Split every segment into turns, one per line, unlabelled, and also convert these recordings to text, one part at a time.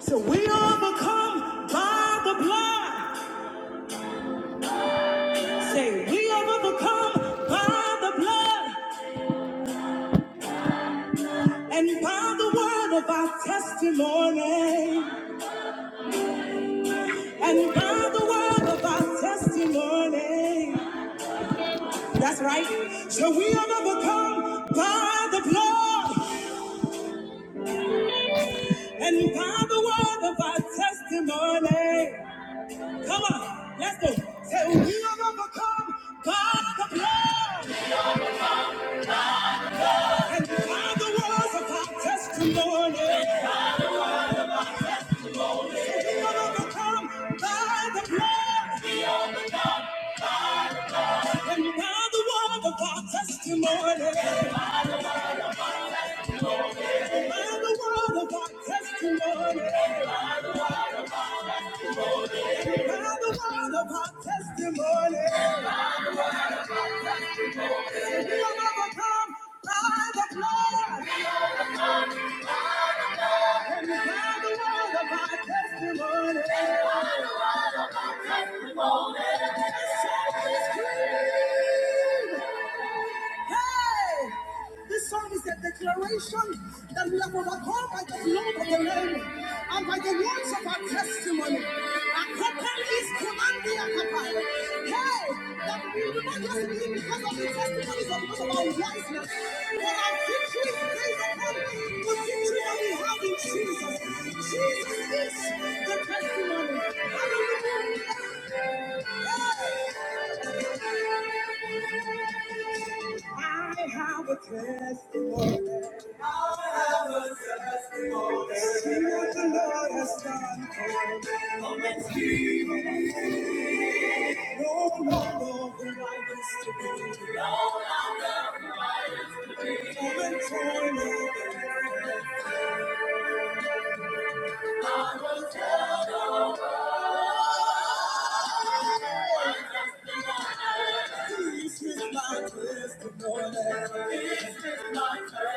So we overcome by the blood. Say we overcome by the blood and by the word of our testimony and by the word of our testimony. That's right. So we have overcome by the blood and by the word of our testimony. Come on, let's go. Say we have overcome by the blood and by the word of our testimony. We are overcome by the blood and by the word of our testimony. By the word of our testimony. By the word of our testimony. We are overcome by the blood and by the word of our testimony. Somebody scream. Hey! This song is a declaration that we have overcome by the blood of the Lamb and by the words of our testimony. Akopali is commanding Akapa. Hey! That I have a testimony. I have a testimony. See what the Lord has done for me. No longer will I be tormented. This is my testimony. This is my testimony.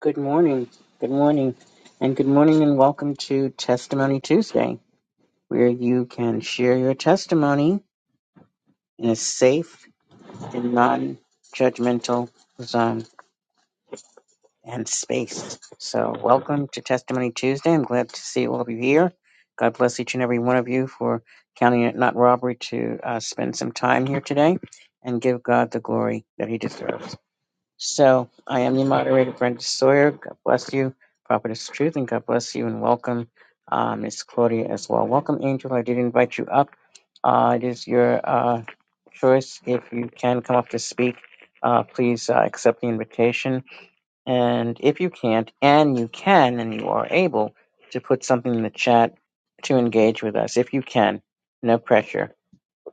Good morning. Good morning. And good morning and welcome to Testimony Tuesday, where you can share your testimony in a safe and non-judgmental zone and space. So welcome to Testimony Tuesday. I'm glad to see all of you here. God bless each and every one of you for counting it not robbery to uh, spend some time here today and give God the glory that he deserves. So I am your moderator, Brenda Sawyer. God bless you, Prophetess Truth, and God bless you and welcome uh, Miss Claudia as well. Welcome, Angel. I did invite you up. Uh, it is your uh, choice. If you can come up to speak, uh, please uh, accept the invitation. And if you can't, and you can, and you are able to put something in the chat to engage with us, if you can, no pressure.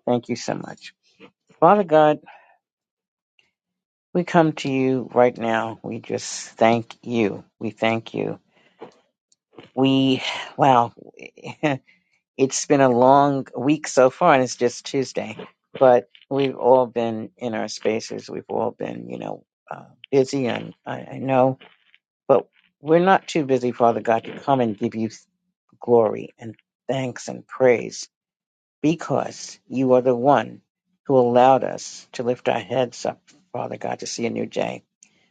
Thank you so much. Father God. We come to you right now. We just thank you. We thank you. We, wow, it's been a long week so far and it's just Tuesday, but we've all been in our spaces. We've all been, you know, uh, busy and I, I know, but we're not too busy, Father God, to come and give you glory and thanks and praise because you are the one who allowed us to lift our heads up, Father God, to see a new day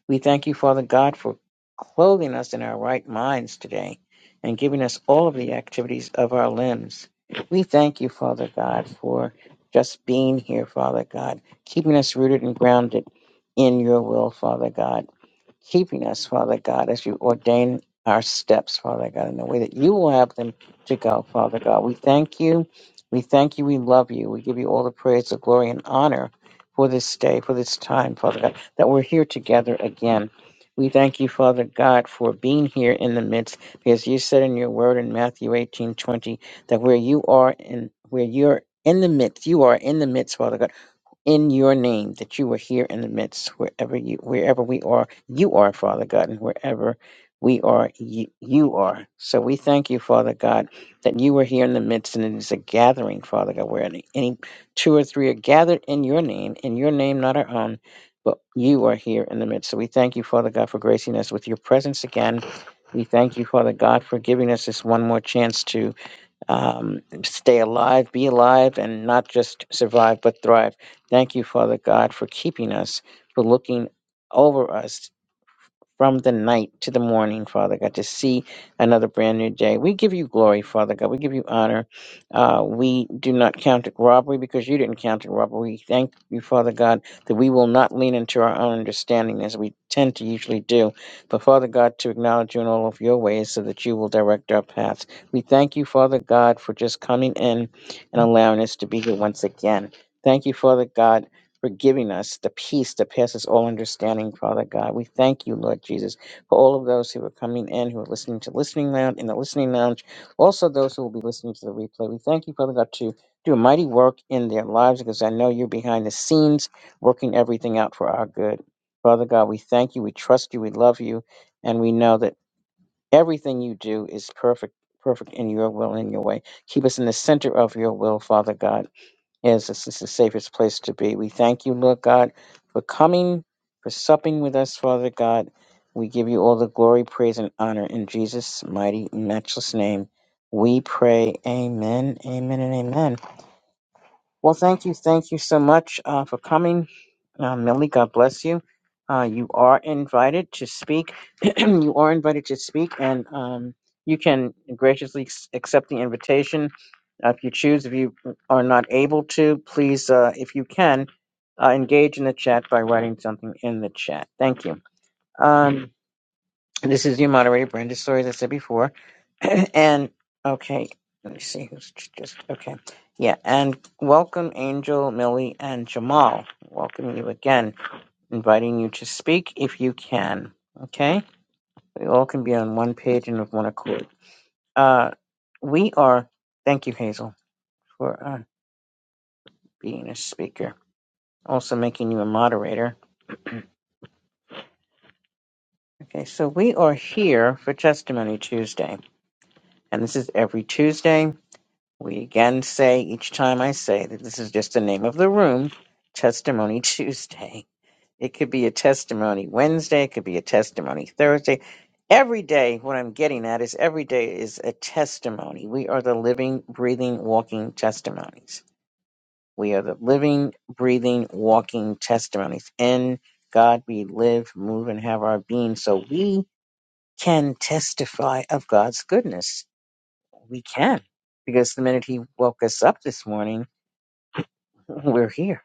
We thank you, Father God, for clothing us in our right minds today and giving us all of the activities of our limbs. We thank you, Father God, for just being here, Father God, keeping us rooted and grounded in your will, Father God keeping us, Father God, as you ordain our steps, Father God, in the way that you will have them to go, Father God. We thank you. We thank you. We love you. We give you all the praise, the glory, and honor for this day, for this time, Father God, that we're here together again. We thank you, Father God, for being here in the midst, because you said in your word in Matthew eighteen twenty that where you are in where you're in the midst, you are in the midst, Father God in your name that you are here in the midst wherever you wherever we are you are father god and wherever we are you, you are so we thank you father god that you are here in the midst and it is a gathering father god where any, any two or three are gathered in your name in your name not our own but you are here in the midst so we thank you father god for gracing us with your presence again we thank you father god for giving us this one more chance to um, stay alive, be alive, and not just survive but thrive. Thank you, Father God, for keeping us, for looking over us from the night to the morning, Father God, to see another brand new day. We give you glory, Father God. We give you honor. Uh, we do not count it robbery because you didn't count it robbery. We thank you, Father God, that we will not lean into our own understanding as we tend to usually do, but Father God, to acknowledge you in all of your ways so that you will direct our paths. We thank you, Father God, for just coming in and allowing us to be here once again. Thank you, Father God for giving us the peace that passes all understanding, Father God. We thank you, Lord Jesus, for all of those who are coming in, who are listening to Listening Lounge, in the Listening Lounge, also those who will be listening to the replay. We thank you, Father God, to do a mighty work in their lives because I know you're behind the scenes working everything out for our good. Father God, we thank you, we trust you, we love you, and we know that everything you do is perfect, perfect in your will and in your way. Keep us in the center of your will, Father God Yes, this is the safest place to be. We thank you, Lord God, for coming, for supping with us, Father God. We give you all the glory, praise, and honor in Jesus' mighty, matchless name. We pray, Amen, Amen, and Amen. Well, thank you, thank you so much uh, for coming, uh, Millie. God bless you. Uh, you are invited to speak. you are invited to speak, and um, you can graciously s- accept the invitation uh, if you choose. If you are not able to, please, uh, if you can, uh, engage in the chat by writing something in the chat. Thank you. Um, this is your moderator, Brenda Story, as I said before. and okay, let me see who's j- just okay. Yeah, and welcome Angel, Millie, and Jamal. Welcome you again, inviting you to speak if you can. Okay, we all can be on one page and of one accord. Uh, we are. Thank you, Hazel, for uh, being a speaker, also making you a moderator. Okay, so we are here for Testimony Tuesday, and this is every Tuesday. We again say each time I say that this is just the name of the room, Testimony Tuesday. It could be a testimony Wednesday, it could be a testimony Thursday. Every day, what I'm getting at is every day is a testimony. We are the living, breathing, walking testimonies. We are the living, breathing, walking testimonies. In God we live, move, and have our being. So we can testify of God's goodness. We can. Because the minute He woke us up this morning, we're here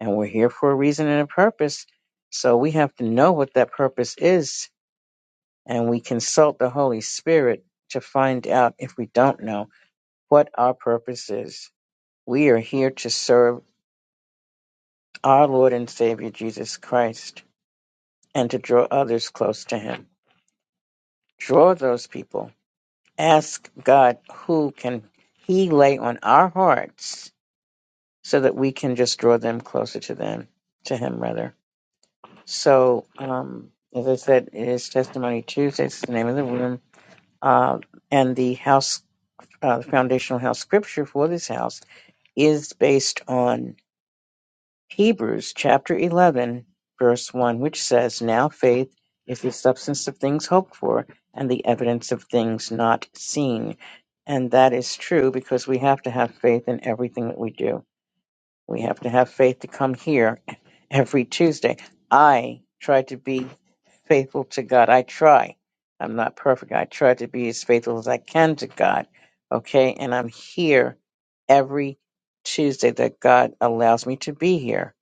and we're here for a reason and a purpose. So we have to know what that purpose is and we consult the Holy Spirit to find out if we don't know what our purpose is. We are here to serve our Lord and Savior Jesus Christ and to draw others close to Him. Draw those people. Ask God who can He lay on our hearts so that we can just draw them closer to them, to Him rather. So, um, as I said, it is Testimony Tuesday. It's the name of the room. Uh, and the house, uh, the foundational house scripture for this house is based on Hebrews chapter 11, verse 1, which says, Now faith is the substance of things hoped for and the evidence of things not seen. And that is true because we have to have faith in everything that we do. We have to have faith to come here every Tuesday. I try to be faithful to God. I try. I'm not perfect. I try to be as faithful as I can to God. Okay. And I'm here every Tuesday that God allows me to be here,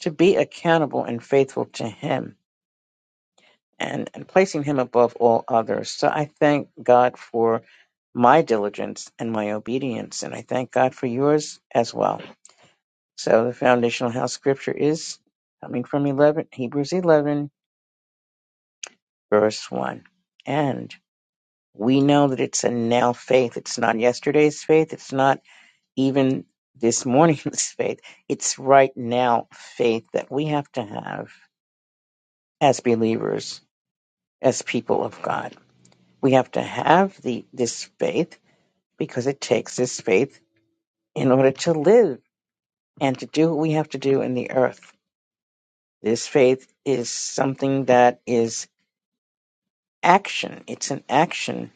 to be accountable and faithful to Him and, and placing Him above all others. So I thank God for my diligence and my obedience. And I thank God for yours as well. So the foundational house scripture is coming from 11, Hebrews 11, verse 1. And we know that it's a now faith. It's not yesterday's faith. It's not even this morning's faith. It's right now faith that we have to have as believers, as people of God. We have to have the, this faith because it takes this faith in order to live and to do what we have to do in the earth. This faith is something that is action. It's an action.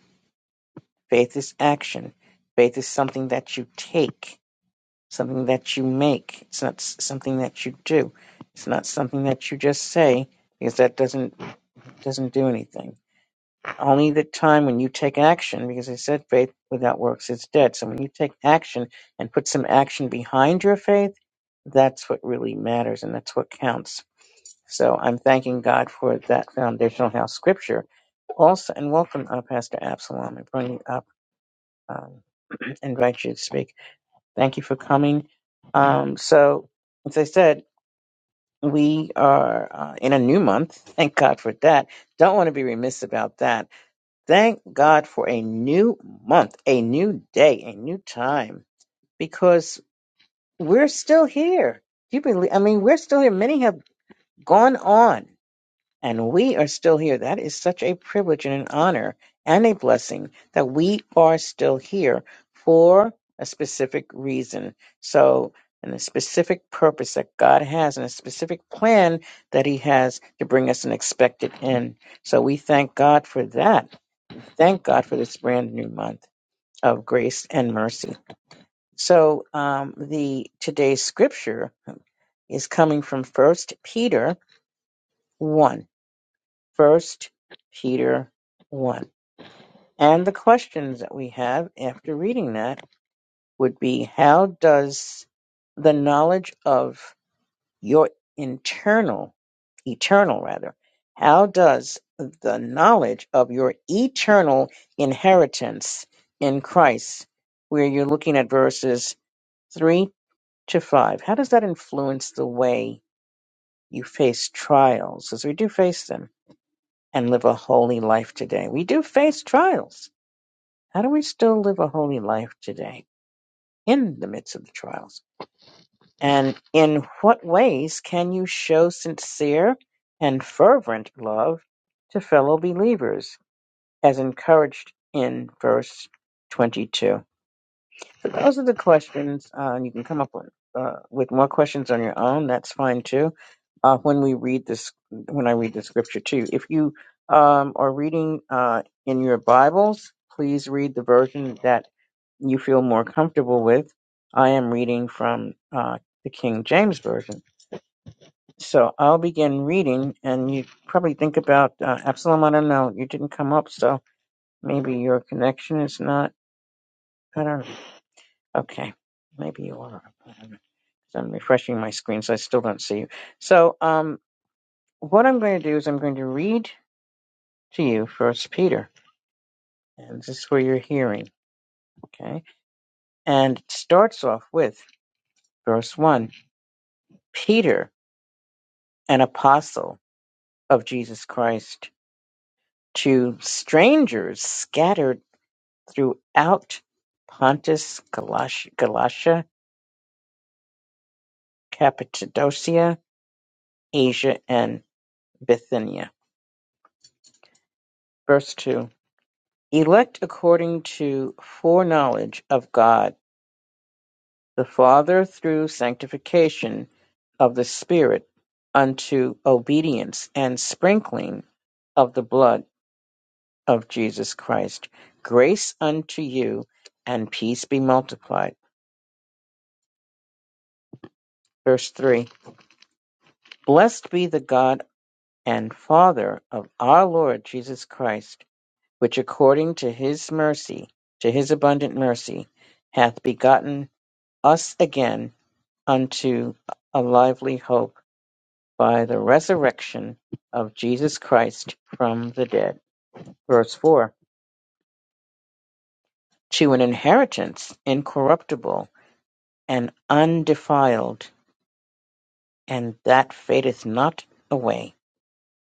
Faith is action. Faith is something that you take, something that you make. It's not s- something that you do. It's not something that you just say because that doesn't doesn't do anything. Only the time when you take action, because I said faith without works is dead. So when you take action and put some action behind your faith, that's what really matters and that's what counts. So I'm thanking God for that foundational house scripture. Also, and welcome, uh, Pastor Absalom. I bring you up um, and invite you to speak. Thank you for coming. Um, so, as I said, we are uh, in a new month. Thank God for that. Don't want to be remiss about that. Thank God for a new month, a new day, a new time, because we're still here. Do you believe? I mean, we're still here. Many have gone on and we are still here. That is such a privilege and an honor and a blessing that we are still here for a specific reason. So, and a specific purpose that God has and a specific plan that He has to bring us an expected end. So we thank God for that. Thank God for this brand new month of grace and mercy. So um, the today's scripture is coming from First Peter 1. First Peter 1. And the questions that we have after reading that would be how does the knowledge of your internal, eternal rather, how does the knowledge of your eternal inheritance in Christ, where you're looking at verses 3 to 5, how does that influence the way you face trials? As we do face them and live a holy life today. We do face trials. How do we still live a holy life today in the midst of the trials? And in what ways can you show sincere and fervent love to fellow believers as encouraged in verse 22? So those are the questions, uh, and you can come up with uh, with more questions on your own. That's fine too. Uh, when we read this, when I read the scripture too, if you um, are reading uh, in your Bibles, please read the version that you feel more comfortable with. I am reading from uh, the King James version, so I'll begin reading, and you probably think about uh, Absalom. I don't know. You didn't come up, so maybe your connection is not. I don't know. Okay, maybe you are. I 'Cause I'm refreshing my screen, so I still don't see you. So, um, what I'm going to do is I'm going to read to you First Peter, and this is where you're hearing. Okay, and it starts off with verse one: Peter, an apostle of Jesus Christ, to strangers scattered throughout Pontus, Galatia, Galatia Cappadocia, Asia, and Bithynia. Verse two. elect according to foreknowledge of God the Father through sanctification of the Spirit unto obedience and sprinkling of the blood of Jesus Christ. Grace unto you and peace be multiplied. Verse 3 Blessed be the God and Father of our Lord Jesus Christ, which according to his mercy, to his abundant mercy, hath begotten us again unto a lively hope by the resurrection of Jesus Christ from the dead. Verse 4 To an inheritance incorruptible and undefiled, and that fadeth not away,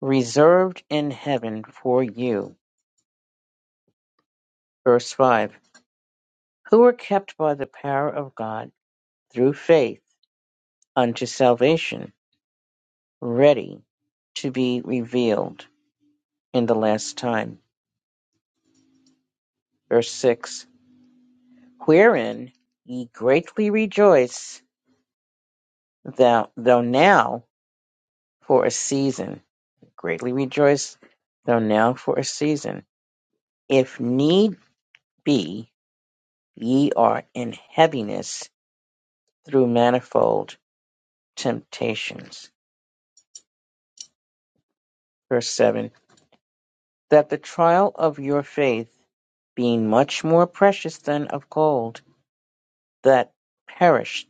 reserved in heaven for you. Verse 5 Who are kept by the power of God through faith unto salvation, ready to be revealed in the last time. Verse 6 wherein ye greatly rejoice, thou, though now for a season. Greatly rejoice, though now for a season. If need be, ye are in heaviness through manifold temptations. Verse 7 That the trial of your faith, being much more precious than of gold, that perished.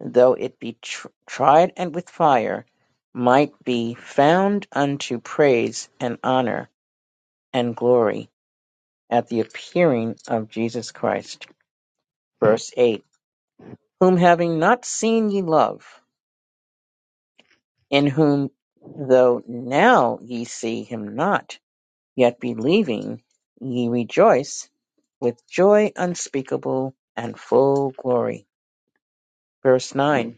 though it be tr- tried and with fire, might be found unto praise and honor and glory at the appearing of Jesus Christ. Verse 8 Whom having not seen ye love, in whom though now ye see him not, yet believing ye rejoice with joy unspeakable and full glory. Verse 9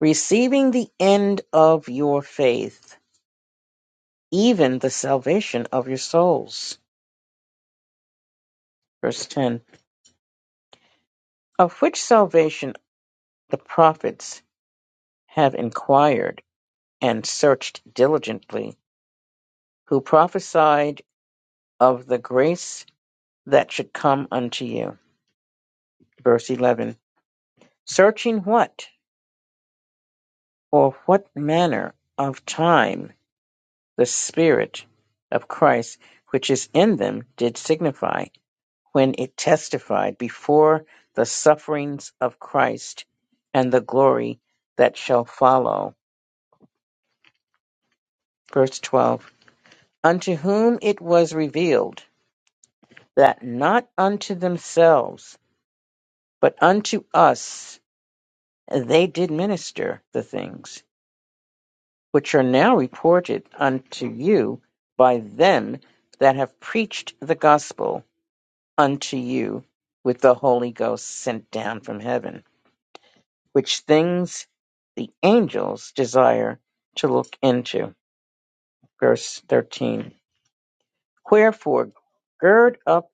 Receiving the end of your faith even the salvation of your souls. Verse 10 Of which salvation the prophets have inquired and searched diligently, who prophesied of the grace that should come unto you. Verse 11 Searching what or what manner of time the Spirit of Christ which is in them did signify when it testified before the sufferings of Christ and the glory that shall follow. Verse 12 Unto whom it was revealed that not unto themselves, but unto us they did minister the things which are now reported unto you by them that have preached the gospel unto you with the Holy Ghost sent down from heaven which things the angels desire to look into. Verse 13. Wherefore, gird up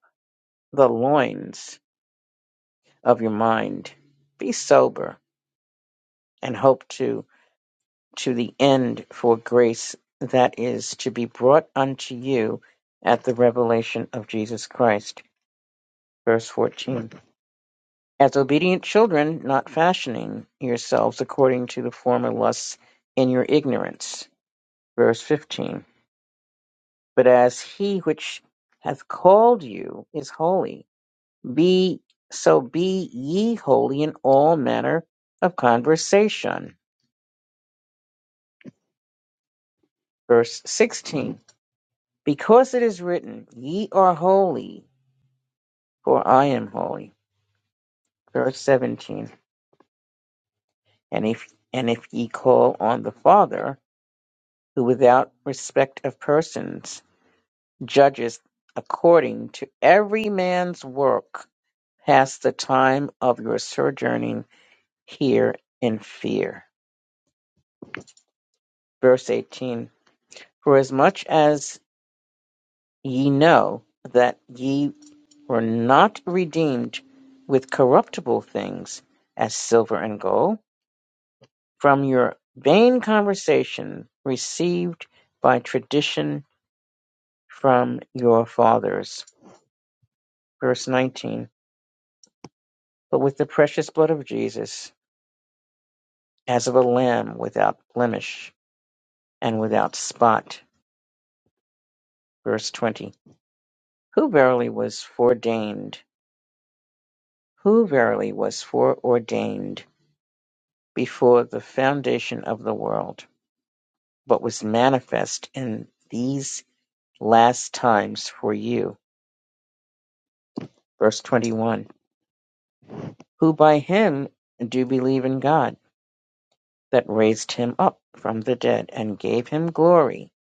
the loins of your mind, be sober, and hope to, to the end for grace that is to be brought unto you at the revelation of Jesus Christ. Verse 14. As obedient children, not fashioning yourselves according to the former lusts in your ignorance. Verse 15 But as he which hath called you is holy, be so be ye holy in all manner of conversation. Verse 16. Because it is written, Ye are holy, for I am holy. Verse 17. And if and if ye call on the Father, who without respect of persons judges according to every man's work, pass the time of your sojourning here in fear. Verse 18 For as much as ye know that ye were not redeemed with corruptible things, as silver and gold, from your vain conversation received by tradition from your fathers. Verse 19 But with the precious blood of Jesus, as of a lamb without blemish and without spot. Verse 20 Who verily was foreordained Who verily was foreordained before the foundation of the world, but was manifest in these last times for you. Verse 21. Who by him do believe in God, that raised him up from the dead and gave him glory,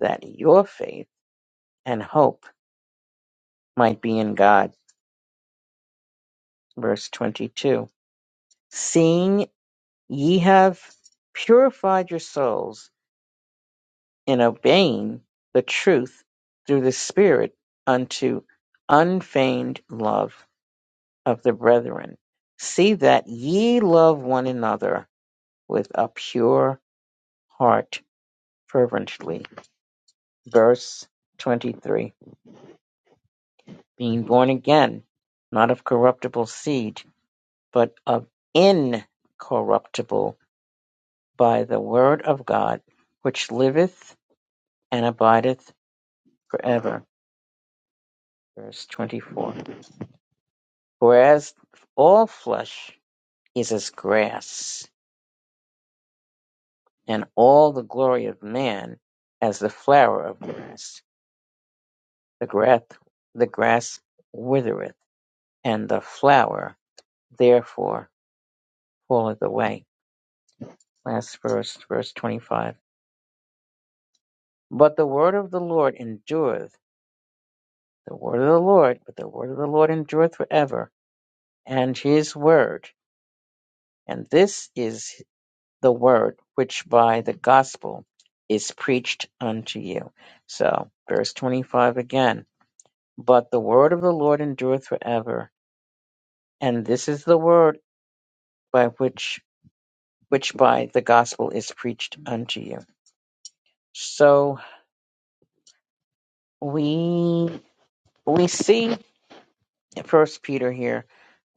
that your faith and hope might be in God. Verse 22. Seeing ye have purified your souls in obeying the truth through the Spirit unto unfeigned love of the brethren. See that ye love one another with a pure heart fervently. Verse 23 Being born again, not of corruptible seed, but of incorruptible by the word of God, which liveth and abideth forever. Verse 24 Whereas all flesh is as grass, and all the glory of man as the flower of grass. The grass, the grass withereth, and the flower therefore falleth away. Last verse, verse 25. But the word of the Lord endureth, the word of the Lord, but the word of the Lord endureth forever, and his word. And this is the word which by the gospel is preached unto you. So, verse 25 again. But the word of the Lord endureth forever, and this is the word by which which by the gospel is preached unto you. So we we see First Peter here,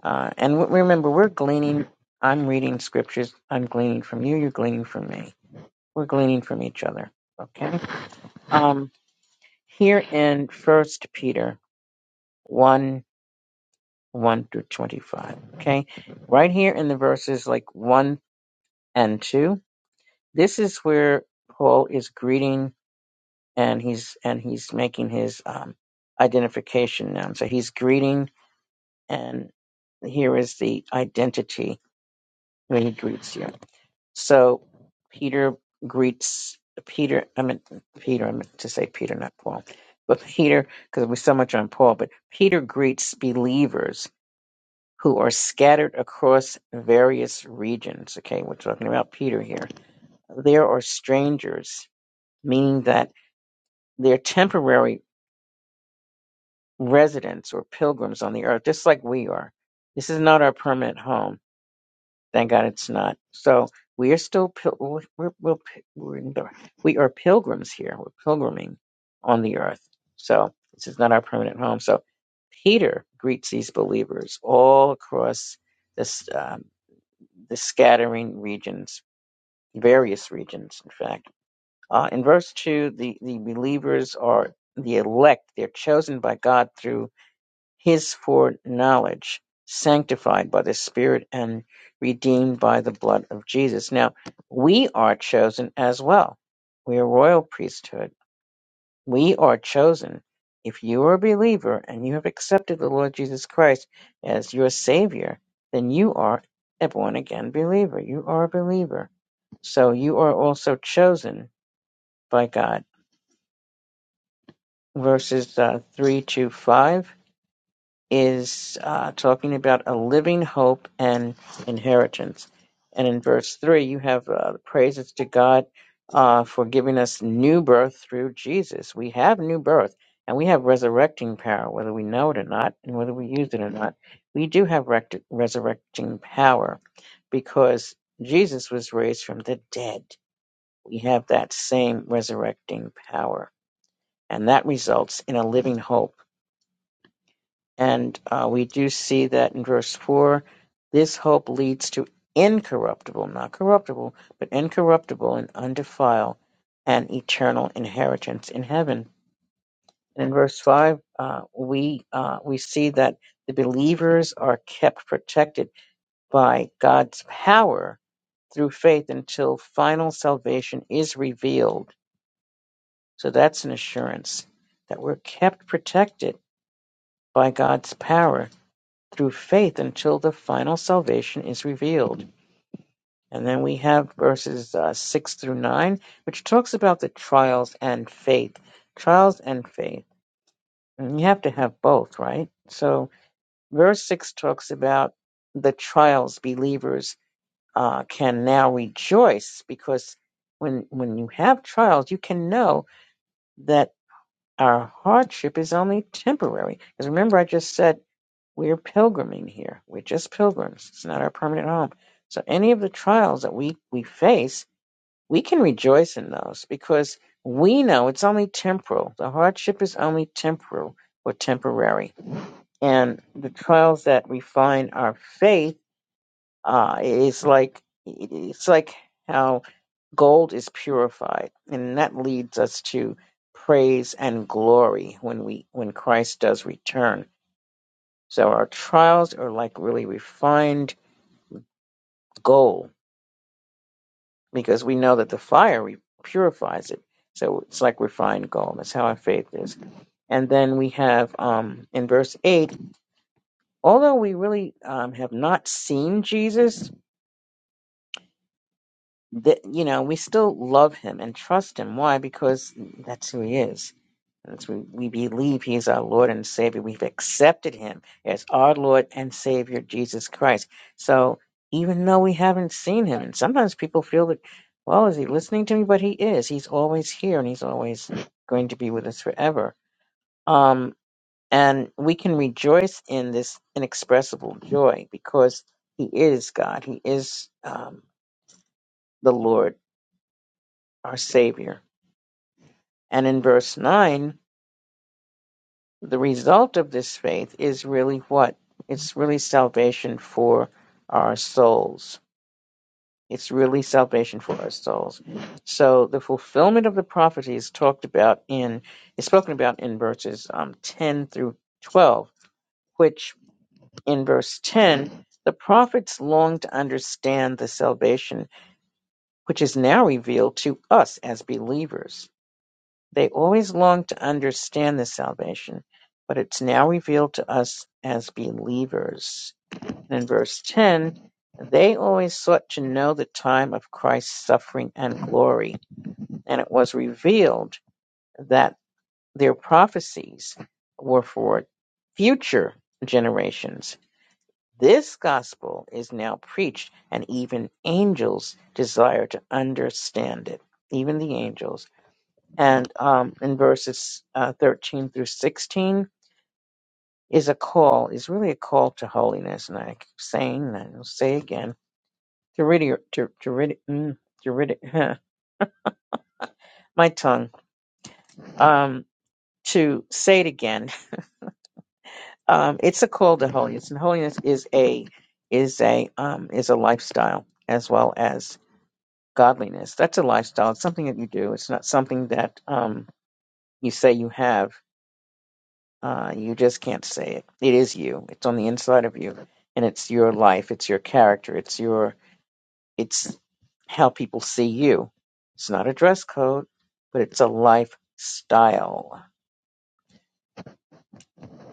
uh, and w- remember we're gleaning. I'm reading scriptures. I'm gleaning from you. You're gleaning from me. We're gleaning from each other. Okay. Um, here in First Peter, 1 1 through 25. Okay, right here in the verses like 1 and 2, this is where Paul is greeting and he's and he's making his um, identification noun. So he's greeting, and here is the identity when he greets you. So Peter greets Peter. I meant Peter. I meant to say Peter, not Paul. But Peter, because we're so much on Paul, but Peter greets believers who are scattered across various regions. Okay, we're talking about Peter here. There are strangers, meaning that they're temporary residents or pilgrims on the earth, just like we are. This is not our permanent home. Thank God it's not. So we are still pil- we're, we're, we're, we are pilgrims here. We're pilgriming on the earth. So this is not our permanent home. So Peter greets these believers all across this. uh, the scattering regions, various regions, in fact. Uh, in verse 2, the, the believers are the elect. They're chosen by God through his foreknowledge, sanctified by the Spirit, and redeemed by the blood of Jesus. Now, we are chosen as well. We are royal priesthood we are chosen. If you are a believer and you have accepted the Lord Jesus Christ as your Savior, then you are a born again believer. You are a believer. So you are also chosen by God. Verses uh, 3 to 5. is uh, talking about a living hope and inheritance. And in verse 3, you have uh, praises to God uh, for giving us new birth through Jesus. We have new birth and we have resurrecting power, whether we know it or not, and whether we use it or not. We do have rect- resurrecting power because Jesus was raised from the dead. We have that same resurrecting power, and that results in a living hope and uh, we do see that in verse 4 this hope leads to incorruptible, not corruptible, but incorruptible and undefiled and eternal inheritance in heaven. And in verse 5, uh, we, uh, we see that the believers are kept protected by God's power through faith until final salvation is revealed. So that's an assurance that we're kept protected by God's power through faith until the final salvation is revealed. And then we have verses uh, 6 through 9, which talks about the trials and faith. Trials and faith. And you have to have both, right? So, verse 6 talks about the trials believers uh, can now rejoice because when, when you have trials, you can know that our hardship is only temporary. Because remember, I just said We're pilgriming here. We're just pilgrims. It's not our permanent home. So any of the trials that we, we face, we can rejoice in those because we know it's only temporal. The hardship is only temporal or temporary. And the trials that refine our faith uh, is like it's like how gold is purified, and that leads us to praise and glory when we when Christ does return so our trials are like really refined gold because we know that the fire re- purifies it. So it's like refined gold. That's how our faith is. And then we have um, in verse 8, although we really um, have not seen Jesus, that you know, we still love him and trust him. Why? Because that's who he is. Since we, we believe he is our Lord and Savior, we've accepted him as our Lord and Savior, Jesus Christ. So even though we haven't seen him, and sometimes people feel that, well, is he listening to me? But he is. He's always here and he's always going to be with us forever. Um, and we can rejoice in this inexpressible joy because he is God. He is um, the Lord, our Savior. And in verse 9, the result of this faith is really what? It's really salvation for our souls. It's really salvation for our souls. So the fulfillment of the prophecy is talked about in is spoken about in verses um, ten through twelve, which in verse ten the prophets long to understand the salvation which is now revealed to us as believers. They always longed to understand this salvation, but it's now revealed to us as believers. And in verse 10, they always sought to know the time of Christ's suffering and glory, and it was revealed that their prophecies were for future generations. This gospel is now preached, and even angels desire to understand it. Even the angels and um, in verses uh, 13 through 16 is a call is really a call to holiness and i keep saying that i'll say again to rid your- to, to rid mm, to rid my tongue um to say it again um it's a call to holiness and holiness is a is a um is a lifestyle as well as godliness that's a lifestyle it's something that you do it's not something that um you say you have Uh, you just can't say it. It is you. It's on the inside of you, and it's your life. It's your character. It's your. It's how people see you. It's not a dress code, but it's a lifestyle.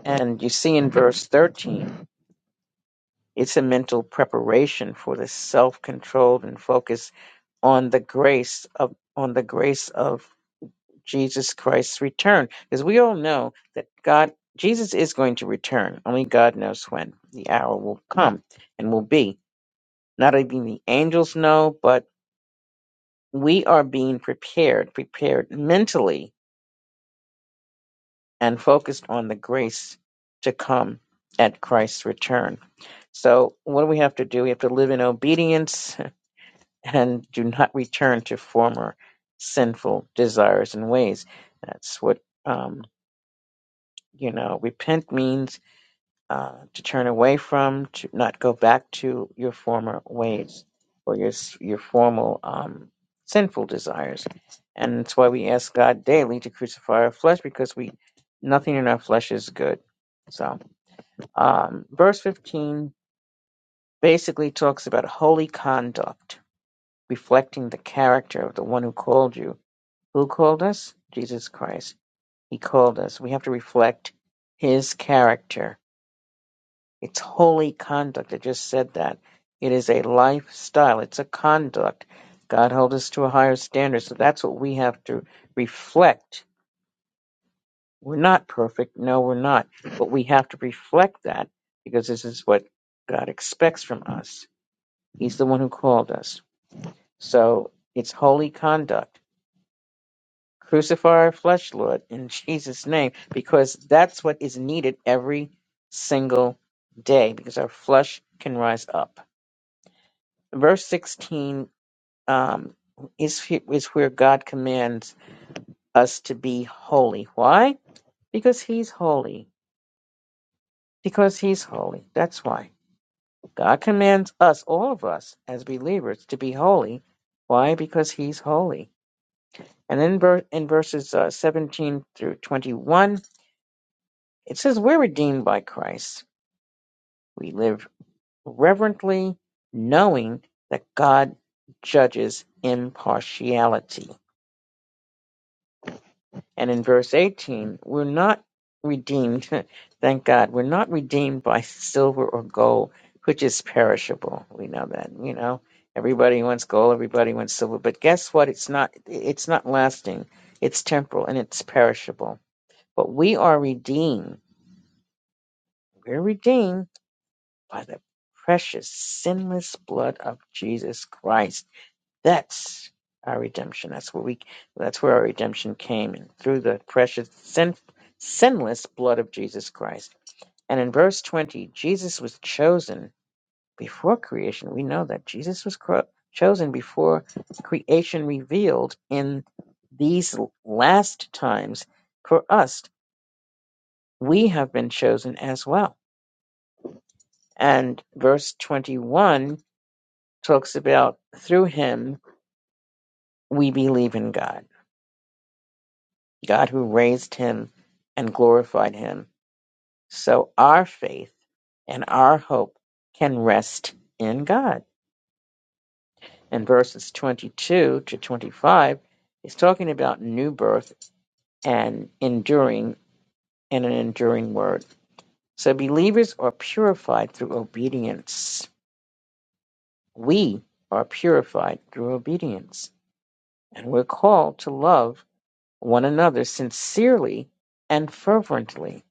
And you see in verse thirteen, it's a mental preparation for the self-controlled and focus on the grace of on the grace of Jesus Christ's return. Because we all know that God, Jesus is going to return. Only God knows when the hour will come and will be. Not even the angels know, but we are being prepared, prepared mentally and focused on the grace to come at Christ's return. So, what do we have to do? We have to live in obedience and do not return to former sinful desires and ways. That's what, um, you know, repent means uh, to turn away from, to not go back to your former ways or your s- your formal um, sinful desires. And that's why we ask God daily to crucify our flesh because we nothing in our flesh is good. So, um, verse 15 basically talks about holy conduct, reflecting the character of the one who called you. Who called us? Jesus Christ. He called us. We have to reflect his character It's holy conduct. I just said that. It is a lifestyle, it's a conduct. God held us to a higher standard. So that's what we have to reflect. We're not perfect. No, we're not. But we have to reflect that because this is what God expects from us. He's the one who called us. So it's holy conduct. Crucify our flesh, Lord, in Jesus' name, because that's what is needed every single day because our flesh can rise up. verse 16 um, is, is where God commands us to be holy. Why? Because He's holy. Because He's holy. That's why. God commands us, all of us, as believers, to be holy. Why? Because He's holy. And in, ver- in verses uh, 17 through 21, it says, We're redeemed by Christ. We live reverently, knowing that God judges impartiality And in verse 18, we're not redeemed, thank God, we're not redeemed by silver or gold, which is perishable. We know that, you know. Everybody wants gold, everybody wants silver, but guess what? It's not it's not lasting. It's temporal and it's perishable. But we are redeemed. We're redeemed by the precious sinless blood of Jesus Christ that's our redemption. That's where we. That's where our redemption came in, through the precious, sin, sinless blood of Jesus Christ. And in verse twenty, Jesus was chosen before creation. We know that Jesus was cro- chosen before creation revealed in these last times for us. We have been chosen as well. And verse twenty-one talks about through Him we believe in God God who raised him and glorified him. So our faith and our hope can rest in God. In verses 22 to 25, he's talking about new birth and enduring and an enduring word. So believers are purified through obedience. We are purified through obedience. And we're called to love one another sincerely and fervently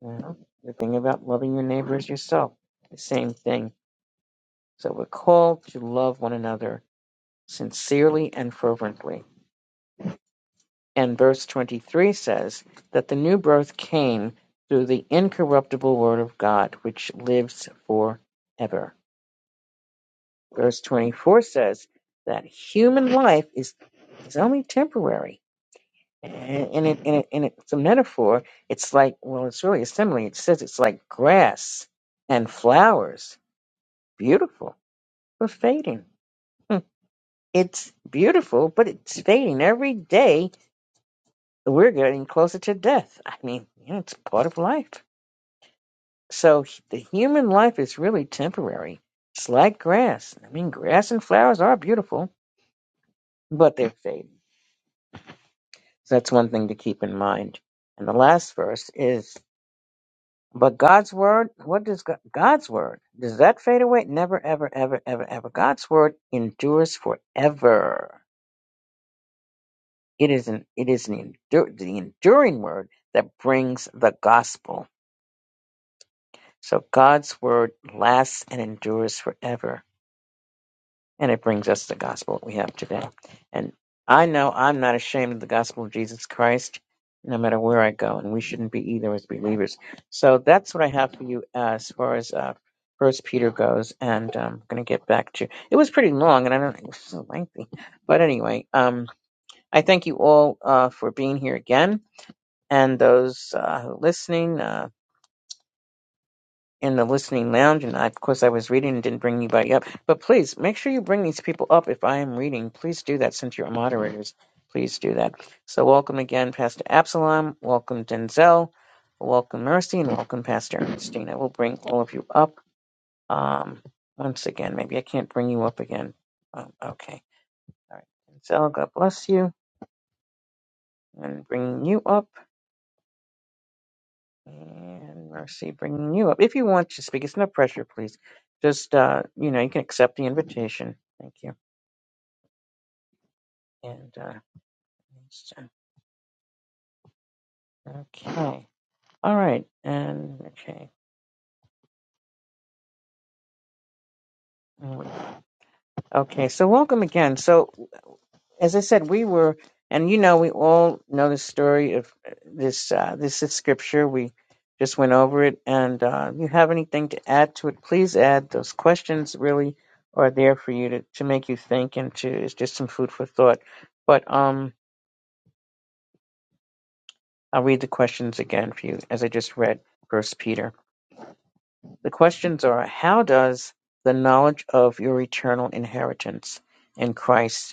Well, the thing about loving your neighbor is yourself, the same thing. So we're called to love one another sincerely and fervently. And verse 23 says that the new birth came through the incorruptible word of God, which lives forever. Verse 24 says that human life is, is only temporary. And, and, it, and, it, and it's a metaphor. It's like, well, it's really a simile. It says it's like grass and flowers. Beautiful We're fading. Hmm. It's beautiful, but it's fading every day. We're getting closer to death. I mean, you know, it's part of life. So the human life is really temporary. It's like grass. I mean, grass and flowers are beautiful, but they're fading. So that's one thing to keep in mind. And the last verse is, but God's word, what does God, God's word, does that fade away? Never, ever, ever, ever, ever. God's word endures forever. It is an it is an endure, the enduring word that brings the gospel. So God's word lasts and endures forever, and it brings us the gospel that we have today. And I know I'm not ashamed of the gospel of Jesus Christ, no matter where I go, and we shouldn't be either as believers. So that's what I have for you as far as uh, First Peter goes, and um, I'm going to get back to. It was pretty long, and I don't. It was so lengthy, but anyway, um, I thank you all uh, for being here again. and those uh, listening uh, in the listening lounge. And I, of course, I was reading and didn't bring anybody up. But please make sure you bring these people up if I am reading. Please do that since you're moderators. Please do that. So, welcome again, Pastor Absalom. Welcome, Denzel. Welcome, Mercy. And welcome, Pastor Ernestine. I will bring all of you up um, once again. Maybe I can't bring you up again. Um, okay. All right. Denzel, God bless you. And bringing you up. And Marcy bringing you up. If you want to speak, it's no pressure, please. Just, uh, you know, you can accept the invitation. Thank you. And, uh, it's, uh, okay. All right. And, okay. Mm. Okay. So, welcome again. So, as I said, we were, and you know, we all know the story of uh, this. Uh, this is scripture. We just went over it, and uh, if you have anything to add to it, please add. Those questions really are there for you to, to make you think, and to it's just some food for thought. But um, I'll read the questions again for you, as I just read First Peter. The questions are: How does the knowledge of your eternal inheritance in Christ?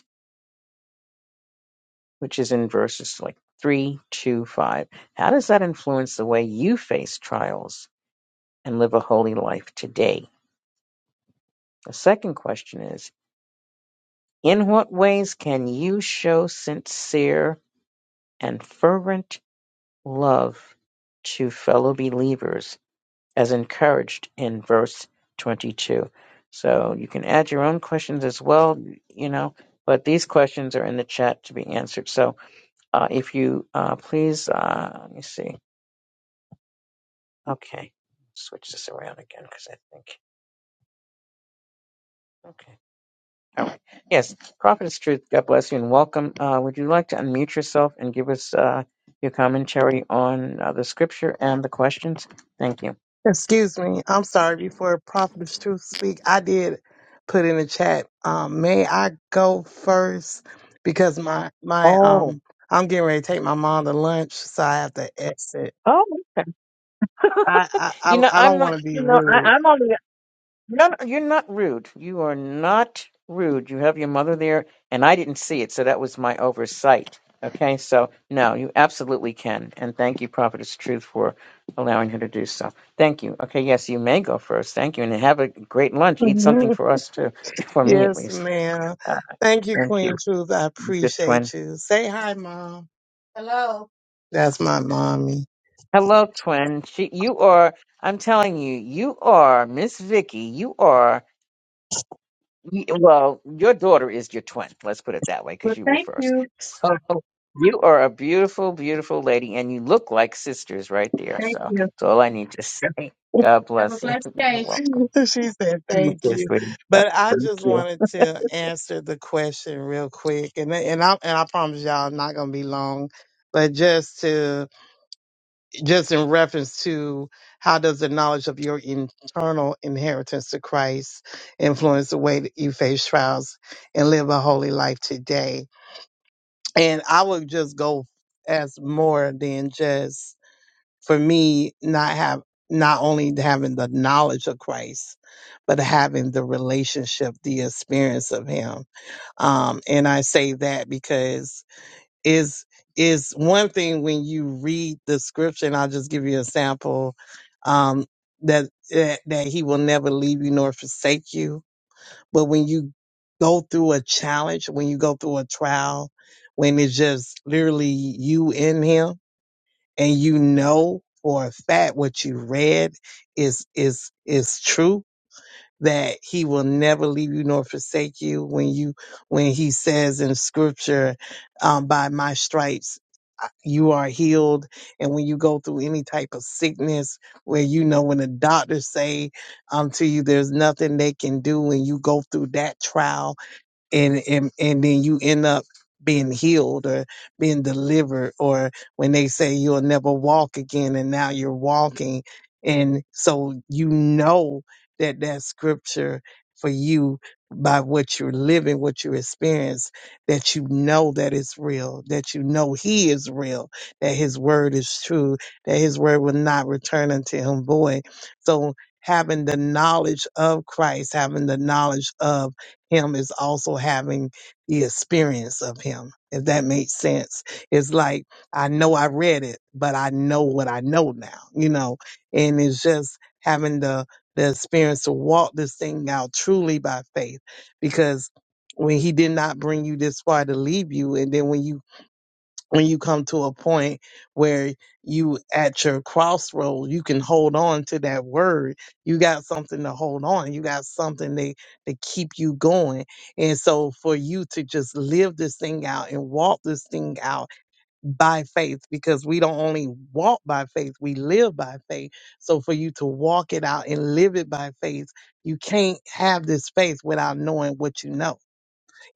which is in verses like three, two, five. How does that influence the way you face trials and live a holy life today? The second question is In what ways can you show sincere and fervent love to fellow believers as encouraged in verse 22? So you can add your own questions as well, you know, but these questions are in the chat to be answered. So uh, if you uh, please, uh, let me see. Okay. Switch this around again because I think. Okay. All right. Yes. Prophetess Truth, God bless you and welcome. Uh, would you like to unmute yourself and give us uh, your commentary on uh, the scripture and the questions? Thank you.
Excuse me. I'm sorry. Before Prophet of Truth speak, I did put in the chat. Um, may I go first because my my
Oh.
um I'm getting ready to take my mom to lunch, so I have to exit.
Oh.
I I
you know,
I I don't
I'm
want
not,
to be
you know, I,
rude.
I'm only No, no, you're not rude. You are not rude. You have your mother there, and I didn't see it, so that was my oversight. Okay, so no, you absolutely can. And thank you, Prophetess Truth, for allowing her to do so. Thank you. Okay, yes, you may go first. Thank you. And have a great lunch. Eat something
Mhm.
for us too, for me at
yes,
least.
ma'am.
Uh,
Thank you,
thank you.
Queen Truth. I
Good twin.
appreciate you. Say hi, mom. Hello. That's my mommy.
Hello, twin. She, you are, I'm telling you, you are Miss Vicky. You are. Y- Well, your daughter is your twin. Let's put it that way,
Well,
because you were
thank
first.
you.
So you are a beautiful, beautiful lady, and you look like sisters right there. So
Thank you.
that's all I need to say. God
Have a
bless you.
blessed
You're
day.
welcome.
she said
Thank
thank
You
you
sweetie. Yep,
but i
Thank
just
you.
wanted to answer the question real quick and and i and i promise y'all i'm not gonna be long but just to just in reference to how does the knowledge of your internal inheritance to christ influence the way that you face trials and live a holy life today and i would just go as more than just for me not have not only having the knowledge of Christ, but having the relationship, the experience of Him. Um, and I say that because is is one thing when you read the scripture. And I'll just give you a sample um, that, that that He will never leave you nor forsake you. But when you go through a challenge, when you go through a trial, when it's just literally you in Him and you know for a fact what you read is is is true that he will never leave you nor forsake you when you when he says in scripture um, by my stripes uh, you are healed and when you go through any type of sickness where you know when the doctors say um, to you there's nothing they can do when you go through that trial and and and then you end up being healed or being delivered or when they say you'll never walk again and now you're walking and so you know that that scripture for you by what you're living what you experience that you know that it's real that you know he is real that his word is true that his word will not return unto him void so having the knowledge of christ having the knowledge of him is also having the experience of him, if that makes sense. It's like, I know I read it, but I know what I know now, you know, and it's just having the, the experience to walk this thing out truly by faith because when he did not bring you this far to leave you, and then when you when you come to a point where you at your crossroad, you can hold on to that word. You got something to hold on. You got something to, to keep you going. And so for you to just live this thing out and walk this thing out by faith, because we don't only walk by faith, we live by faith. So for you to walk it out and live it by faith, you can't have this faith without knowing what you know.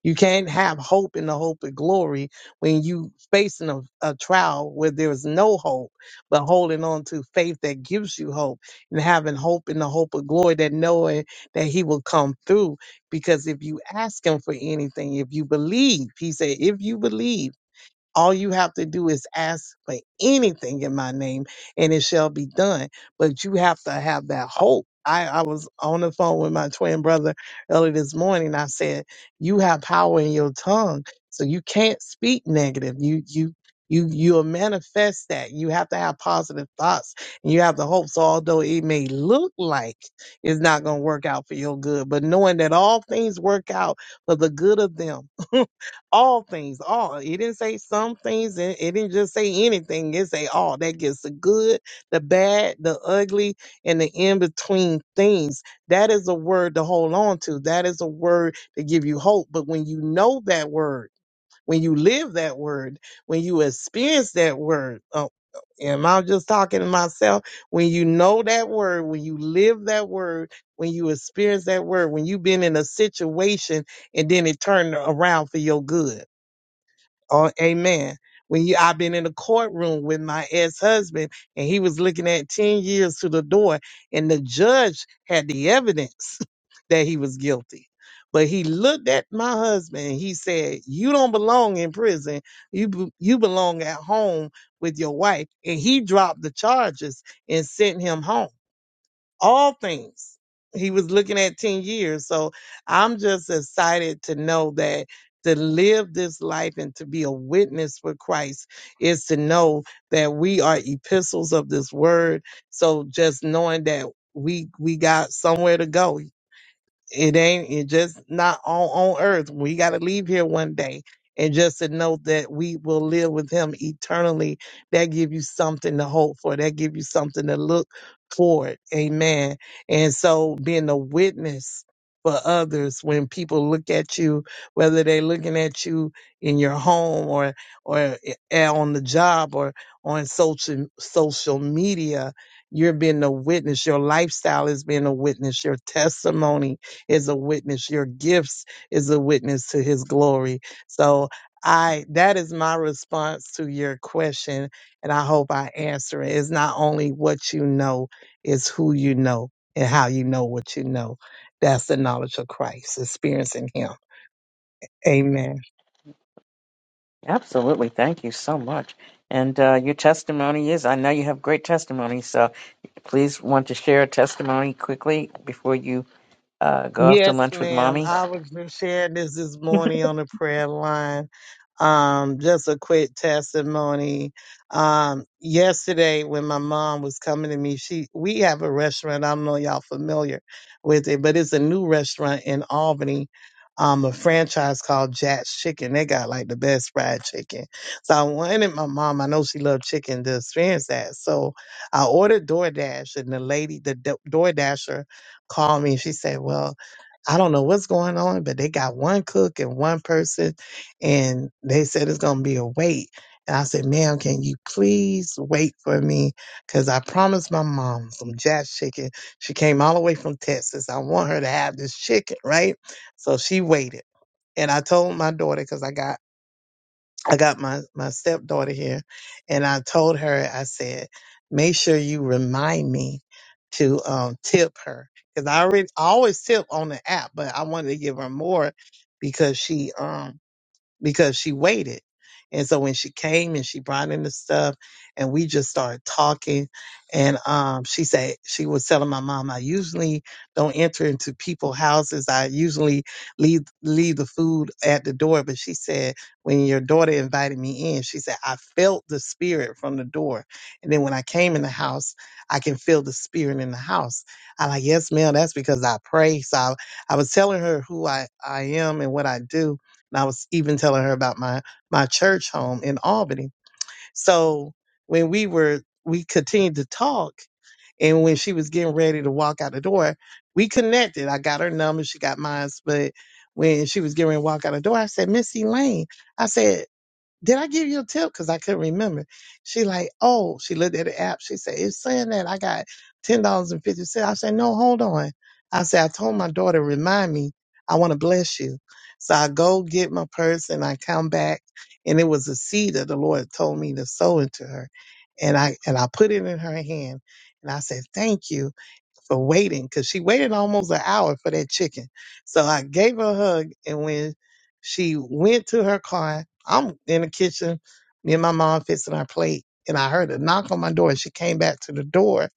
You can't have hope in the hope of glory when you facing a, a trial where there is no hope, but holding on to faith that gives you hope and having hope in the hope of glory that knowing that he will come through. Because if you ask him for anything, if you believe, he said, if you believe all you have to do is ask for anything in my name and it shall be done. But you have to have that hope. I, I was on the phone with my twin brother earlier this morning. I said, You have power in your tongue. So you can't speak negative. You you you you'll manifest that. You have to have positive thoughts and you have to hope. So although it may look like it's not gonna work out for your good, but knowing that all things work out for the good of them all things, all. It didn't say some things, and it didn't just say anything. It say all. That gets the good, the bad, the ugly, and the in between things. That is a word to hold on to. That is a word to give you hope. But when you know that word, when you live that word, when you experience that word, uh, am I just talking to myself? When you know that word, when you live that word, when you experience that word, when you've been in a situation and then it turned around for your good Oh, amen. When you, I've been in a courtroom with my ex-husband, and he was looking at ten years to the door, and the judge had the evidence that he was guilty. But he looked at my husband and he said, "You don't belong in prison. You b- you belong at home with your wife." And he dropped the charges and sent him home all things. He was looking at 10 years. So I'm just excited to know that to live this life and to be a witness for Christ is to know that we are epistles of this word. So just knowing that we we got somewhere to go. It ain't it just not on on earth. We got to leave here one day, and just to know that we will live with Him eternally. That give you something to hope for. That give you something to look toward. Amen. And so being a witness for others when people look at you, whether they're looking at you in your home or or i- eh, on the job or on social social media, you're being a witness. Your lifestyle is being a witness. Your testimony is a witness. Your gifts is a witness to his glory. So I that is my response to your question, and I hope I answer it. It's not only what you know, it's who you know and how you know what you know. That's the knowledge of Christ, experiencing him. Amen.
Absolutely. Thank you so much. And uh, your testimony is, I know you have great testimony. So please want to share a testimony quickly before you uh, go off to
Yes,
lunch with
ma'am.
mommy.
I was just sharing this this morning on the prayer line. Um, just a quick testimony. Um, yesterday when my mom was coming to me, she we have a restaurant. I don't know y'all familiar with it, but it's a new restaurant in Albany. Um, a franchise called Jack's Chicken. They got like the best fried chicken. So I wanted my mom. I know she loved chicken to experience that. So I ordered DoorDash, and the lady, the Do- DoorDasher, called me. She said, "Well." I don't know what's going on, but they got one cook and one person, and they said it's going to be a wait. And I said, ma'am, can you please wait for me? Because I promised my mom some jazz chicken. She came all the way from Texas. I want her to have this chicken, right? So she waited. And I told my daughter, because I got I got my, my stepdaughter here and I told her, I said, make sure you remind me to um, tip her. Cause I already, I always tip on the app, but I wanted to give her more because she, um, because she waited. And so when she came and she brought in the stuff and we just started talking and um she said she was telling my mom I usually don't enter into people's houses. I usually leave leave the food at the door, but she said when your daughter invited me in, she said I felt the spirit from the door. And then when I came in the house, I can feel the spirit in the house. I like, "Yes, ma'am, that's because I pray." So I, I was telling her who I I am and what I do and I was even telling her about my my church home in Albany. So when we were we continued to talk and when she was getting ready to walk out the door, we connected. I got her number, she got mine. But when she was getting ready to walk out the door, I said, Miss Elaine, I said, did I give you a tip? Cause I couldn't remember. She like, oh, she looked at the app. She said, it's saying that I got $10.50. I said, no, hold on. I said, I told my daughter, remind me, I want to bless you. So I go get my purse and I come back and it was a seed that the Lord told me to sow into her. And I, and I put it in her hand and I said, thank you for waiting because she waited almost an hour for that chicken. So I gave her a hug, and when she went to her car, I'm in the kitchen, me and my mom fixing our plate, and I heard a knock on my door. She came back to the door,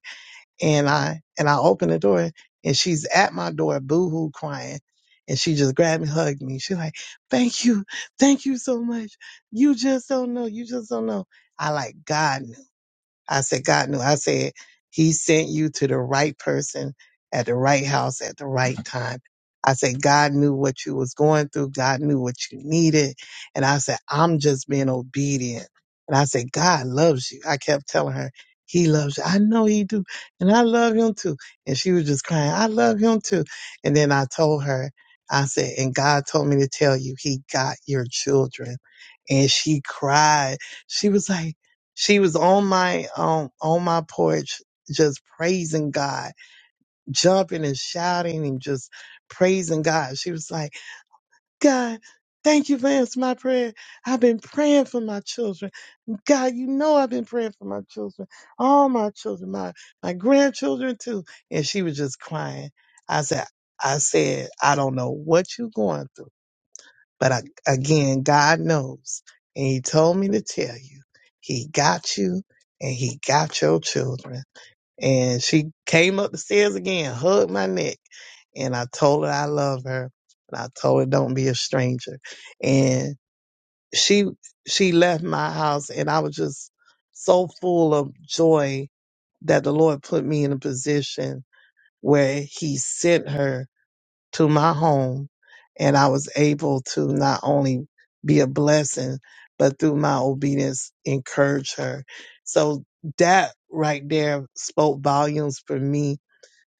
and I and I opened the door, and she's at my door, boo hoo crying. And she just grabbed me, hugged me. She like, "Thank you, thank you so much. You just don't know. You just don't know." I like God. I said, God knew. I said, He sent you to the right person at the right house at the right time. I said, God knew what you was going through. God knew what you needed. And I said, I'm just being obedient. And I said, God loves you. I kept telling her, He loves you. I know He do. And I love Him too. And she was just crying, I love Him too. And then I told her, I said, and God told me to tell you, He got your children. And she cried. She was like, she was on my um on my porch just praising God, jumping and shouting and just praising God. She was like, God, thank you for answering my prayer. I've been praying for my children. God, you know I've been praying for my children, all my children, my my grandchildren too. And she was just crying. I said, I said, I don't know what you're going through. But I, again, God knows. And He told me to tell you, He got you and He got your children. And she came up the stairs again, hugged my neck. And I told her I love her. And I told her, don't be a stranger. And she, she left my house and I was just so full of joy that the Lord put me in a position where He sent her to my home and I was able to not only be a blessing, but through my obedience, encourage her. So that right there spoke volumes for me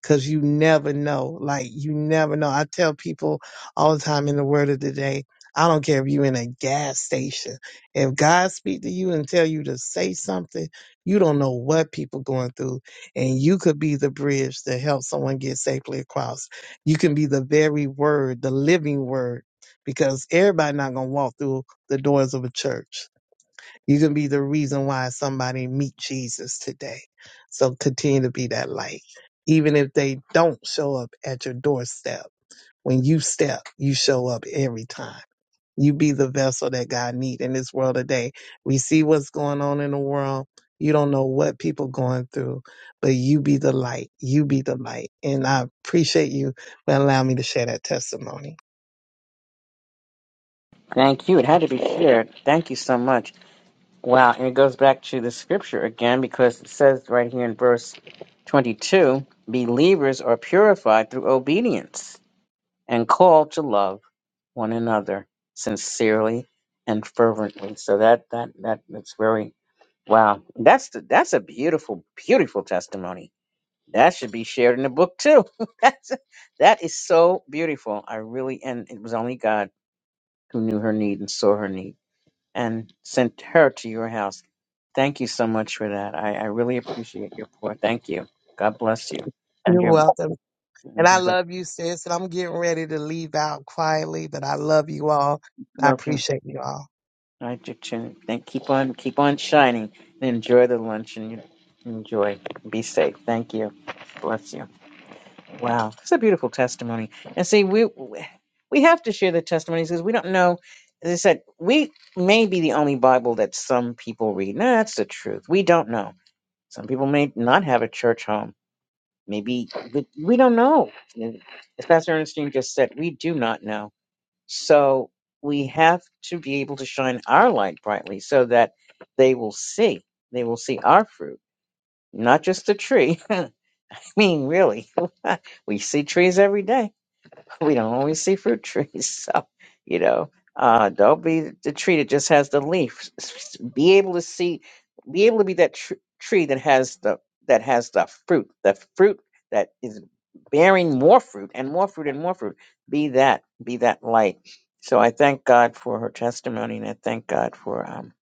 Cause you never know. Like you never know. I tell people all the time in the word of the day, I don't care if you're in a gas station. If God speak to you and tell you to say something, you don't know what people going through. And you could be the bridge to help someone get safely across. You can be the very word, the living word, because everybody not gonna walk through the doors of a church you can be the reason why somebody meet Jesus today. So continue to be that light. Even if they don't show up at your doorstep, when you step, you show up every time. You be the vessel that God need in this world today. We see what's going on in the world. You don't know what people going through, but you be the light. You be the light. And I appreciate you for allowing me to share that testimony.
Thank you. It had to be shared. Thank you so much. Wow, and it goes back to the scripture again because it says right here in verse 22 believers are purified through obedience and called to love one another sincerely and fervently. So that that that that's very wow. That's the, that's a beautiful beautiful testimony. That should be shared in the book too. that's that is so beautiful. I really and it was only God who knew her need and saw her need and sent her to your house. Thank you so much for that. I, I really appreciate your pour. Thank you. God bless you. And
You're
your
welcome. And
and
I
have a-
love you, sis. And I'm getting ready to leave out quietly, but I love you all. I
love you.
appreciate you all.
I do too. Thank keep on keep on shining and enjoy the lunch and you enjoy. Be safe. Thank you. Bless you. Wow. It's a beautiful testimony. And see we we have to share the testimonies because we don't know as I said, we may be the only Bible that some people read. No, that's the truth. We don't know. Some people may not have a church home Maybe the, we don't know. And As Pastor Ernestine just said, we do not know. So we have to be able to shine our light brightly so that they will see. They will see our fruit, not just the tree. I mean, really, we see trees every day. we don't always see fruit trees. So, you know, uh, don't be the tree that just has the leaf. S- s- Be able to see, be able to be that tr- tree that has the that has the fruit, the fruit that is bearing more fruit and more fruit and more fruit. Be that, be that light. So I thank God for her testimony, and I thank God for um.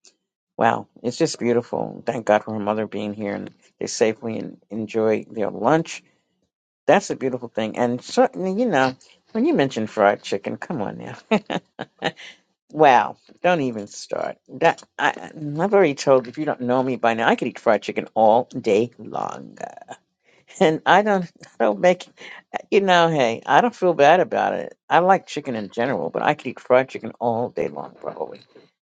Wow, it's just beautiful. Thank God for her mother being here, and they safely en- enjoy their lunch that's a beautiful thing. And certainly, you know, when you mention fried chicken, come on now. wow. Don't even start. That I, I've already told you, if you don't know me by now, I could eat fried chicken all day long. And I don't I don't make you know, hey, I don't feel bad about it. I like chicken in general, but I could eat fried chicken all day long probably.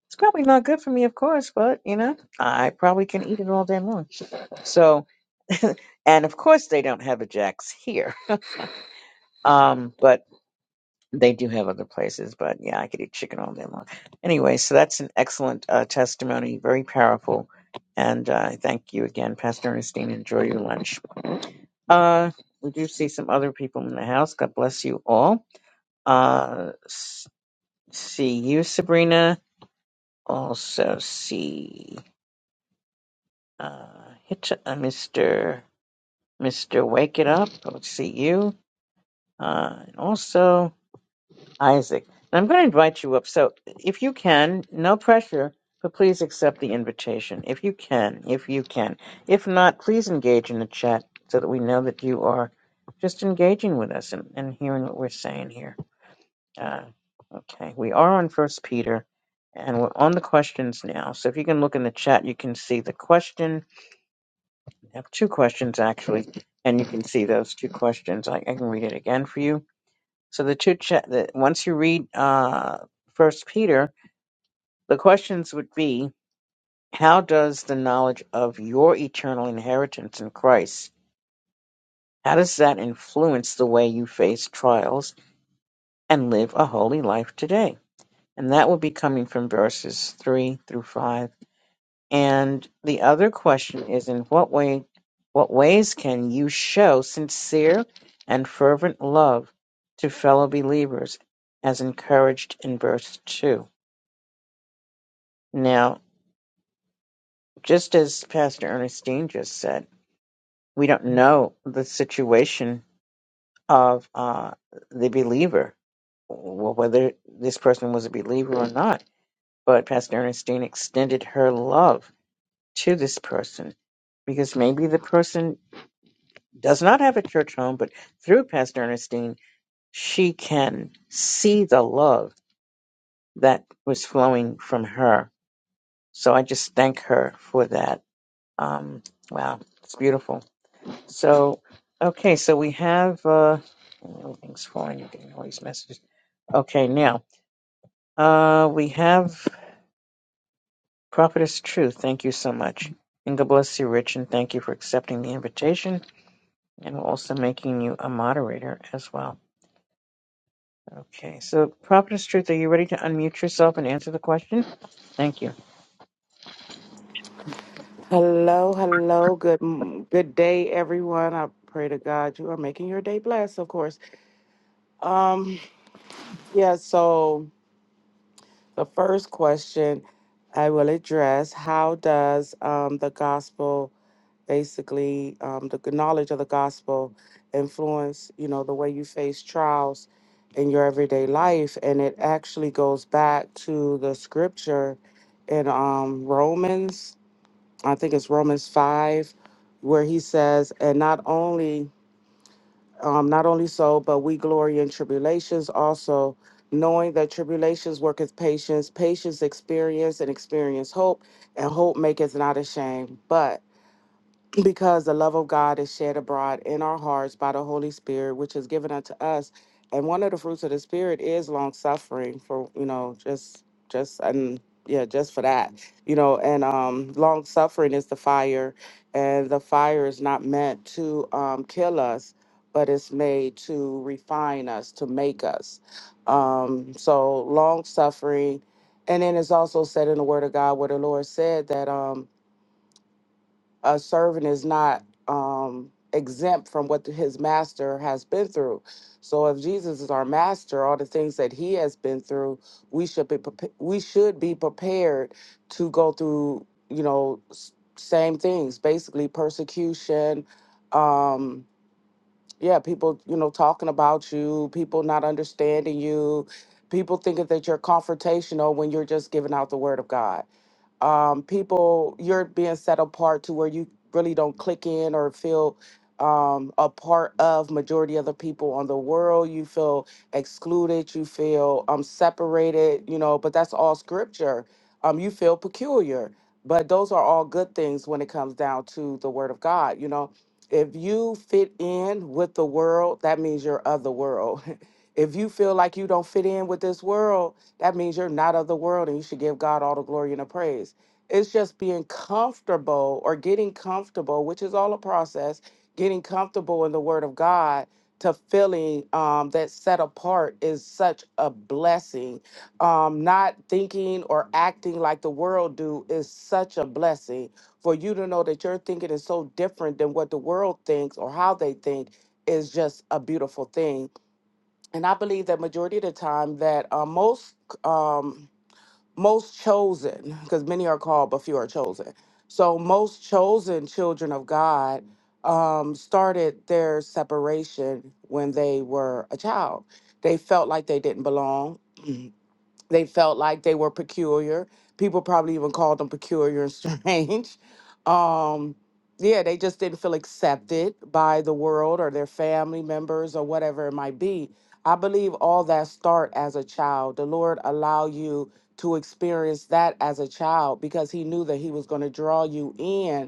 It's probably not good for me, of course, but you know, I probably can eat it all day long. So and of course they don't have a Jack's here. Um, but They do have other places, but yeah, I could eat chicken all day long. Anyway, so that's an excellent uh, testimony, very powerful. And uh, thank you again, Pastor Ernestine. Enjoy your lunch. Uh, we do see some other people in the house. God bless you all. Uh, s- see you, Sabrina. Also see uh, Hit- uh, Mr. Mr. Wake It Up. Let's see you. Uh, and also. Isaac. And I'm going to invite you up. So if you can, no pressure, but please accept the invitation. If you can, if you can. If not, please engage in the chat so that we know that you are just engaging with us and, and hearing what we're saying here. Uh, okay, we are on First Peter. And we're on the questions now. So if you can look in the chat, you can see the question. I have two questions actually, and you can see those two questions. I, I can read it again for you. So the two cha- the, once you read uh, First Peter, the questions would be: How does the knowledge of your eternal inheritance in Christ? How does that influence the way you face trials and live a holy life today? And that would be coming from verses three through five. And the other question is: In what way, what ways can you show sincere and fervent love to fellow believers, as encouraged in verse two? Now, just as Pastor Ernestine just said, we don't know the situation of uh, the believer, well, whether this person was a believer or not. But Pastor Ernestine extended her love to this person because maybe the person does not have a church home, but through Pastor Ernestine, she can see the love that was flowing from her. So I just thank her for that. Um, wow, it's beautiful. So, okay, so we have uh, everything's fine. You're getting all these messages. Okay, now uh, we have Prophetess Truth. Thank you so much, and God bless you, Rich, and thank you for accepting the invitation and also making you a moderator as well. Okay, so Prophetess Truth, are you ready to unmute yourself and answer the question? Thank you.
Hello, hello. Good m- good day everyone. I pray to God you are making your day blessed, of course. Um yeah, so the first question I will address, how does um the gospel basically um the g- knowledge of the gospel influence, you know, the way you face trials in your everyday life and it actually goes back to the scripture in um Romans I think it's Romans five, where he says, "And not only, um, not only so, but we glory in tribulations also, knowing that tribulations worketh patience, patience experience, and experience hope, and hope maketh not ashamed, but." because the love of God is shed abroad in our hearts by the Holy Spirit, which is given unto us. And one of the fruits of the Spirit is long suffering. For you know, just just and yeah, just for that, you know. And um, long suffering is the fire, and the fire is not meant to um, kill us, but it's made to refine us, to make us. Um, so long suffering, and then it's also said in the Word of God where the Lord said that. Um, a servant is not um, exempt from what his master has been through. So if Jesus is our master, all the things that he has been through, we should be prepa- we should be prepared to go through, you know, s- same things, basically persecution, um yeah, people, you know, talking about you, people not understanding you, people thinking that you're confrontational when you're just giving out the word of God um, people you're being set apart to where you really don't click in or feel um, a part of majority of the people on the world you feel excluded you feel um, separated you know but that's all scripture um, you feel peculiar but those are all good things when it comes down to the word of god you know if you fit in with the world that means you're of the world if you feel like you don't fit in with this world that means you're not of the world and you should give God all the glory and the praise. It's just being comfortable or getting comfortable, which is all a process, getting comfortable in the word of God to feeling um, that set apart is such a blessing. Um, not thinking or acting like the world do is such a blessing. For you to know that your thinking is so different than what the world thinks or how they think is just a beautiful thing and I believe that majority of the time that uh, most um, most chosen, because many are called but few are chosen. So most chosen children of God um, started their separation when they were a child. They felt like they didn't belong they felt like they were peculiar. People probably even called them peculiar and strange. Um, yeah, they just didn't feel accepted by the world or their family members or whatever it might be. I believe all that start as a child. The Lord allow you to experience that as a child because He knew that He was going to draw you in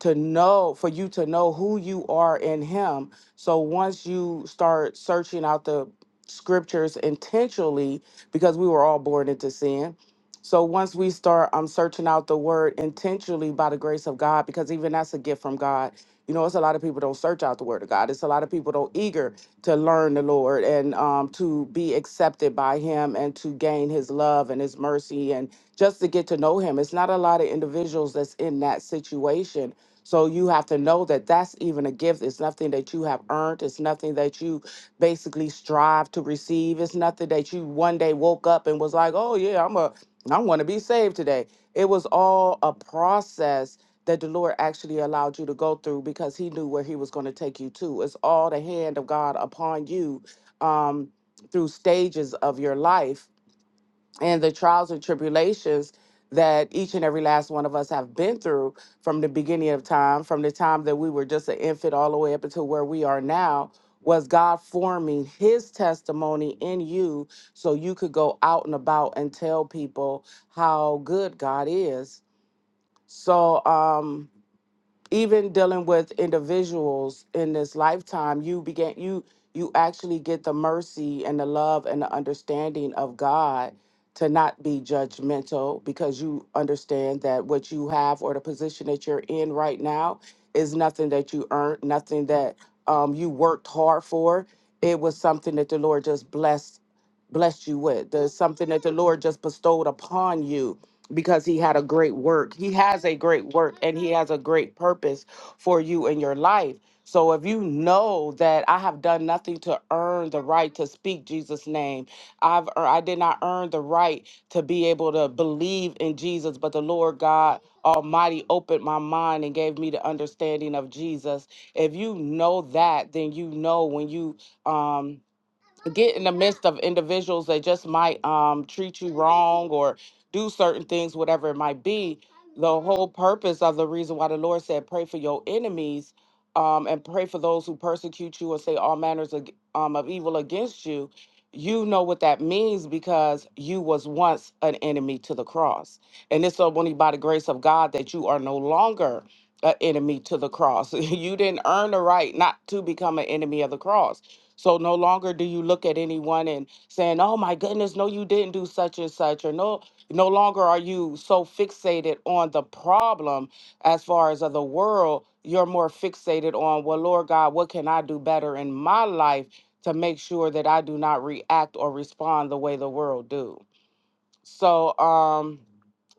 to know for you to know who you are in him so once you start searching out the scriptures intentionally because we were all born into sin so once we start i'm searching out the word intentionally by the grace of god because even that's a gift from god you know it's a lot of people don't search out the word of god it's a lot of people don't eager to learn the lord and um, to be accepted by him and to gain his love and his mercy and just to get to know him it's not a lot of individuals that's in that situation so you have to know that that's even a gift. It's nothing that you have earned. It's nothing that you basically strive to receive. It's nothing that you one day woke up and was like, "Oh yeah, I'm a I want to be saved today." It was all a process that the Lord actually allowed you to go through because he knew where he was going to take you to. It's all the hand of God upon you um through stages of your life and the trials and tribulations that each and every last one of us have been through from the beginning of time, from the time that we were just an infant all the way up until where we are now, was God forming his testimony in you so you could go out and about and tell people how good God is. So, um, even dealing with individuals in this lifetime you began you you actually get the mercy and the love and the understanding of god to not be judgmental because you understand that what you have or the position that you're in right now is nothing that you earned nothing that um, you worked hard for it was something that the lord just blessed blessed you with there's something that the lord just bestowed upon you because he had a great work. He has a great work and he has a great purpose for you in your life. So if you know that I have done nothing to earn the right to speak Jesus name, I've ear- I did not earn the right to be able to believe in Jesus, but the Lord God Almighty opened my mind and gave me the understanding of Jesus. If you know that, then you know when you um get in the midst of individuals that just might um, treat you wrong or do certain things, whatever it might be. The whole purpose of the reason why the Lord said, pray for your enemies um, and pray for those who persecute you and say all manners of, um, of evil against you. You know what that means because you was once an enemy to the cross. And it's so only by the grace of God that you are no longer an enemy to the cross. you didn't earn the right not to become an enemy of the cross so no longer do you look at anyone and saying, "Oh my goodness, no you didn't do such and such," or no no longer are you so fixated on the problem as far as of the world, you're more fixated on, "Well, Lord God, what can I do better in my life to make sure that I do not react or respond the way the world do?" So um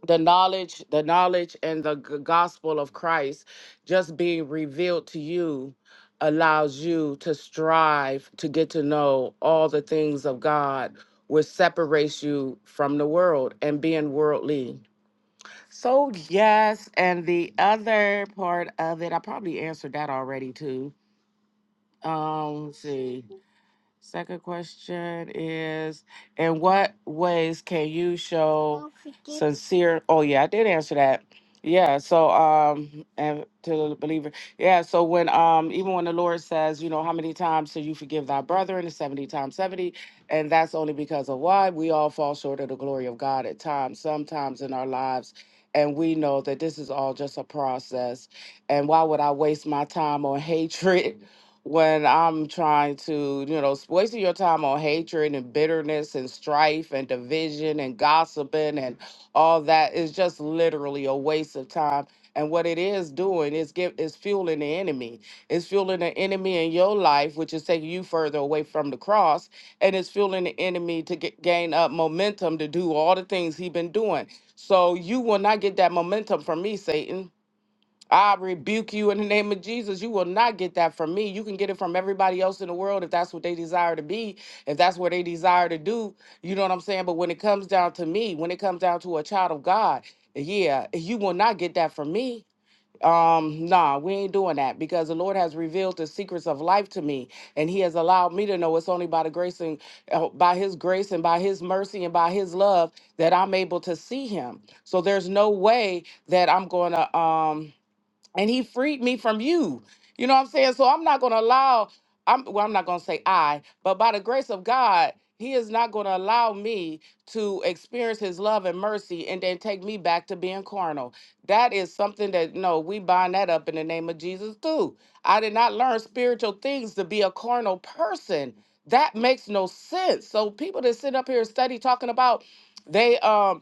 the knowledge the knowledge and the g- gospel of Christ just being revealed to you allows you to strive to get to know all the things of God which separates you from the world and being worldly. So yes, and the other part of it I probably answered that already too. Um let's see. Second question is, in what ways can you show Don't forget- sincere? Oh yeah, I did answer that. Yeah, so um, and to the believer, yeah. So when um, even when the Lord says, you know, how many times shall you forgive thy brother, and seventy times seventy, and that's only because of why we all fall short of the glory of God at times, sometimes in our lives, and we know that this is all just a process. And why would I waste my time on hatred when I'm trying to, you know, wasting your time on hatred and bitterness and strife and division and gossiping and all that is just literally a waste of time. And what it is doing is give is fueling the enemy. It's fueling the enemy in your life, which is taking you further away from the cross, and it's fueling the enemy to get, gain up momentum to do all the things he has been doing. So you will not get that momentum from me, Satan I rebuke you in the name of Jesus. You will not get that from me. You can get it from everybody else in the world if that's what they desire to be, if that's what they desire to do. You know what I'm saying? But when it comes down to me, when it comes down to a child of God, yeah, you will not get that from me. Um, nah, we ain't doing that because the Lord has revealed the secrets of life to me, and He has allowed me to know it's only by the grace and uh, by His grace and by His mercy and by His love that I'm able to see Him. So there's no way that I'm going to um and he freed me from you. You know what I'm saying? So I'm not going to allow I'm well I'm not going to say I, but by the grace of God, he is not going to allow me to experience his love and mercy and then take me back to being carnal. That is something that no, we bind that up in the name of Jesus too. I did not learn spiritual things to be a carnal person. That makes no sense. So people that sit up here and study talking about they um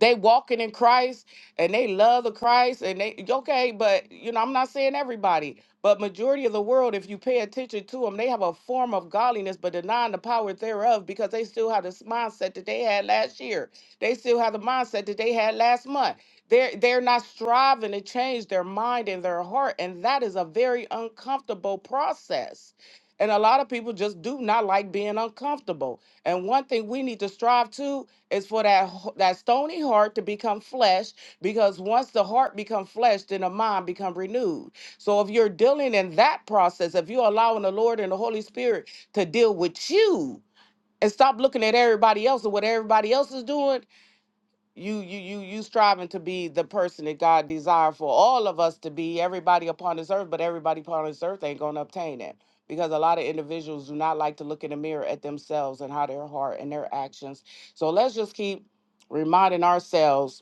they walking in Christ and they love the Christ and they okay, but you know, I'm not saying everybody, but majority of the world, if you pay attention to them, they have a form of godliness, but denying the power thereof because they still have this mindset that they had last year. They still have the mindset that they had last month. They're they're not striving to change their mind and their heart, and that is a very uncomfortable process. And a lot of people just do not like being uncomfortable. And one thing we need to strive to it's for that h- that stony heart to become flesh, because once the heart become flesh, then the mind become renewed. So if you're dealing in that process, if you're allowing the Lord and the Holy Spirit to deal with you and stop looking at everybody else and what everybody else is doing, you you you you striving to be the person that God desired for all of us to be, everybody upon this earth, but everybody upon this earth ain't gonna obtain that. Because a lot of individuals do not like to look in the mirror at themselves and how their heart and their actions. So let's just keep reminding ourselves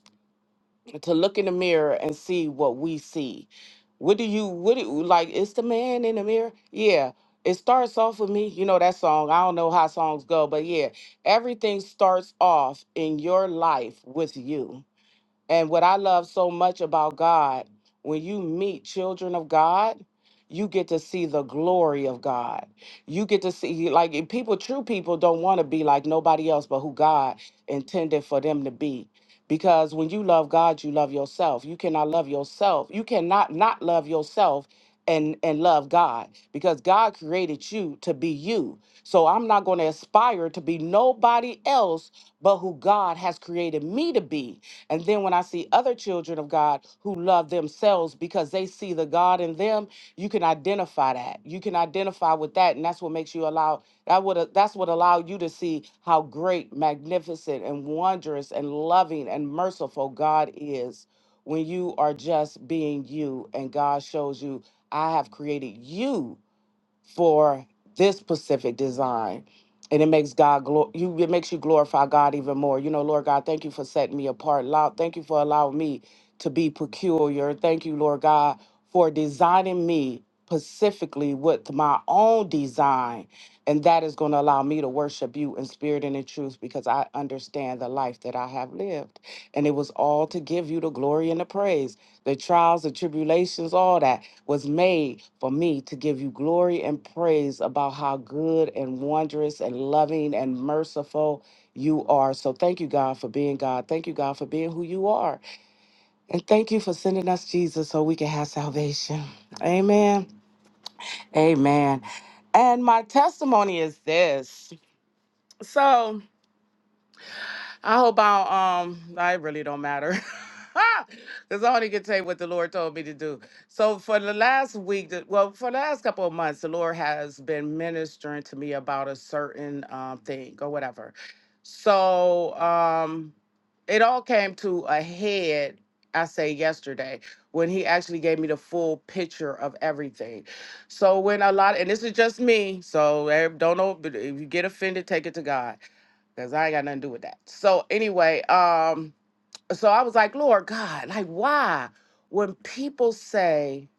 to look in the mirror and see what we see. What do you what do like it's the man in the mirror? Yeah. It starts off with me. You know that song. I don't know how songs go, but yeah, everything starts off in your life with you and what I love so much about God, when you meet children of God, you get to see the glory of God. You get to see, like, and people, true people don't want to be like nobody else but who God intended for them to be. Because when you love God, you love yourself. You cannot love yourself. You cannot not love yourself and, and love God because God created you to be you. So I'm not going to aspire to be nobody else but who God has created me to be and then when I see other children of God who love themselves because they see the God in them, you can identify that. You can identify with that, and that's what makes you allow that would that's what allow you to see how great, magnificent, and wondrous, and loving and merciful God is when you are just being you, and God shows you, I have created you for this specific design. And it makes God glo- you it makes you glorify God even more. You know, Lord God, thank you for setting me apart. Allow, thank you for allowing me to be peculiar. Thank you, Lord God, for designing me specifically with my own design. And that is going to allow me to worship you in spirit and in truth because I understand the life that I have lived. And it was all to give you the glory and the praise, the trials, the tribulations, all that was made for me to give you glory and praise about how good and wondrous and loving and merciful you are. So thank you, God, for being God. Thank you, God, for being who you are. And thank you for sending us Jesus so we can have salvation. Amen. Amen. And my testimony is this. So, I hope I um I really don't matter. Cause I only can tell you what the Lord told me to do. So for the last week, the- well, for the last couple of months, the Lord has been ministering to me about a certain um, thing or whatever. So um, it all came to a head. I say yesterday when He actually gave me the full picture of everything. So when a lot, and this is just me, so eh, don't know. but If you get offended, take it to God because I ain't got nothing to do with that. So anyway, um, so I was like, Lord God, like why when people say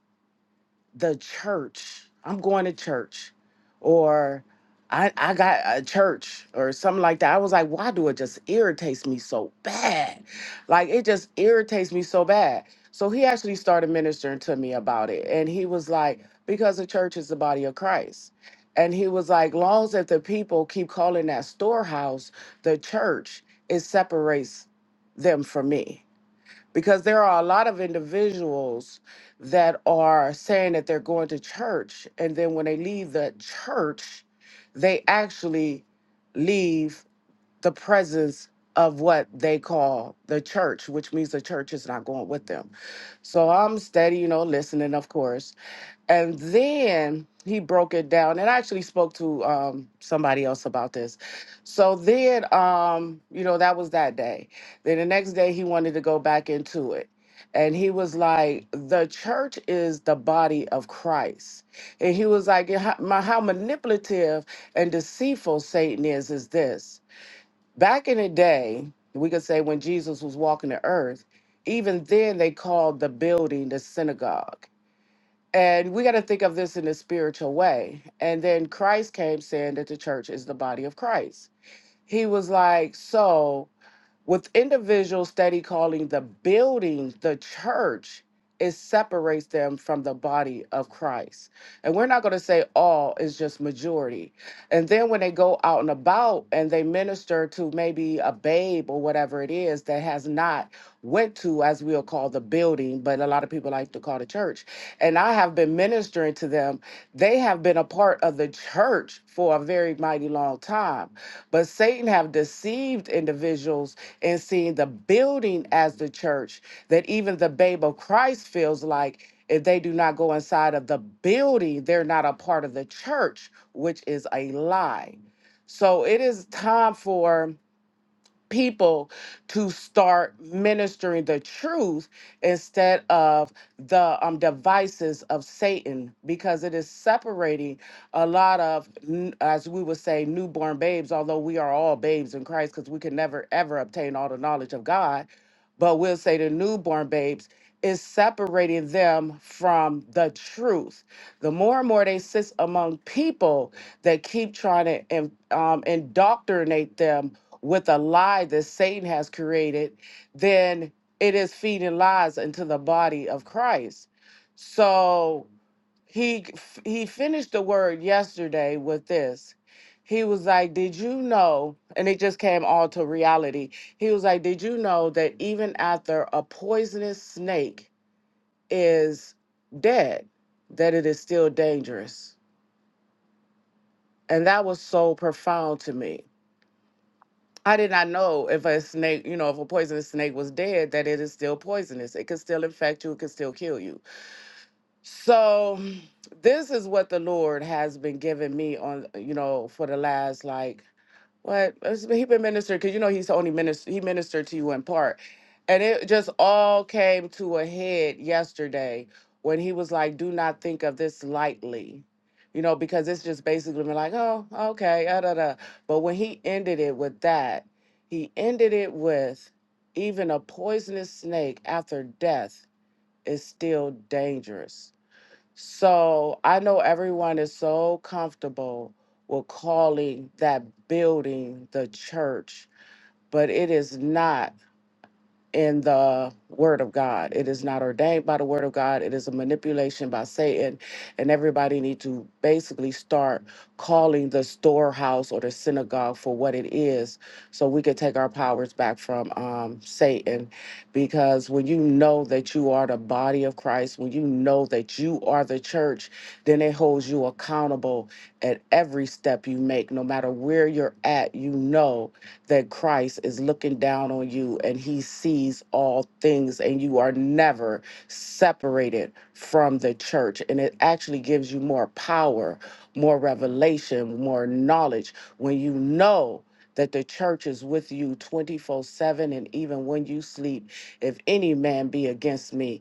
the church. I'm going to church, or I I got a church or something like that. I was like, why do it just irritates me so bad? Like it just irritates me so bad. So he actually started ministering to me about it, and he was like, because the church is the body of Christ. And he was like, long as if the people keep calling that storehouse the church, it separates them from me because there are a lot of individuals that are saying that they're going to church and then when they leave the church they actually leave the presence of what they call the church which means the church is not going with them so i'm steady you know listening of course and then he broke it down. And I actually spoke to um, somebody else about this. So then, um, you know, that was that day. Then the next day, he wanted to go back into it. And he was like, the church is the body of Christ. And he was like, how, my- how manipulative and deceitful Satan is, is this. Back in the day, we could say when Jesus was walking the earth, even then they called the building the synagogue and we got to think of this in a spiritual way. And then Christ came saying that the church is the body of Christ. He was like, so with individuals steady calling the building the church, it separates them from the body of Christ. And we're not going to say all is just majority. And then when they go out and about and they minister to maybe a babe or whatever it is that has not went to, as we'll call the building, but a lot of people like to call the church. And I have been ministering to them. They have been a part of the church for a very mighty long time. But Satan have deceived individuals and seeing the building as the church that even the babe of Christ feels like if they do not go inside of the building, they're not a part of the church, which is a lie. So it is time for people to start ministering the truth instead of the um, devices of Satan because it is separating a lot of, n- as we would say, newborn babes, although we are all babes in Christ because we can never, ever obtain all the knowledge of God. But we'll say the newborn babes is separating them from the truth. The more and more they sit among people that keep trying to in- um, indoctrinate them with a lie that Satan has created, then it is feeding lies into the body of Christ. So he f- he finished the word yesterday with this. He was like, "Did you know?" And it just came all to reality. He was like, "Did you know that even after a poisonous snake is dead, that it is still dangerous?" And that was so profound to me I did not know if a snake, you know, if a poisonous snake was dead, that it is still poisonous. It could still infect you, it could still kill you. So, this is what the Lord has been giving me on, you know, for the last like what That's- he been ministered because you know he's only minister he ministered to you in part, and it just all came to a head yesterday when he was like, "Do not think of this lightly," you know, because it's just basically been like, "Oh, okay, ah, da da." But when he ended it with that, he ended it with, "Even a poisonous snake after death is still dangerous." So I know everyone is so comfortable with calling that building the church, but it is not in the word of God. It is not ordained by the word of God. It is a manipulation by Satan. And everybody need to basically start calling the storehouse or the synagogue for what it is so we could take our powers back from um, Satan. Because when you know that you are the body of Christ, when you know that you are the church, then it holds you accountable at every step you make. No matter where you're at, you know that Christ is looking down on you and he sees all things, and you are never separated from the church. And it actually gives you more power, more revelation, more knowledge when you know. That the church is with you 24 7, and even when you sleep, if any man be against me,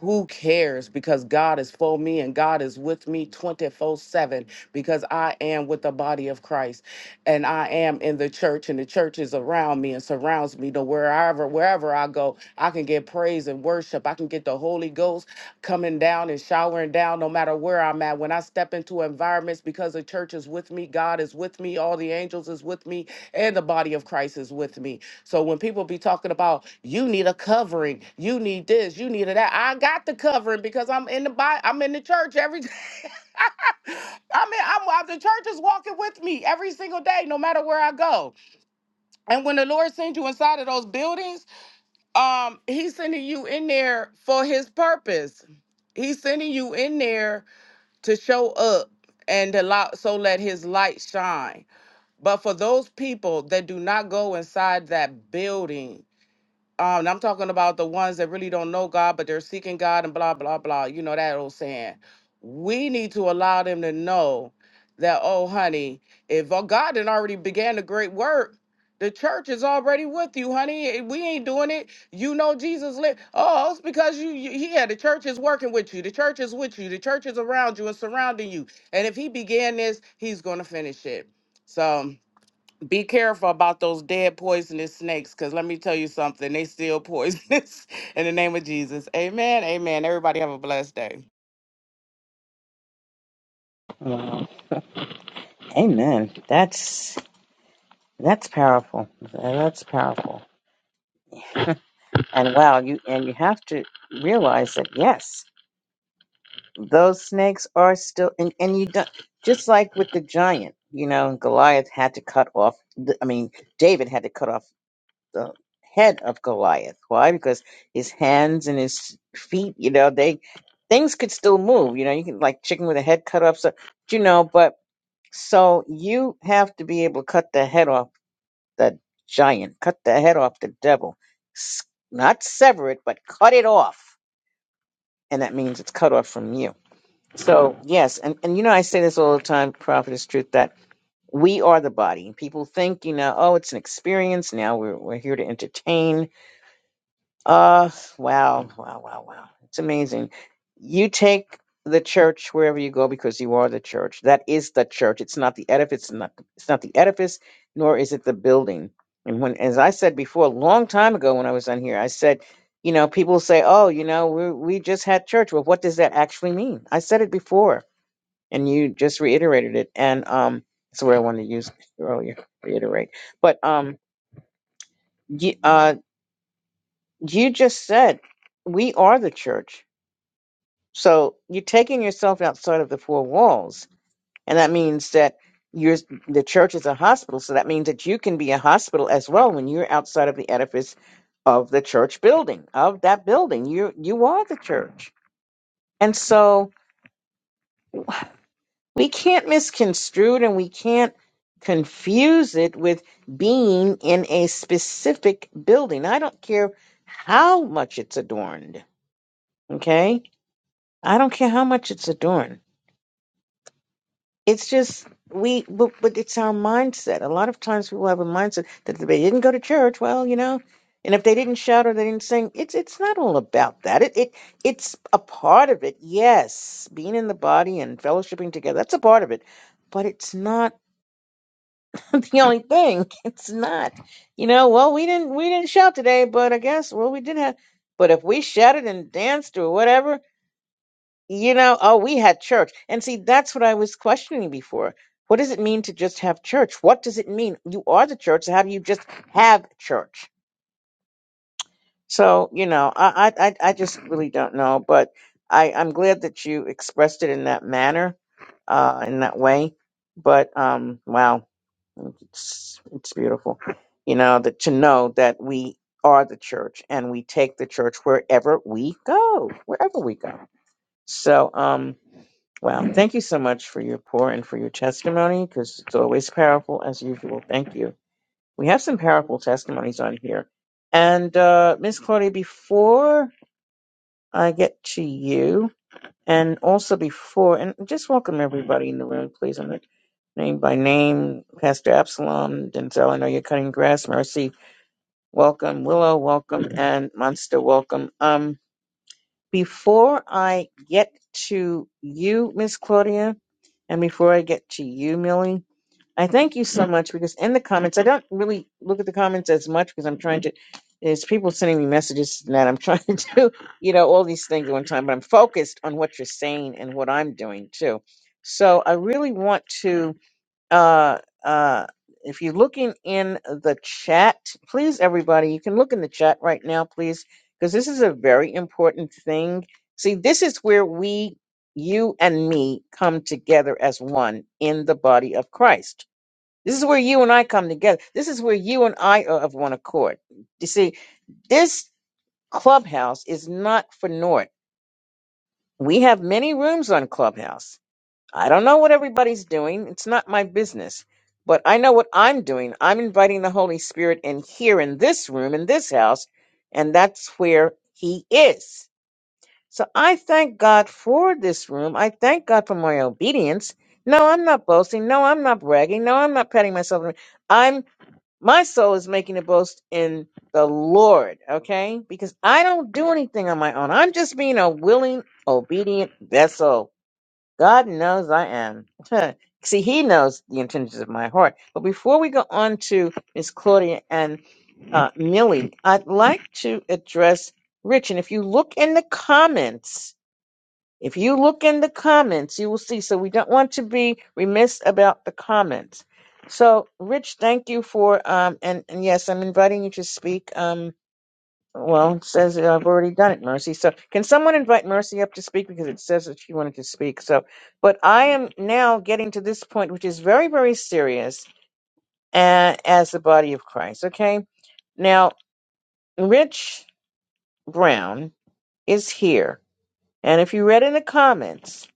who cares? Because God is for me and God is with me 24 7 because I am with the body of Christ and I am in the church, and the church is around me and surrounds me. To wherever wherever I go, I can get praise and worship. I can get the Holy Ghost coming down and showering down, no matter where I'm at. When I step into environments, because the church is with me, God is with me, all the angels is with me, and the body of Christ is with me. So when people be talking about you need a covering, you need this, you need that, I got the covering because I'm in the body, I'm in the church every day. I mean, I'm I, the church is walking with me every single day, no matter where I go. And when the Lord sends you inside of those buildings, um, He's sending you in there for His purpose. He's sending you in there to show up and allow so let His light shine. But for those people that do not go inside that building, um, and I'm talking about the ones that really don't know God, but they're seeking God and blah, blah, blah. You know that old saying. We need to allow them to know that, oh, honey, if uh, God did already began the great work, the church is already with you, honey. Eh, We ain't doing it. You know Jesus lived. Oh, it's because you, you, yeah, the church is working with you. The church is with you. The church is around you and surrounding you. And if he began this, he's going to finish it. So, be careful about those dead poisonous snakes because let me tell you something they still poisonous in the name of jesus amen amen everybody have a blessed day
Wow. Amen. That's that's powerful. That's powerful. And wow, you and you have to realize that yes, those snakes are still and and you don't just like with the giant, you know, Goliath had to cut off. The, I mean, David had to cut off the head of Goliath. Why? Because his hands and his feet, you know, they things could still move. You know, you can like chicken with a head cut off. So you know, but so you have to be able to cut the head off the giant, cut the head off the devil, S- not sever it, but cut it off and that means it's cut off from you. So yes, and, and you know I say this all the time, Prophet is truth that we are the body. People think, you know, oh, it's an experience. Now we're we're here to entertain. Uh, wow, wow, wow, wow. It's amazing. You take the church wherever you go because you are the church. That is the church. It's not the edifice, not, it's not the edifice, nor is it the building. And when, as I said before, a long time ago when I was on here, I said, you know, people say, oh, you know, we, we just had church. Well, what does that actually mean? I said it before and you just reiterated it. And, um, that's where I wanted to use earlier, reiterate. But, um, you, uh, you just said we are the church So you're taking yourself outside of the four walls, and that means that you're the church is a hospital. So that means that you can be a hospital as well when you're outside of the edifice of the church building, of that building. You you are the church, and so we can't misconstrue it, and we can't confuse it with being in a specific building. I don't care how much it's adorned. Okay, I don't care how much it's adorned it's just we but, but it's our mindset a lot of times people have a mindset that if they didn't go to church well you know and if they didn't shout or they didn't sing it's it's not all about that it, it it's a part of it yes being in the body and fellowshipping together that's a part of it but it's not the only thing it's not you know well we didn't we didn't shout today but i guess well we did have but if we shouted and danced or whatever you know, oh, we had church. And see, that's what I was questioning before. What does it mean to just have church? What does it mean? You are the church. So how do you just have church? So, you know, I, I, I I just really don't know, but I, I'm glad that you expressed it in that manner, uh, in that way. But, um, wow, it's, it's beautiful, you know, that to know that we are the church and we take the church wherever we go, wherever we go. So, um, Wow. Thank you so much for your pour and for your testimony because it's always powerful as usual. Thank you. We have some powerful testimonies on here. And uh, Miss Claudia, before I get to you, and also before, and just welcome everybody in the room, please. I'm not name by name, Pastor Absalom, Denzel, I know you're cutting grass. Mercy, welcome. Willow, welcome. And Monster, welcome. Um, before I get to you, Miss Claudia, and before I get to you, Millie, I thank you so much because in the comments, I don't really look at the comments as much because I'm trying to. There's people sending me messages and that I'm trying to, do, you know, all these things at one time, but I'm focused on what you're saying and what I'm doing too. So I really want to uh, uh, if you're looking in the chat, please, everybody, you can look in the chat right now, please, because this is a very important thing. See, this is where we, you and me, come together as one in the body of Christ. This is where you and I come together. This is where you and I are of one accord. You see, this clubhouse is not for naught. We have many rooms on Clubhouse I don't know what everybody's doing. It's not my business. But I know what I'm doing. I'm inviting the Holy Spirit in here in this room, in this house, and that's where He is. So I thank God for this room. I thank God for my obedience. No, I'm not boasting. No, I'm not bragging. No, I'm not patting myself. on- I'm my soul is making a boast in the Lord, okay? Because I don't do anything on my own. I'm just being a willing, obedient vessel. God knows I am. See, He knows the intentions of my heart. But before we go on to Miss Claudia and uh, Millie, I'd like to address Rich. And if you look in the comments, if you look in the comments, you will see. So we don't want to be remiss about the comments. So, Rich, thank you for um and, and yes, I'm inviting you to speak. Um, well, it says that I've already done it, Mercy. So can someone invite Mercy up to speak because it says that she wanted to speak. So, but I am now getting to this point, which is very, very serious uh, as the body of Christ. Okay. Now, Rich Brown is here. And if you read in the comments,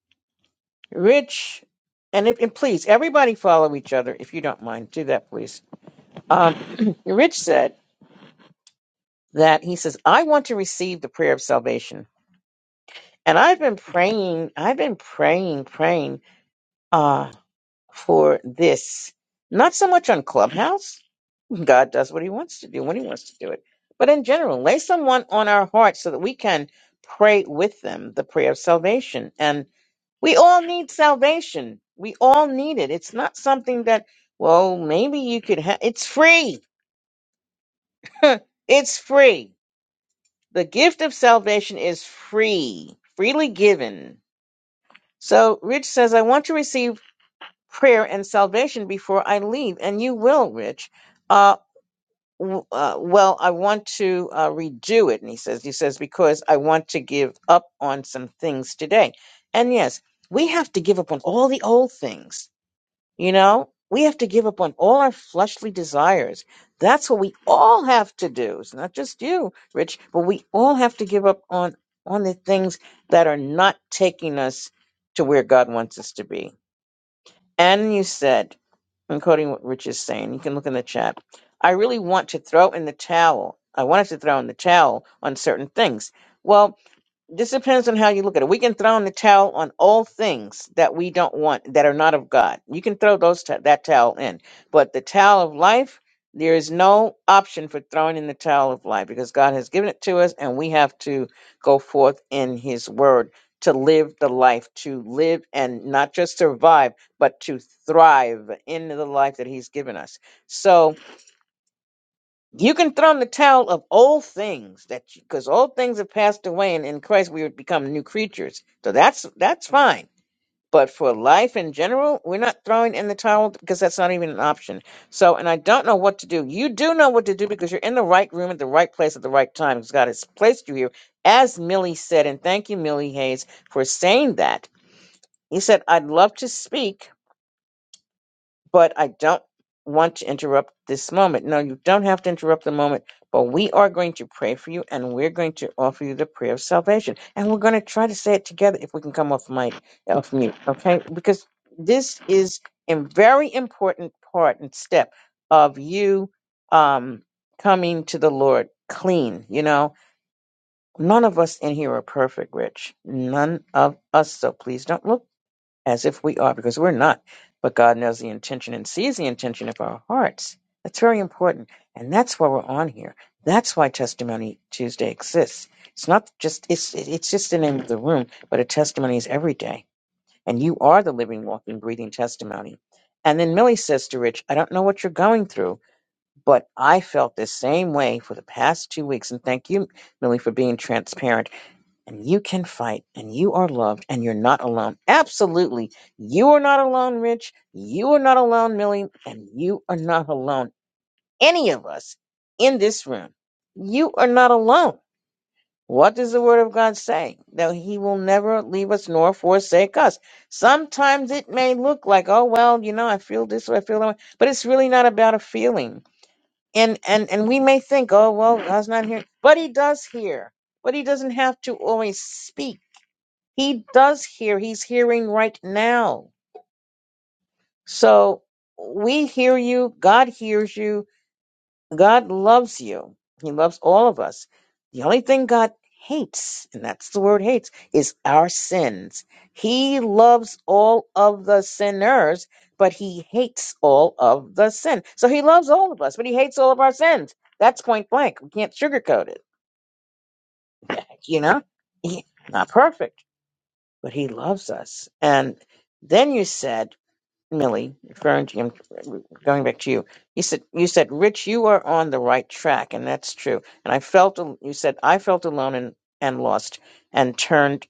Rich, and, if, and please, everybody follow each other if you don't mind. Do that, please. Um, Rich said that he says, I want to receive the prayer of salvation. And I've been praying, I've been praying, praying uh, for this. Not so much on Clubhouse. God does what he wants to do when he wants to do it. But in general, lay someone on our hearts so that we can pray with them the prayer of salvation. And we all need salvation. We all need it. It's not something that, well, maybe you could have, it's free. it's free. The gift of salvation is free, freely given. So Rich says, I want to receive prayer and salvation before I leave, and you will, Rich. Uh, w- uh, well, I want to uh, redo it, and he says, he says because I want to give up on some things today. And yes, we have to give up on all the old things. You know, we have to give up on all our fleshly desires. That's what we all have to do. It's not just you, Rich, but we all have to give up on on the things that are not taking us to where God wants us to be. And you said. I'm quoting what Rich is saying. You can look in the chat. I really want to throw in the towel. I wanted to throw in the towel on certain things. Well, this depends on how you look at it. We can throw in the towel on all things that we don't want that are not of God. You can throw those t- that towel in, but the towel of life, there is no option for throwing in the towel of life because God has given it to us, and we have to go forth in His Word to live the life, to live and not just survive, but to thrive in the life that He's given us. So you can throw in the towel of old things that because old things have passed away, and in Christ we would become new creatures. So that's that's fine. But for life in general, we're not throwing in the towel because that's not even an option. So, and I don't know what to do. You do know what to do because you're in the right room at the right place at the right time. Because God has placed you here, as Millie said, and thank you, Millie Hayes, for saying that. He said, "I'd love to speak." but I don't want to interrupt this moment. No, you don't have to interrupt the moment, but we are going to pray for you and we're going to offer you the prayer of salvation. And we're going to try to say it together if we can come off mic, off mute, okay? Because this is a very important part and step of you um, coming to the Lord clean, you know? None of us in here are perfect, Rich. None of us. So please don't look as if we are, because we're not. But God knows the intention and sees the intention of our hearts. That's very important. And that's why we're on here. That's why Testimony Tuesday exists. It's not just, it's, it's just the name of the room, but a testimony is every day. And you are the living, walking, breathing testimony. And then Millie says to Rich, I don't know what you're going through, but I felt the same way for the past two weeks. And thank you, Millie, for being transparent and you can fight and you are loved and you're not alone. Absolutely. You are not alone, Rich. You are not alone, Millie, and you are not alone. Any of us in this room, you are not alone. What does the word of God say? That he will never leave us nor forsake us. Sometimes it may look like, oh well, you know, I feel this way, I feel that way, but it's really not about a feeling. And and and we may think, oh well, God's not here, but he does hear. But he doesn't have to always speak he does hear. He's hearing right now. So we hear you. God hears you. God loves you. He loves all of us. The only thing God hates, and that's the word hates, is our sins. He loves all of the sinners, but he hates all of the sin. So he loves all of us, but he hates all of our sins. That's point blank. We can't sugarcoat it. You know? He- not perfect, but he loves us. And then you said, Millie, referring to him, going back to you, he said, "You said, Rich, you are on the right track, and that's true." And I felt, al- you said, I felt alone and, and lost, and turned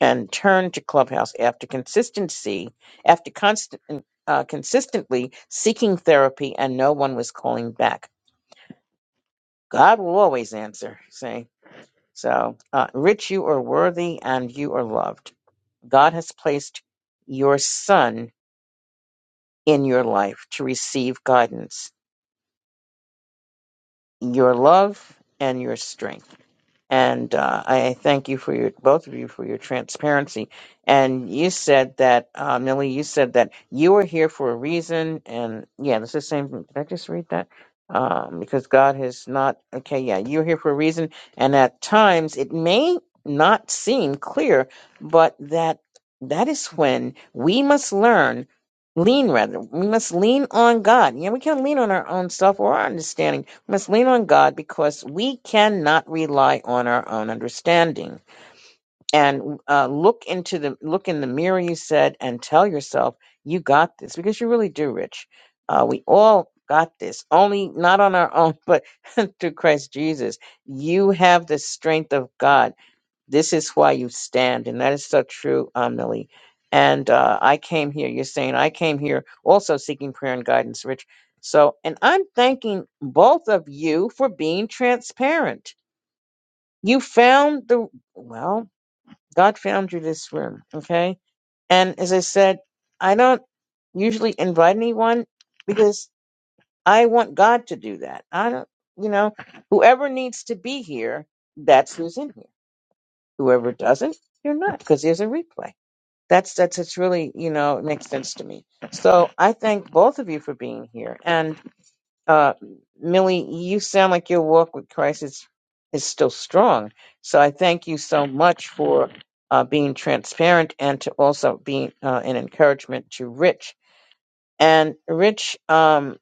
and turned to Clubhouse after consistency, after constant, uh, consistently seeking therapy, and no one was calling back. God will always answer. Say so, uh, Rich, you are worthy and you are loved. God has placed your son in your life to receive guidance your love and your strength. And uh, I thank you for your both of you for your transparency. And you said that, uh, Millie, you said that you were here for a reason. And yeah, that's the same. Did I just read that? Um, because God has not. Okay, yeah, you're here for a reason. And at times it may not seem clear, but that that is when we must learn lean rather we must lean on god yeah we can't lean on our own self or our understanding must lean on God because we cannot rely on our own understanding. And uh, look into the look in the mirror, you said, and tell yourself you got this because you really do, Rich. Uh, we all got this, only not on our own, but through Christ Jesus. You have the strength of God this is why you stand, and that is so true, Amelie. And uh, I came here. You're saying I came here also seeking prayer and guidance, Rich. So, and I'm thanking both of you for being transparent. You found the well. God found you this room, okay? And as I said, I don't usually invite anyone because I want God to do that. I don't, you know, whoever needs to be here, that's who's in here. Whoever doesn't, you're not, because there's a replay. that's that's it's really you know it makes sense to me so i thank both of you for being here and uh millie you sound like your walk with christ is is still strong so i thank you so much for uh being transparent and to also being uh, an encouragement to rich and rich um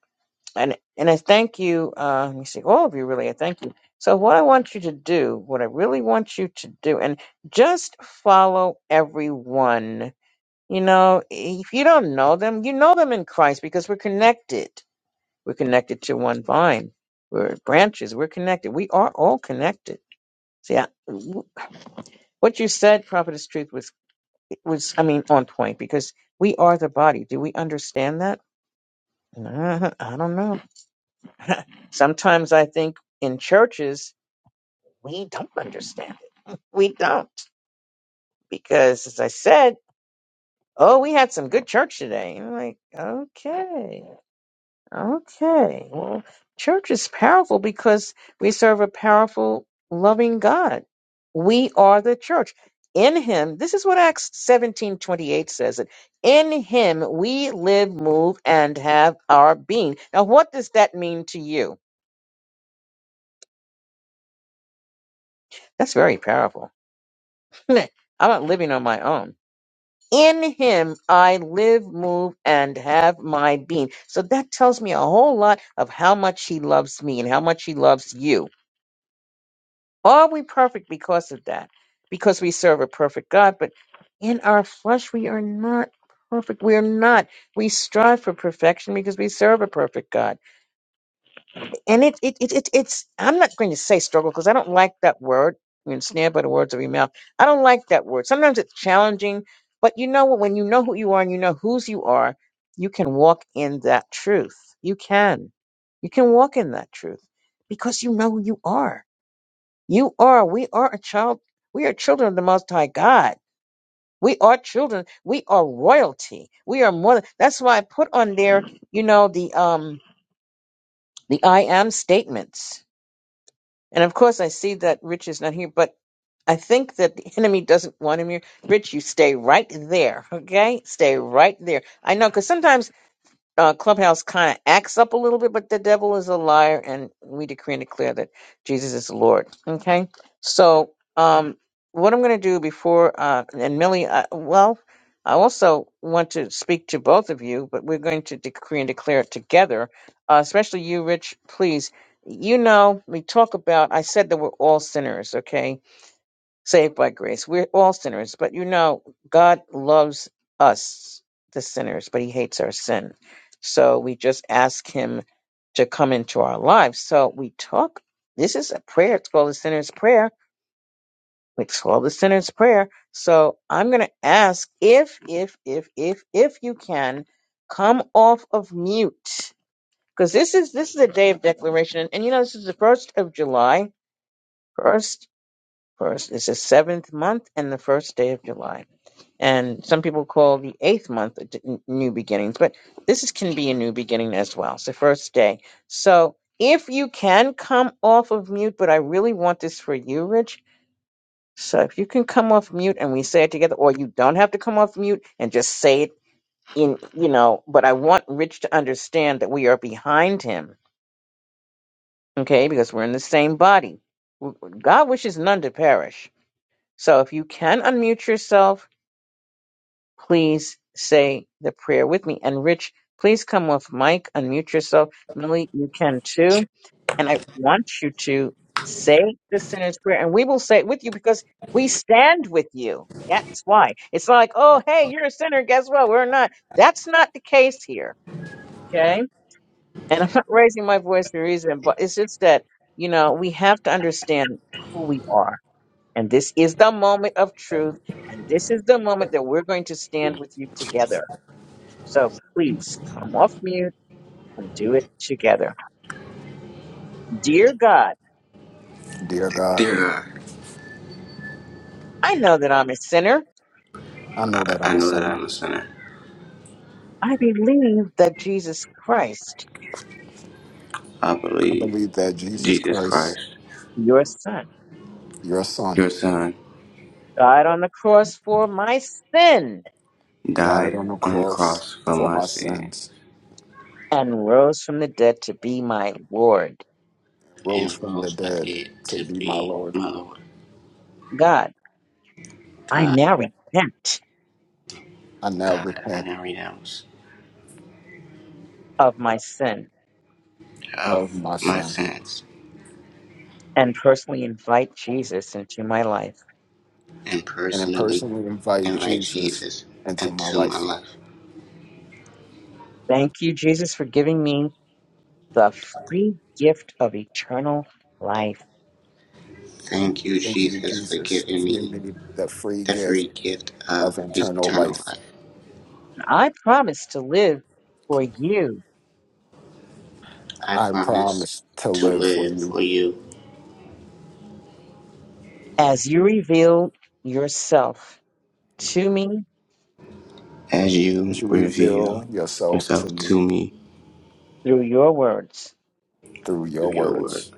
and and i thank you uh let me see all of you really i thank you so what i want you to do what i really want you to do and just follow everyone you know, if you don't know them, you know them in Christ because we're connected. We're connected to one vine. We're branches. We're connected. We are all connected. See, I, what you said, Prophetess Truth, was was I mean on point because we are the body. Do we understand that? Uh, I don't know. Sometimes I think in churches we don't understand it. We don't because, as I said, oh, we had some good church today. And I'm like, okay. Okay. Well, church is powerful because we serve a powerful, loving God. We are the church. In him, this is what Acts 17 28 says it. In him we live, move, and have our being. Now, what does that mean to you? That's very powerful. I'm not living on my own. In him I live, move, and have my being. So that tells me a whole lot of how much he loves me and how much he loves you Are we perfect because of that? Because we serve a perfect God, but in our flesh we are not perfect. We are not. We strive for perfection because we serve a perfect God. And it it, it, it it's I'm not going to say struggle because I don't like that word. You're ensnared by the words of your mouth. I don't like that word. Sometimes it's challenging, but you know what? When you know who you are and you know whose you are, you can walk in that truth. You can. You can walk in that truth because you know who you are you are, we are a child, we are children of the Most High God. We are children, we are royalty. We are more than, that's why I put on there, you know, the, um, the I am statements. And of course I see that Rich is not here, but I think that the enemy doesn't want him here. Rich, you stay right there, okay? Stay right there. I know, cause sometimes uh, Clubhouse kind of acts up a little bit, but the devil is a liar, and we decree and declare that Jesus is Lord. Okay, so um, what I'm going to do before uh, and Millie, uh, well, I also want to speak to both of you, but we're going to decree and declare it together, uh, especially you, Rich. Please, you know, we talk about. I said that we're all sinners. Okay, saved by grace. We're all sinners, but you know, God loves us, the sinners, but He hates our sin. So we just ask Him to come into our lives. So we talk. This is a prayer. It's called the sinner's prayer. It's called the sinner's prayer. So I'm going to ask if, if, if, if, if you can come off of mute because this is this is a day of declaration, and, and you know this is the first of July. First, first is the seventh month and the first day of July and some people call the eighth month a d- n- new beginnings but this is, can be a new beginning as well so first day so if you can come off of mute but i really want this for you rich so if you can come off mute and we say it together or you don't have to come off mute and just say it in you know but i want rich to understand that we are behind him okay because we're in the same body W- god wishes none to perish so if you can unmute yourself please say the prayer with me. And Rich, please come off mic, unmute yourself. Lily, you can too. And I want you to say the sinner's prayer, and we will say it with you because we stand with you. That's why. It's not like, oh, hey, you're a sinner. Guess what? We're not. That's not the case here. Okay. And I'm not raising my voice for a reason, but it's just that, you know, we have to understand who we are. And this is the moment of truth. And this is the moment that we're going to stand with you together. So please come off mute and do it together. Dear God,
Dear God,
Dear God,
I know that I'm a sinner.
I know
I
that I'm a
know that
sinner.
I'm a sinner.
I believe that Jesus Christ,
I
I
believe
believe that Jesus
Jesus
Christ,
Christ,
your son,
your Son,
your Son,
died on the cross for my sin
died
died
on the
on the
cross
cross for
for
my
my
sin
sins
and rose from the dead to be my Lord.
and rose
and
from the
rose my
dead
dead
to
to
be my
be
Lord.
my Lord.
God, I
God,
now repent
I now
God, I
repent
now renounce
of my sin
of
of
my
my
sin
sins
and personally invite Jesus into my life.
and
and then
personally
personally invite
invite
Jesus
Jesus
into my
into my
life.
life.
Thank you, Jesus, for giving me the free gift of eternal life.
Thank you,
Thank you,
Jesus, for
Jesus,
giving
for giving
me
me the free
the
gift
free gift of
of eternal
eternal
life.
life.
I promise to live for you
I
I
promise
promise to
to
live for
live
you
for you
as you revealed yourself to me
as
as
you
you
reveal
reveal yourself to
yourself
me
to me
through your words,
through your
through your word.
words.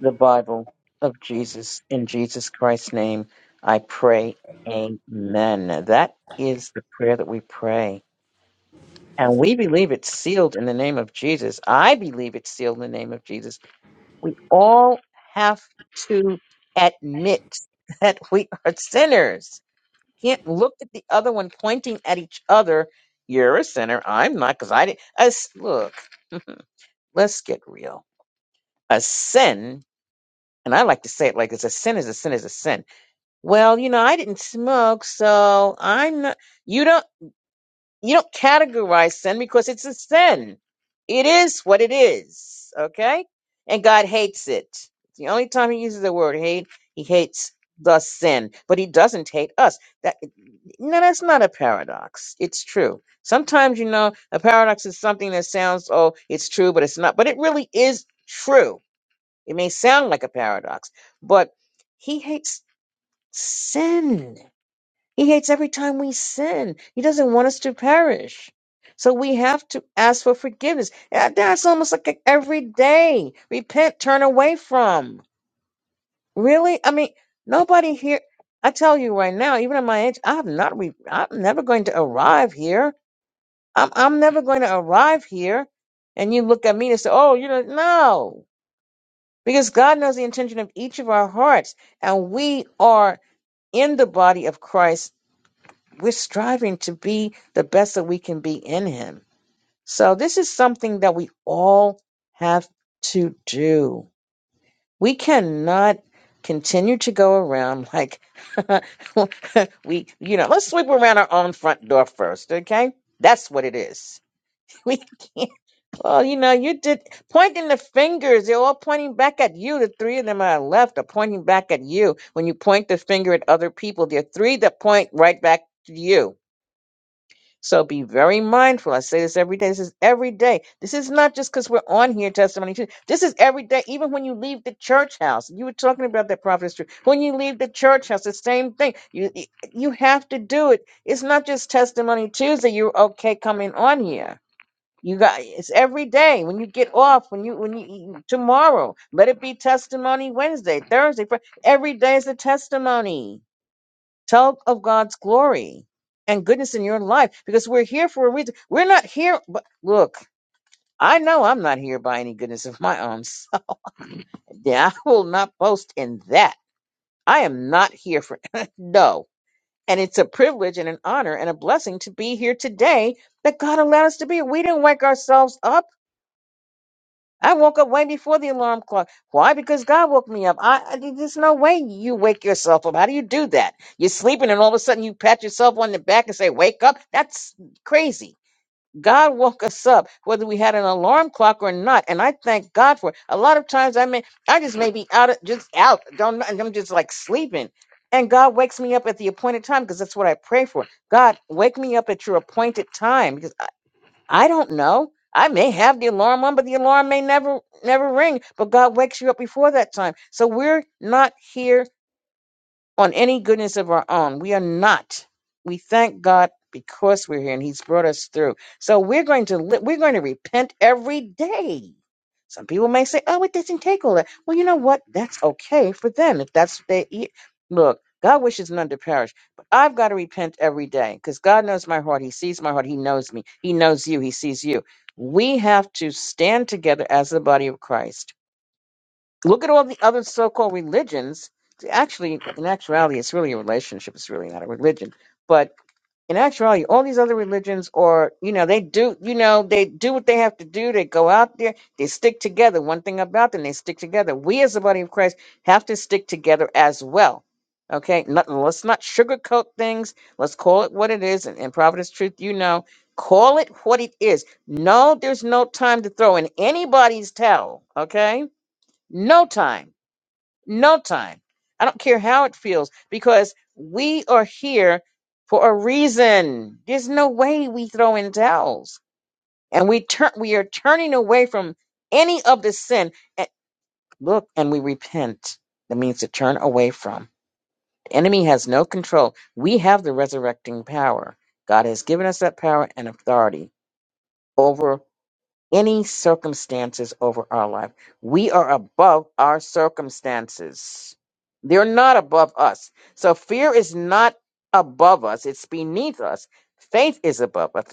the Bible of Jesus. In Jesus Christ's name, I pray. Amen. That is the prayer that we pray. And we believe it's sealed in the name of Jesus. I believe it's sealed in the name of Jesus. We all have to admit that we are sinners can't look at the other one pointing at each other. You're a sinner. I'm not because I didn't. Us, look, let's get real. A sin, and I like to say it like this: a sin is a sin is a sin. Well, you know, I didn't smoke, so I'm not. You don't. You don't categorize sin because it's a sin. It is what it is. Okay, and God hates it. It's the only time He uses the word hate. He hates the sin, but He doesn't hate us. That. No, that's not a paradox. It's true. Sometimes, you know, a paradox is something that sounds, oh, it's true, but it's not. But it really is true. It may sound like a paradox, but he hates sin. He hates every time we sin. He doesn't want us to perish. So we have to ask for forgiveness. Yeah, That's almost like a- every day. Repent, turn away from. Really? I mean, nobody here. I tell you right now, even at my age, I'm not. Re- I'm never going to arrive here. I'm. I'm never going to arrive here. And you look at me and say, "Oh, you know, no," because God knows the intention of each of our hearts, and we are in the body of Christ. We're striving to be the best that we can be in Him. So this is something that we all have to do. We cannot continue to go around like we, you know, let's sweep around our own front door first, okay? That's what it is. We can't. Well, you know, you did pointing the fingers. They're all pointing back at you. The three of them on the left are pointing back at you. When you point the finger at other people, there are three that point right back to you. So be very mindful. I say this every day. This is every day. This is not just because we're on here testimony. Tuesday. This is every day. Even when you leave the church house, you were talking about that prophetess. Truth. When you leave the church house, the same thing. You you have to do it. It's not just testimony Tuesday. You're okay coming on here. You got it's every day. When you get off, when you when you tomorrow, let it be testimony Wednesday, Thursday. Fri- Every day is a testimony Tell of God's glory and goodness in your life because we're here for a reason. We're not here, but look, I know I'm not here by any goodness of my own. So yeah, I will not boast in that. I am not here for no. And it's a privilege and an honor and a blessing to be here today that God allowed us to be. We didn't wake ourselves up. I woke up way before the alarm clock. Why? Because God woke me up. I, I there's no way you wake yourself up. How do you do that? You're sleeping and all of a sudden you pat yourself on the back and say, "Wake up." That's crazy. God woke us up, whether we had an alarm clock or not, and I thank God for it. A lot of times I may, I just may be out, of, just out, don't, and I'm just like sleeping, and God wakes me up at the appointed time because that's what I pray for. God, wake me up at your appointed time because I don't know. I may have the alarm on, but the alarm may never never ring. But God wakes you up before that time. So we're not here on any goodness of our own. We are not. We thank God because we're here and He's brought us through. So we're going to li- we're going to repent every day. Some people may say, "Oh, it doesn't take all that." Well, you know what? That's okay for them if that's what they eat. Look, God wishes none to perish, but I've got to repent every day because God knows my heart. He sees my heart. He knows me. He knows you. He sees you. We have to stand together as the body of Christ Look at all the other so-called religions. Actually, in actuality, it's really a relationship. It's really not a religion. But in actuality, all these other religions are, you know, they do, you know, they do what they have to do. They go out there. They stick together. One thing about them, they stick together. We as the body of Christ have to stick together as well. Okay, Not- let's not sugarcoat things. Let's call it what it is. And, and Providence Truth, you know, call it what it is. No, there's no time to throw in anybody's towel. Okay, no time no time. I don't care how it feels because we are here for a reason. There's no way we throw in towels and we turn we are turning away from any of the sin and look and we repent. That means to turn away from. The enemy has no control. We have the resurrecting power. God has given us that power and authority over any circumstances over our life. We are above our circumstances. They're not above us. So fear is not above us, it's beneath us. Faith is above us,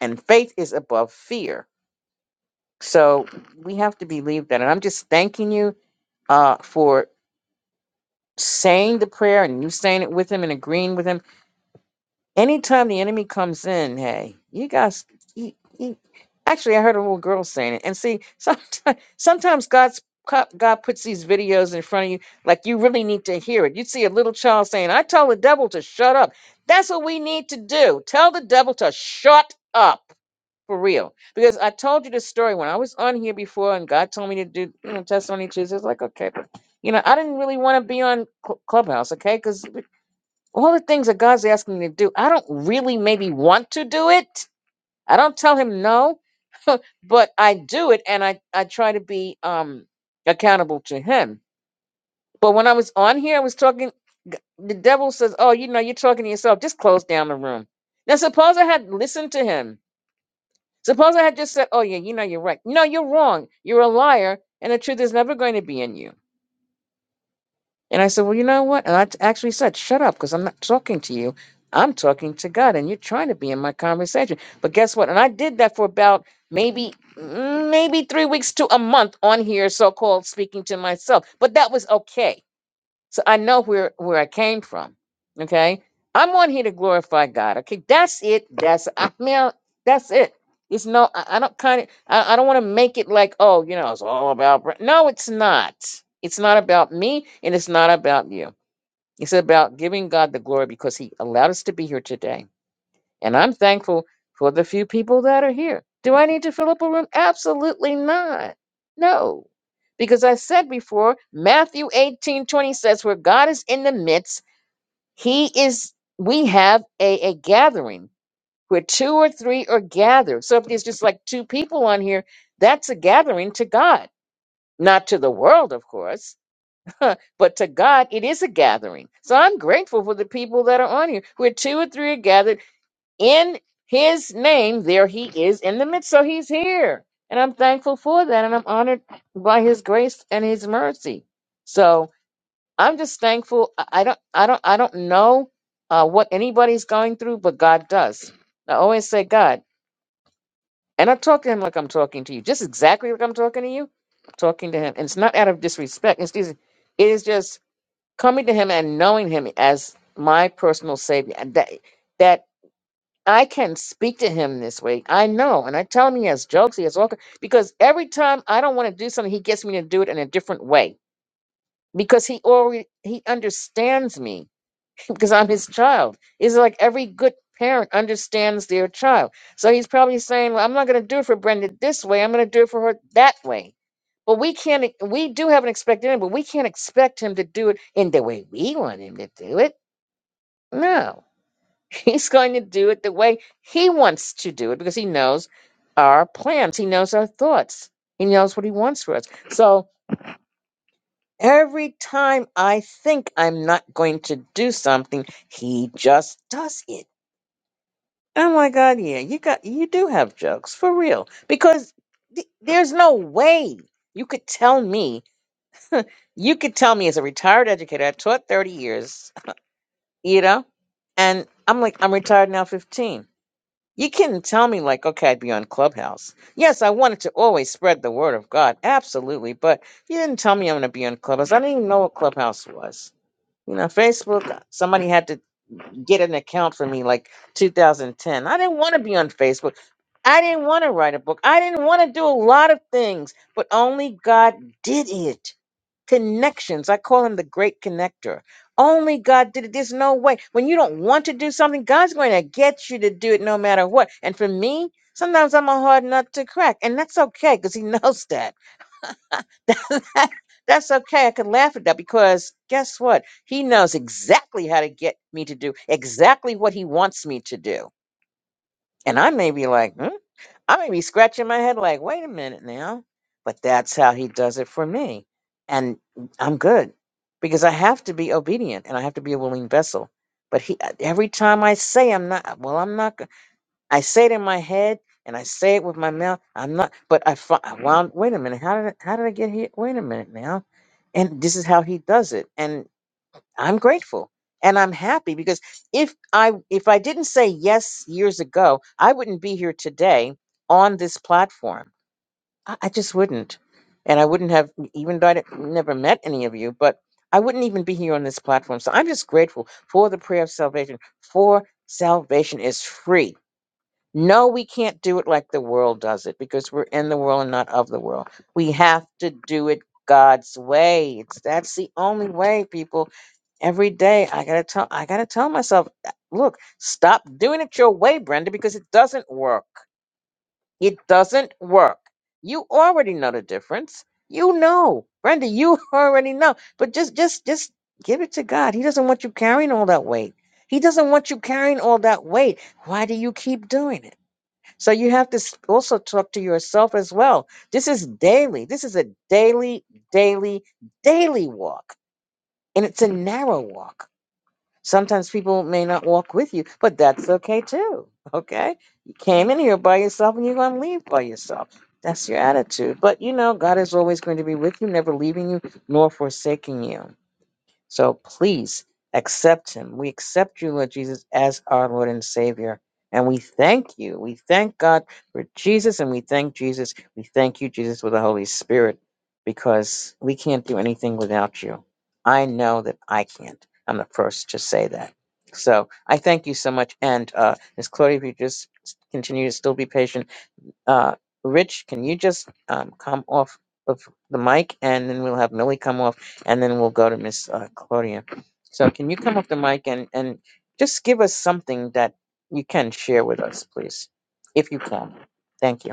and faith is above fear. So we have to believe that. And I'm just thanking you uh, for saying the prayer and you saying it with him and agreeing with him. Anytime the enemy comes in, hey, you guys, you, you, actually, I heard a little girl saying it. And see, sometimes, sometimes God's co- God puts these videos in front of you, like you really need to hear it. You see a little child saying, "I tell the devil to shut up." That's what we need to do. Tell the devil to shut up for real. Because I told you this story when I was on here before, and God told me to do you know testimony Tuesday. It's like okay, but you know I didn't really want to be on Cl- Clubhouse, okay? Because all the things that God's asking me to do, I don't really maybe want to do it. I don't tell him no, but I do it and I, I try to be um accountable to him. But when I was on here, I was talking g- the devil says, Oh, you know, you're talking to yourself, just close down the room. Now suppose I had listened to him. Suppose I had just said, Oh yeah, you know you're right. No, you're wrong. You're a liar, and the truth is never going to be in you. And I said, Well, you know what? And I t- actually said, Shut up, because I'm not talking to you. I'm talking to God, and you're trying to be in my conversation. But guess what? And I did that for about maybe mm, maybe three weeks to a month on here, so called speaking to myself. But that was okay so I know where where I came from. Okay, I'm on here to glorify God. Okay, that's it. That's I mean that's it. It's no, I, I don't kind of I, I don't want to make it like oh you know it's all about Bra-" no it's not. It's not about me and it's not about you. It's about giving God the glory because He allowed us to be here today and I'm thankful for the few people that are here. Do I need to fill up a room? Absolutely not. No. Because I said before, Matthew 18 20 says, Where God is in the midst, He is, we have a, a gathering where two or three are gathered. So if there's just like two people on here, that's a gathering to God, not to the world, of course. but to God, it is a gathering. So I'm grateful for the people that are on here. Where two or three are gathered in his name, there he is in the midst. So he's here. And I'm thankful for that. And I'm honored by his grace and his mercy. So I'm just thankful. I I don't I don't I don't know uh, what anybody's going through, but God does. I always say God. And I talk to him like I'm talking to you. Just exactly like I'm talking to you. I'm talking to him. And it's not out of disrespect. It's just, it is just coming to him and knowing him as my personal savior. And that that I can speak to him this way. I know. And I tell him he has jokes, he has all ki- because every time I don't want to do something, he gets me to do it in a different way. Because he already he understands me because I'm his child. It's like every good parent understands their child. So he's probably saying, Well, I'm not gonna do it for Brenda this way, I'm gonna do it for her that way. But we can't e- we do have an expectation, but we can't expect him to do it in the way we want him to do it. No. He's going to do it the way he wants to do it because he knows our plans. He knows our thoughts. He knows what he wants for us. So every time I think I'm not going to do something, he just does it. Oh my God, yeah, you got you do have jokes for real because th- there's no way you could tell me. You could tell me as a retired educator, I taught 30 years, you know, and I'm like, I'm retired now 15 You couldn't tell me like, okay, I'd be on Clubhouse. Yes, I wanted to always spread the word of God, absolutely. But you didn't tell me I'm gonna be on Clubhouse. I didn't even know what Clubhouse was. You know, Facebook. Somebody had to get an account for me, like 2010. I didn't want to be on Facebook. I didn't want to write a book. I didn't want to do a lot of things, but only God did it connections. I call him the great connector. Only God did it. There's no way. When you don't want to do something, God's going to get you to do it no matter what. And for me, sometimes I'm a hard nut to crack. And that's okay because He knows that. that's okay. I can laugh at that because guess what? He knows exactly how to get me to do exactly what He wants me to do. And I may be like, hmm. I may be scratching my head like, wait a minute now. But that's how he does it for me. And I'm good because I have to be obedient and I have to be a willing vessel. But he, uh, every time I say I'm not, uh, well, I'm not, go- I say it in my head and I say it with my mouth. I'm not, but I, fi- I wound, wait a minute. How did, I, how did I get here? Wait a minute now. And this is how he does it. I'm grateful and I'm happy because if I if I didn't say yes years ago, I wouldn't be here today on this platform. I, I just wouldn't, and I wouldn't have e, even though I didn't- never met any of you, but I wouldn't even be here on this platform. So I'm just grateful for the prayer of salvation. For salvation is free no, we can't do it like the world does it because we're in the world and not of the world. We have to do it God's way. It's that's the only way, people. Every day I gotta tell I gotta tell myself, "Uh, look, stop doing it your way, Brenda, because it doesn't work. It doesn't work. You already know the difference. You know. Brenda, you already know. But just just just give it to God. He doesn't want you carrying all that weight. He doesn't want you carrying all that weight. Why do you keep doing it? So you have to s- also talk to yourself as well. This is daily. This is a daily, daily, daily walk. And it's a narrow walk. Sometimes people may not walk with you, but that's okay too. Okay? You came in here by yourself and you're going to leave by yourself. That's your attitude. But you know, God is always going to be with you, never leaving you nor forsaking you. So please accept him. We accept you, Lord Jesus, as our Lord and Savior. And we thank you. We thank God for Jesus and we thank Jesus. We thank you, Jesus, for the Holy Spirit because we can't do anything without you. I know that I can't. I'm the first to say that. So I thank you so much. And uh, Ms. Claudia, if you just continue to still be patient, uh, Rich, can you just um, come off of the mic, and then we'll have Millie come off, and then we'll go to Miss uh, Claudia. So, can you come off the mic and and just give us something that you can share with us, please, if you can? Thank you.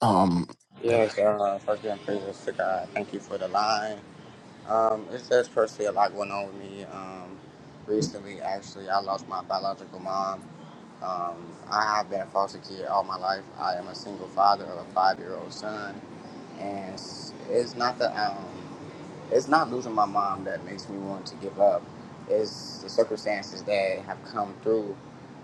Um,
Yes, uh, first and praises to God. Thank you for the line. Um, it's just personally a lot going on with me. Um, recently, actually, I lost my biological mom. Um, I have been a foster kid all my life. I am a single father of a five-year-old son, and it's, it's not that. Um, it's not losing my mom that makes me want to give up. It's the circumstances that have come through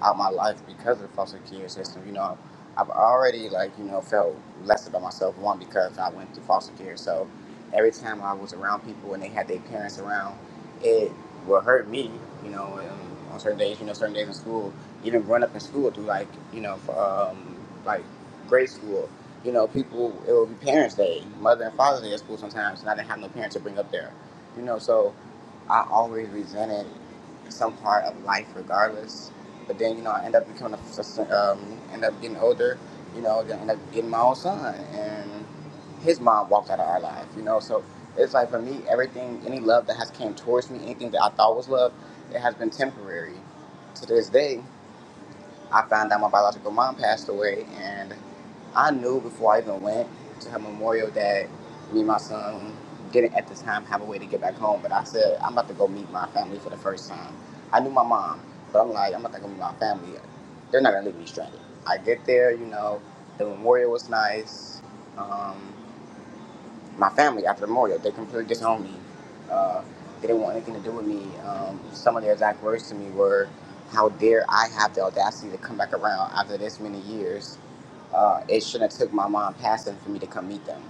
out my life because of the foster care system. You know, I've already like you know felt less about myself one because I went through foster care. So every time I was around people and they had their parents around, it would hurt me. You know, and on certain days, you know, certain days in school, even growing up in school through like you know for, um, like grade school you know, people, it would be Parents Day, Mother and Father's Day at school sometimes, and I didn't have no parents to bring up there. You know, so I always resented some part of life regardless. But then, you know, I end up becoming a, um, end up getting older, you know, then end up getting my own son. And his mom walked out of our life, you know, so it's like for me, everything, any love that has came towards me, anything that I thought was love, it has been temporary. To this day, I found out my biological mom passed away and I knew before I even went to her memorial that me and my son didn't at the time have a way to get back home. But I said, I'm about to go meet my family for the first time. I knew my mom, but I'm like, I'm about to go meet my family. They're not gonna leave me stranded. I get there, you know, the memorial was nice. Um, my family after the memorial, they completely disowned me. Uh, they didn't want anything to do with me. Um, some of their exact words to me were, "How dare I have the audacity to come back around after this many years?" uh, it shouldn't have took my mom passing for me to come meet them.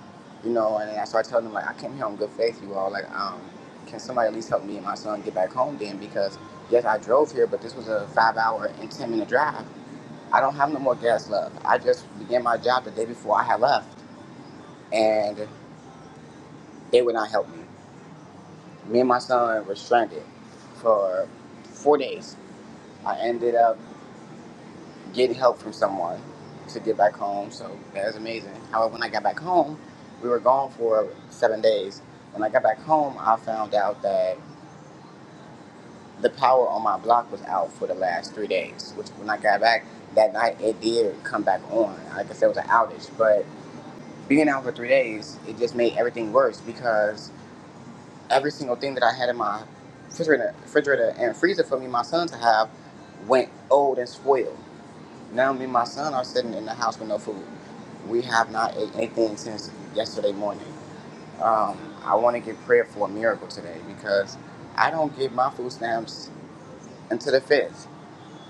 You know, and I started telling them like I came here on good faith, you all. Like, um, can somebody at least help me and my son get back home then? Because yes, I drove here, but this was a five hour and ten minute drive. I don't have no more gas left. I just began my job the day before I had left and they would not help me. Me and my son were stranded for four days. I ended up get help from someone to get back home. So that was amazing. However, when I got back home, we were gone for seven days. When I got back home, I found out that the power on my block was out for the last three days. Which, when I got back that night, it did come back on. Like I said, it was an outage. But being out for three days, it just made everything worse because every single thing that I had in my refrigerator, refrigerator and freezer for me, my son to have, went old and spoiled. Now me and my son are sitting in the house with no food. We have not ate anything since yesterday morning. Um, I want to get prayer for a miracle today because I don't get my food stamps until the 5th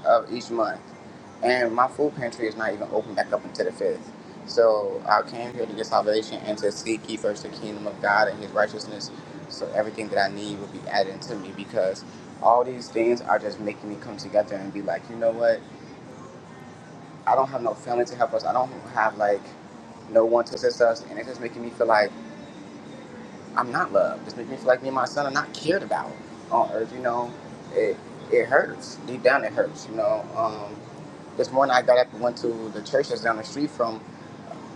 of each month. And my food pantry is not even open back up until the 5th. So I came here to get salvation and to seek ye first the kingdom of God and his righteousness. So everything that I need will be added to me because all these things are just making me come together and be like, you know what? I don't have no family to help us. I don't have like no one to assist us, and it's just making me feel like I'm not loved. It's making me feel like me and my son are not cared about on earth. You know, it it hurts deep down. It hurts. You know, um, this morning I got up and went to the church that's down the street from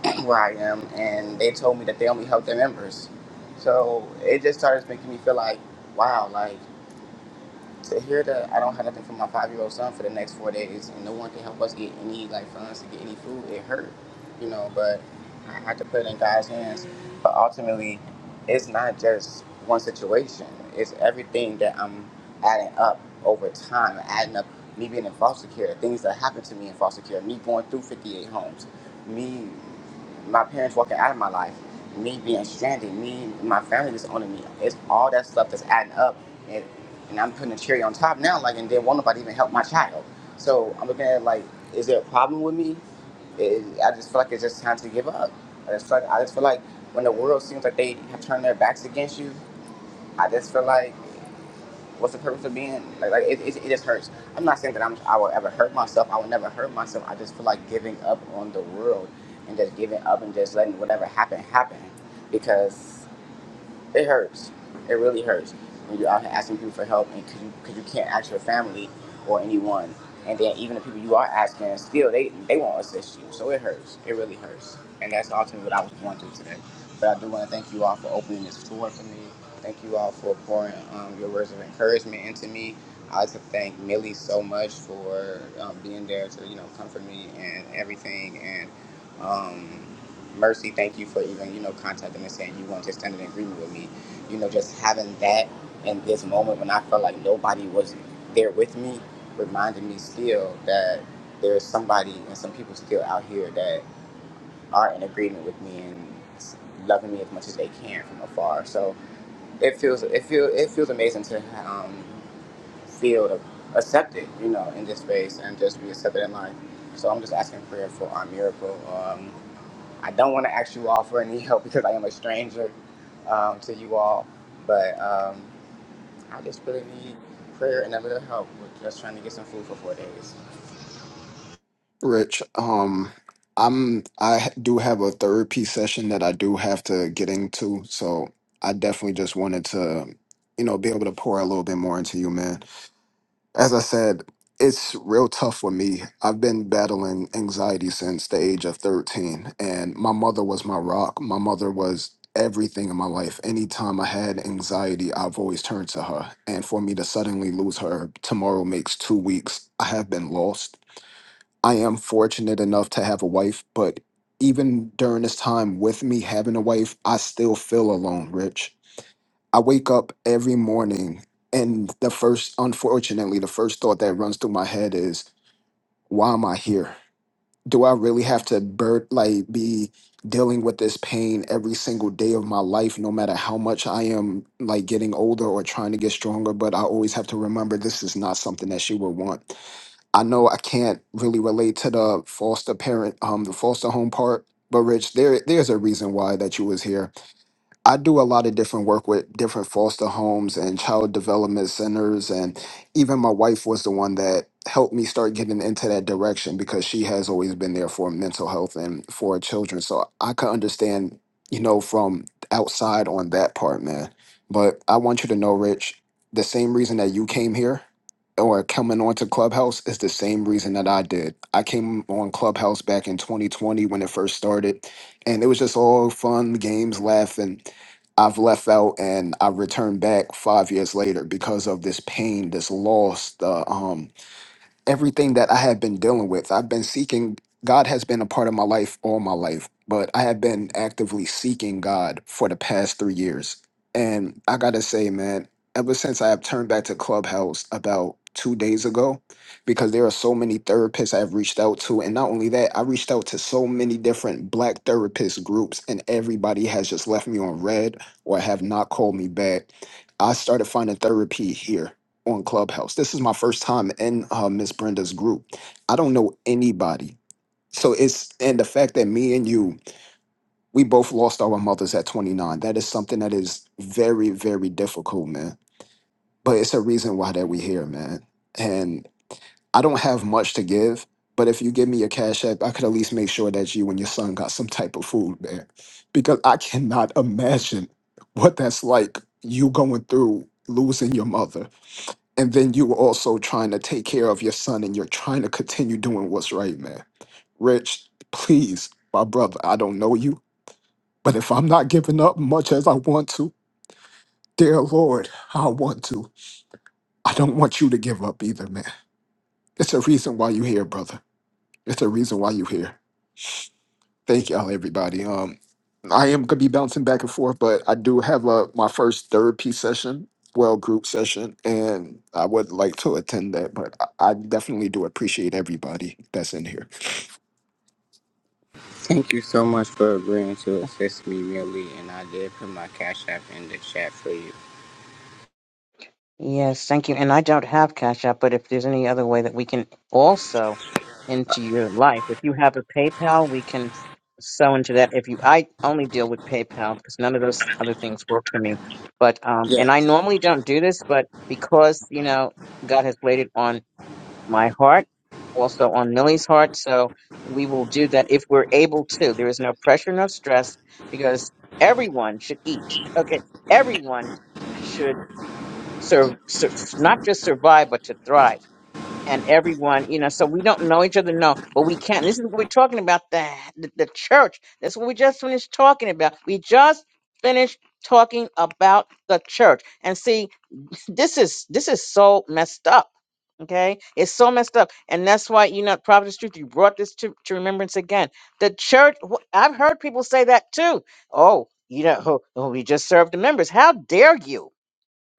where I am, and they told me that they only help their members. So it just started making me feel like, wow, like to hear that I don't have nothing for my five year old son for the next four days, and no one can help us get any like funds to get any food, it hurt, you know. But I had to put it in God's hands. But ultimately, it's not just one situation; it's everything that I'm adding up over time, adding up me being in foster care, things that happened to me in foster care, me going through 58 homes, me my parents walking out of my life, me being stranded, me my family disowning me. It's all that stuff that's adding up, and, and I'm putting a cherry on top now. Like, and then won't nobody even help my child. So I'm looking at it like, is there a problem with me? It, I just feel like it's just time to give up. I just feel like I just feel like when the world seems like they have turned their backs against you, I just feel like. What's the purpose of being like? like it, it, it just hurts. I'm not saying that I'm I will ever hurt myself. I will never hurt myself. I just feel like giving up on the world and just giving up and just letting whatever happen happen because it hurts. It really hurts when you're out here asking people for help, and because you, 'cause you can't ask your family or anyone, and then even the people you are asking, still they they won't assist you. So it hurts. It really hurts, and that's ultimately what I was going through today. But I do want to thank you all for opening this door for me. Thank you all for pouring um, your words of encouragement into me. I'd like to thank Millie so much for um, being there to you know comfort me and everything and. Um, Mercy, thank you for even, you know, contacting and saying you want to stand in agreement with me. You know, just having that in this moment when I felt like nobody was there with me reminded me still that there's somebody and some people still out here that are in agreement with me and loving me as much as they can from afar. So it feels it feel it feels amazing to um, feel accepted, you know, in this space and just be accepted in life. So I'm just asking prayer for our miracle. Um, I don't want to ask you all for any help because I am a stranger um, to you all, but um, I just really need prayer and a little help with just trying to get some food for four days.
Rich, um, I'm I do have a therapy session that I do have to get into, so I definitely just wanted to, you know, be able to pour a little bit more into you, man. As I said, it's real tough for me. I've been battling anxiety since the age of 13, and my mother was my rock. My mother was everything in my life. Anytime I had anxiety, I've always turned to her. And for me to suddenly lose her, tomorrow makes two weeks. I have been lost. I am fortunate enough to have a wife, but even during this time with me having a wife, I still feel alone, Rich. I wake up every morning and the first, unfortunately, the first thought that runs through my head is, why am I here? Do I really have to bur- like be dealing with this pain every single day of my life, no matter how much I am like getting older or trying to get stronger? But I always have to remember this is not something that she would want. I know I can't really relate to the foster parent, um, the foster home part, but Rich, there there's a reason why that you was here. I do a lot of different work with different foster homes and child development centers. And even my wife was the one that helped me start getting into that direction because she has always been there for mental health and for children. So I could understand, you know, from outside on that part, man. But I want you to know, Rich, the same reason that you came here or coming onto Clubhouse is the same reason that I did. I came on Clubhouse back in 2020 when it first started, and it was just all fun, games, laughing I've left out and I returned back five years later because of this pain, this loss, the um everything that I have been dealing with. I've been seeking, God has been a part of my life all my life, but I have been actively seeking God for the past three years. And I gotta say, man, ever since I have turned back to Clubhouse about two days ago, because there are so many therapists I have reached out to. And not only that, I reached out to so many different Black therapist groups, and everybody has just left me on red or have not called me back. I started finding therapy here on Clubhouse. This is my first time in uh, Miss Brenda's group. I don't know anybody. So it's and the fact that me and you, we both lost our mothers at 29. That is something that is very, very difficult, man. But it's a reason why that we here, man. And I don't have much to give, but if you give me your cash app, I could at least make sure that you and your son got some type of food, man. Because I cannot imagine what that's like. You going through losing your mother and then you were also trying to take care of your son and you're trying to continue doing what's right man rich please my brother i don't know you but if i'm not giving up much as i want to dear lord i want to i don't want you to give up either man it's a reason why you here brother it's a reason why you here Thank y'all, everybody. Um, I am gonna be bouncing back and forth, but I do have a my first therapy session, well, group session, and I would like to attend that. But I, I definitely do appreciate everybody that's in here.
Thank you so much for agreeing to assist me, Millie, and I did put my cash app in the chat for you.
Yes, thank you. And I don't have Cash App, but if there's any other way that we can also into your life, if you have a PayPal, we can sew into that. If you, I only deal with PayPal because none of those other things work for me. But um, and
Yes,
I normally don't do this, but because you know God has laid it on my heart, also on Millie's heart, so we will do that if we're able to. There is no pressure, no stress, because everyone should eat. Okay, everyone sur- sur- not just survive, but to thrive. And everyone, you know, so we don't know each other, no, but we can. This is what we're talking about the, the the church. That's what we just finished talking about. We just finished talking about the church. And see, this is this is so messed up. Okay, it's so messed up, and that's why you know, Prophet Truth, you brought this to, to remembrance again. The church, wh- I've heard people say that too. Oh, you know, oh, we just serve the members. How dare you?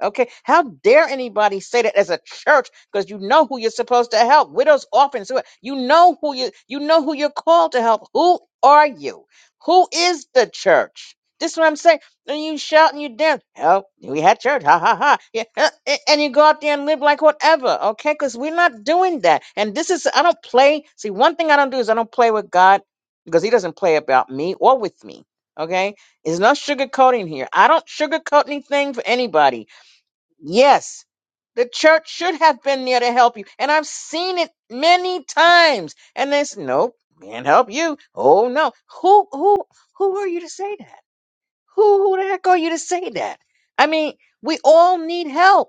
Okay, how dare anybody say that as a church? Because you know who you're supposed to help, widows, orphans. who- You know who you you know who you're called to help. Who are you? Who is the church? This is what I'm saying. And you shout and you dance. Help, we had church. Ha ha ha. Yeah, uh, a- and you go out there and live like whatever. Okay, because we're not doing that. And this is I don't play. See, one thing I don't do is I don't play with God because He doesn't play about me or with me. Okay, there's no sugarcoating here. I don't sugarcoat anything for anybody. Yes, the church should have been there to help you. And I've seen it many times. And they say, nope, can't help you. Oh no. Who who who are you to say that? Who who the heck are you to say that? I mean, we all need help.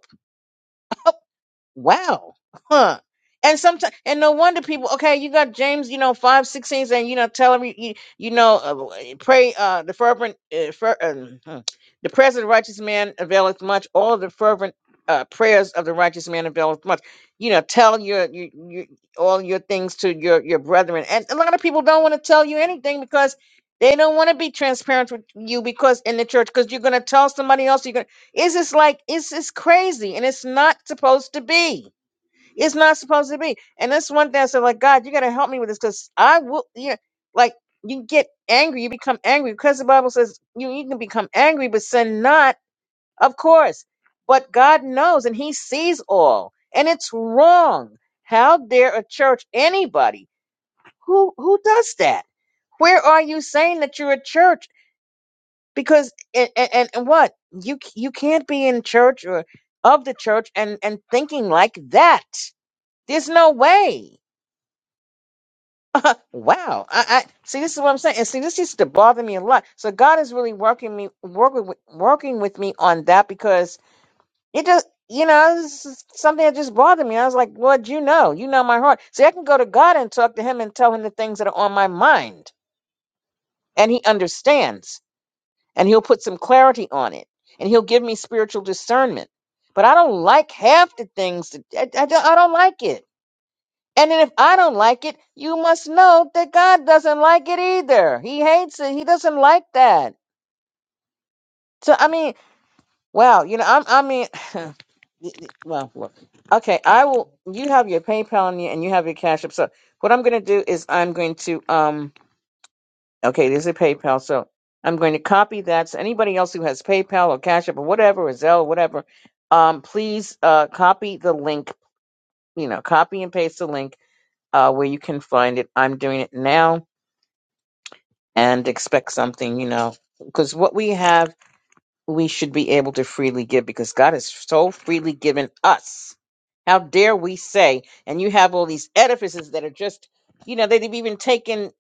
Wow. Huh. And sometimes, and no wonder people, okay, you got James, you know, five, sixteen, and you know, tell him, you, you, you know, uh, pray, uh, the fervent, uh, fer, um, hmm, the prayers of the righteous man availeth much. All of the fervent uh, prayers of the righteous man availeth much. You know, tell your, your, your all your things to your, your brethren. And a lot of people don't want to tell you anything because they don't want to be transparent with you because in the church, because you're going to tell somebody else, you're going to it's just like it's it's crazy, and it's not supposed to be. It's not supposed to be. And that's one thing I said, like God, you got to help me with this, because I will. You know, like you get angry, you become angry, because the Bible says you you can become angry, but sin not, of course. But God knows, and He sees all, and it's wrong. How dare a church anybody who who does that? Where are you saying that you're a church because and, and and what you c- you can't be in church or of the church and and thinking like that there's no way wow I, I see this is what i'm saying and see this used to bother me a lot so god is really working me working with, working with me on that because it just you know this is something that just bothered me i was like lord you know you know my heart see i can go to god and talk to him and tell him the things that are on my mind and he understands and he'll put some clarity on it and he'll give me spiritual discernment but i don't like half the things that, I, I don't I don't like it and then if i don't like it you must know that god doesn't like it either he hates it he doesn't like that so i mean wow you know i'm i mean y- y- well look okay i will you have your paypal on you and you have your cash app so what i'm going to do is i'm going to um. Okay, this is PayPal. So I'm going to copy that. So anybody else who has PayPal or Cash App or whatever, or Zelle, whatever, um, please uh, copy the link. You know, copy and paste the link uh, where you can find it. I'm doing it now and expect something. You know, because what we have we should be able to freely give because God has so freely given us. How dare we say, and you have all these edifices that are just, you know, they've even taken,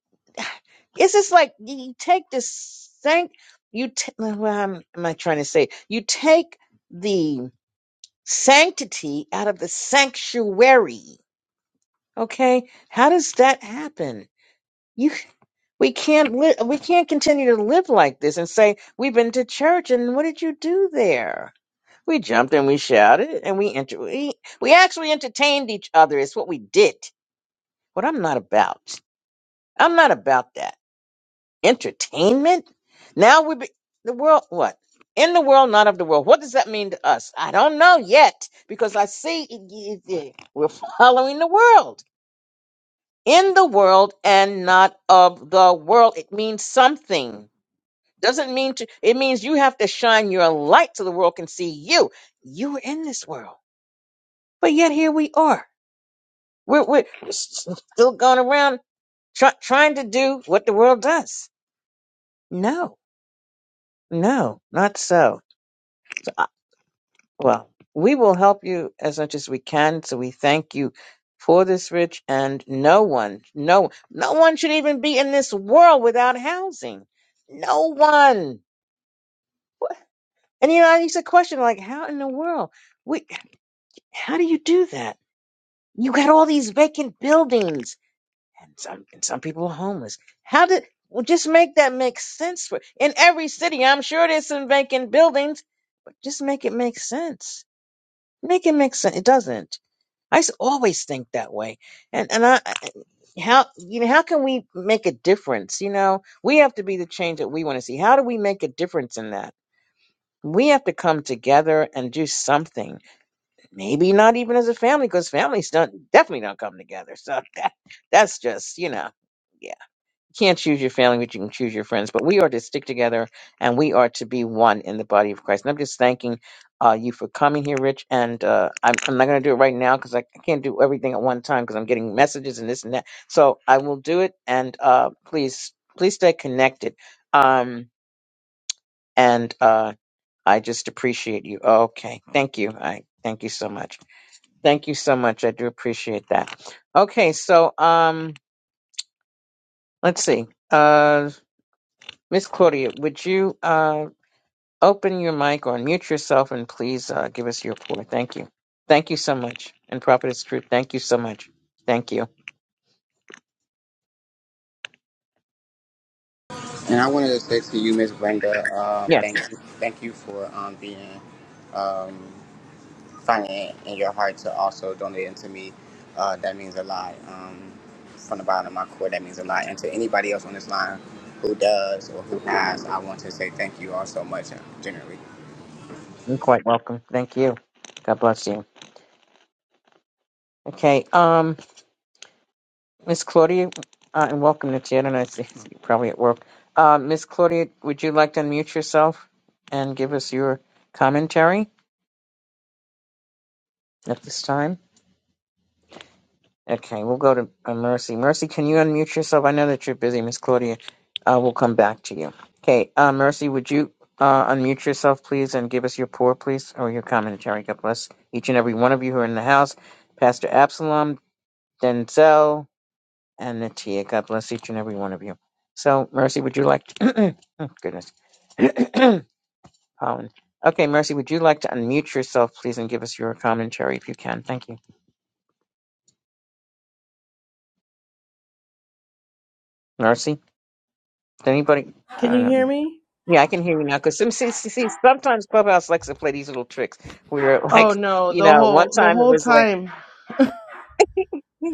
it's just like you take this sanct, you, t- well, I'm, am I trying to say? You take the sanctity out of the sanctuary. Okay. How does that happen? You, we can't live, we can't continue to live like this and say, we've been to church and what did you do there? We jumped and we shouted and we enter we, we actually entertained each other. It's what we did. What I'm not about. I'm not about that. Entertainment? Now we be the world what? In the world, not of the world. What does that mean to us? I don't know yet because I see it- it- it- we're following the world. In the world and not of the world. It means something. Doesn't mean to, it means you have to shine your light so the world can see you. You are in this world, but yet here we are We're, we're s- s- still going around try, trying to do what the world does. No, no, not so. So, I- Well, we will help you as much as we can. So we thank you for this, Rich. And no one, no, no one should even be in this world without housing. No one. And you know, I used to question like, how in the world? We, how do you do that? You got all these vacant buildings and some and some people are homeless. How did well just make that make sense for in every city? I'm sure there's some vacant buildings, but just make it make sense. Make it make sense. It doesn't. I s- always think that way, and and I I- how you know how can we make a difference? You know, we have to be the change that we want to see. How do we make a difference in that? We have to come together and do something. Maybe not even as a family, because families don't definitely don't come together. So that that's just you know. yeah can't choose your family, but you can choose your friends. But we are to stick together and we are to be one in the body of Christ. And I'm just thanking uh, you for coming here, Rich. And uh, I'm, I'm not going to do it right now because I, I can't do everything at one time because I'm getting messages and this and that. So I will do it. And uh, please, please stay connected. Um, and uh, I just appreciate you. Okay. Thank you. I thank you so much. Thank you so much. I do appreciate that. Okay. So um, let's see. Uh, Miss Claudia, would you uh, open your mic or unmute yourself and please uh, give us your report? Thank you. Thank you so much. And Prophetess Truth, thank you so much. Thank you.
and I wanted to say to you, Miss Brenda, um,
Yes,
thank you, thank you for um, being. Um, finding it in your heart to also donate into me, uh, that means a lot. Um, from the bottom of my core, that means a lot. And to anybody else on this line who does or who has, I want to say thank you all so much, uh, generally.
you're quite welcome. Thank you. God bless you. Okay, um, Miss Claudia, uh, and welcome to Jen, and I see you're probably at work. Uh, Miss Claudia, would you like to unmute yourself and give us your commentary at this time? Okay, we'll go to uh, Mercy. Mercy, can you unmute yourself? I know that you're busy, Miss Claudia. Uh, we'll come back to you. Okay, uh, Mercy, would you uh, unmute yourself, please, and give us your pour, please, or your commentary? God bless each and every one of you who are in the house. Pastor Absalom, Denzel, and Natia. God bless each and every one of you. So, Mercy, would you like to... oh, goodness. Pollen. Okay, Mercy, would you like to unmute yourself, please, and give us your commentary if you can? Thank you. Mercy, did anybody... I
Can
don't
you
know.
hear me?
Yeah, I can hear you now. Because some see, see, see, sometimes Clubhouse likes to play these little tricks where,
Oh
like,
no,
you
the
know, one
whole the
time it
whole
was like,
time.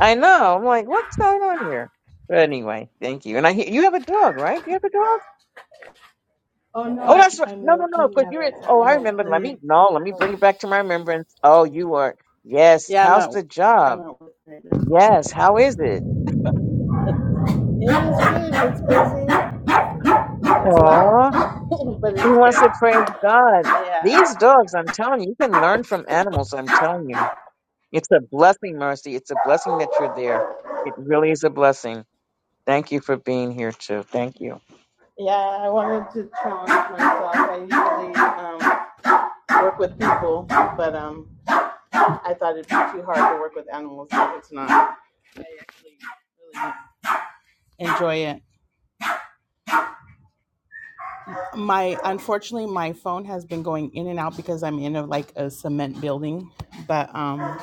I know. I'm like, what's going on here? But anyway, thank you. And I hear you have a dog, right? You have a dog?
Oh no,
Oh, that's
I'm
right.
I'm
No, no, no.
working
Because
at
you're. in-
a at
Oh,
a
I
home
remember. Let me
clinic.
no. Let me bring it back to my remembrance. Oh, you are. Yes.
Yeah, I'm
How's
at
the
I'm
job?
at work right now.
Yes. How is it?
Yeah, it's good. It's busy. It's loud,
Oh,
but it's
he wants
good.
to praise God.
Yeah,
These dogs, I'm telling you, you can learn from animals. I'm telling you. It's a blessing, Mercy. It's a blessing that you're there. It really is a blessing. Thank you for being here too. Thank you.
yeah. I wanted to challenge myself. I usually um, work with people, but um, I thought it'd be too hard to work with animals. But it's not. I actually really enjoy it. My unfortunately, my phone has been going in and out because I'm in a, like a cement building, but um,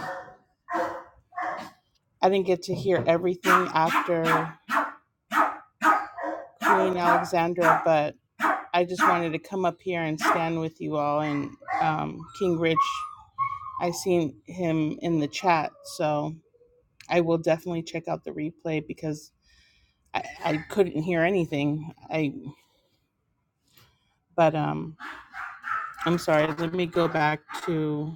I didn't get to hear everything after Queen Alexandra. But I just wanted to come up here and stand with you all. And um, King Rich, I seen him in the chat, so I will definitely check out the replay because I, I couldn't hear anything. I but um, I'm sorry. Let me go back to.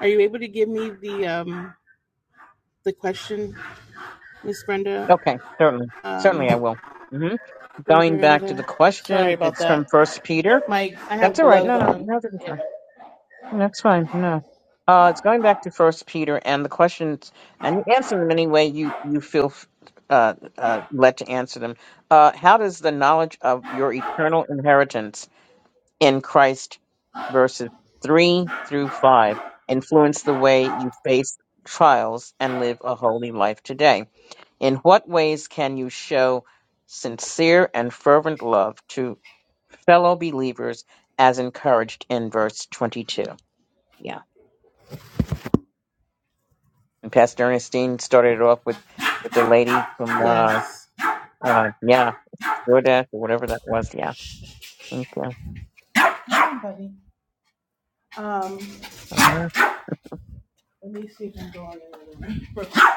Are you able to give me the um the question Miss Brenda.
Okay, certainly,
Um,
certainly I will. hmm
Miss
Going back to the
Brenda. Sorry
question,
about
it's from
that.
First Peter.
My I have
That's all right.
gloves
No, no,
on.
no, that's fine. That's fine. No, uh, it's going back to First Peter, and the questions, and you answer them any way you you feel uh, uh, led to answer them. Uh, how does the knowledge of your eternal inheritance in Christ, verses 3 through 5, influence the way you face trials and live a holy life today? In what ways can you show sincere and fervent love to fellow believers as encouraged in verse 22? Yeah. And Pastor Ernestine started it off with, with the lady from, uh,
Yes.
uh, yeah, DoorDash or whatever that was. Yeah. Okay.
Hi, buddy. Um, let me see if I'm going in. right-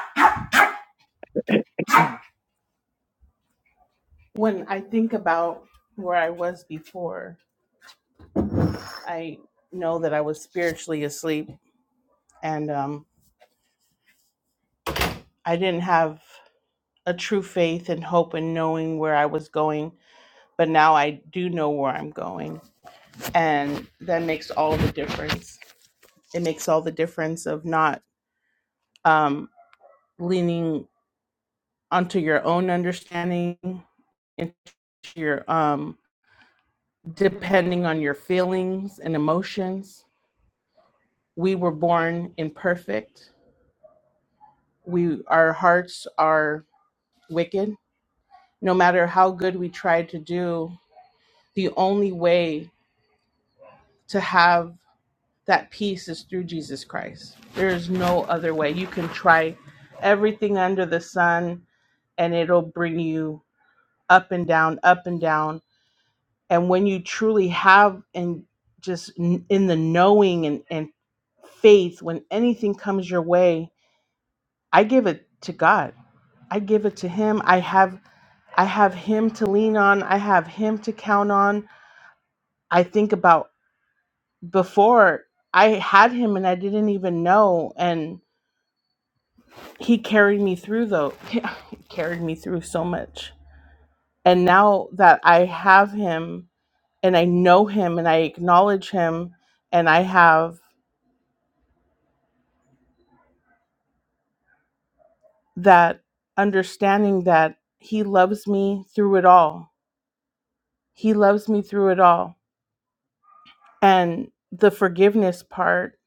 When I think about where I was before, I know that I was spiritually asleep, and um, I didn't have a true faith and hope in knowing where I was going. But now I do know where I'm going, and that makes all the difference. It makes all the difference of not. um, leaning onto your own understanding into your um depending on your feelings and emotions we were born imperfect we our hearts are wicked no matter how good we try to do the only way to have that peace is through Jesus Christ there is no other way you can try everything under the sun and it'll bring you up and down up and down and when you truly have and just n- in the knowing and, and faith when anything comes your way i give it to god i give it to him i have i have him to lean on i have him to count on i think about before i had him and i didn't even know and he carried me through though he carried me through so much and now that i have him and i know him and i acknowledge him and i have that understanding that he loves me through it all. He loves me through it all. And the forgiveness part,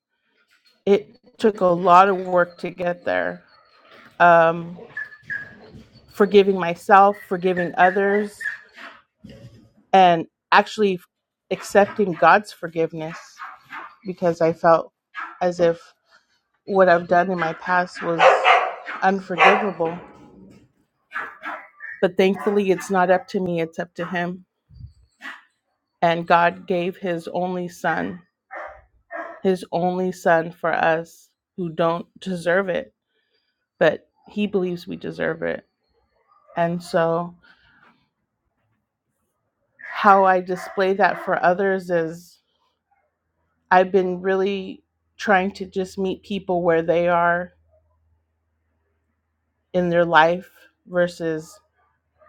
it took a lot of work to get there. Um, forgiving myself, forgiving others, and actually accepting God's forgiveness because I felt as if what I've done in my past was unforgivable. But thankfully, it's not up to me, it's up to Him. And God gave His only Son his only son for us who don't deserve it, but he believes we deserve it. And so, how I display that for others is I've been really trying to just meet people where they are in their life versus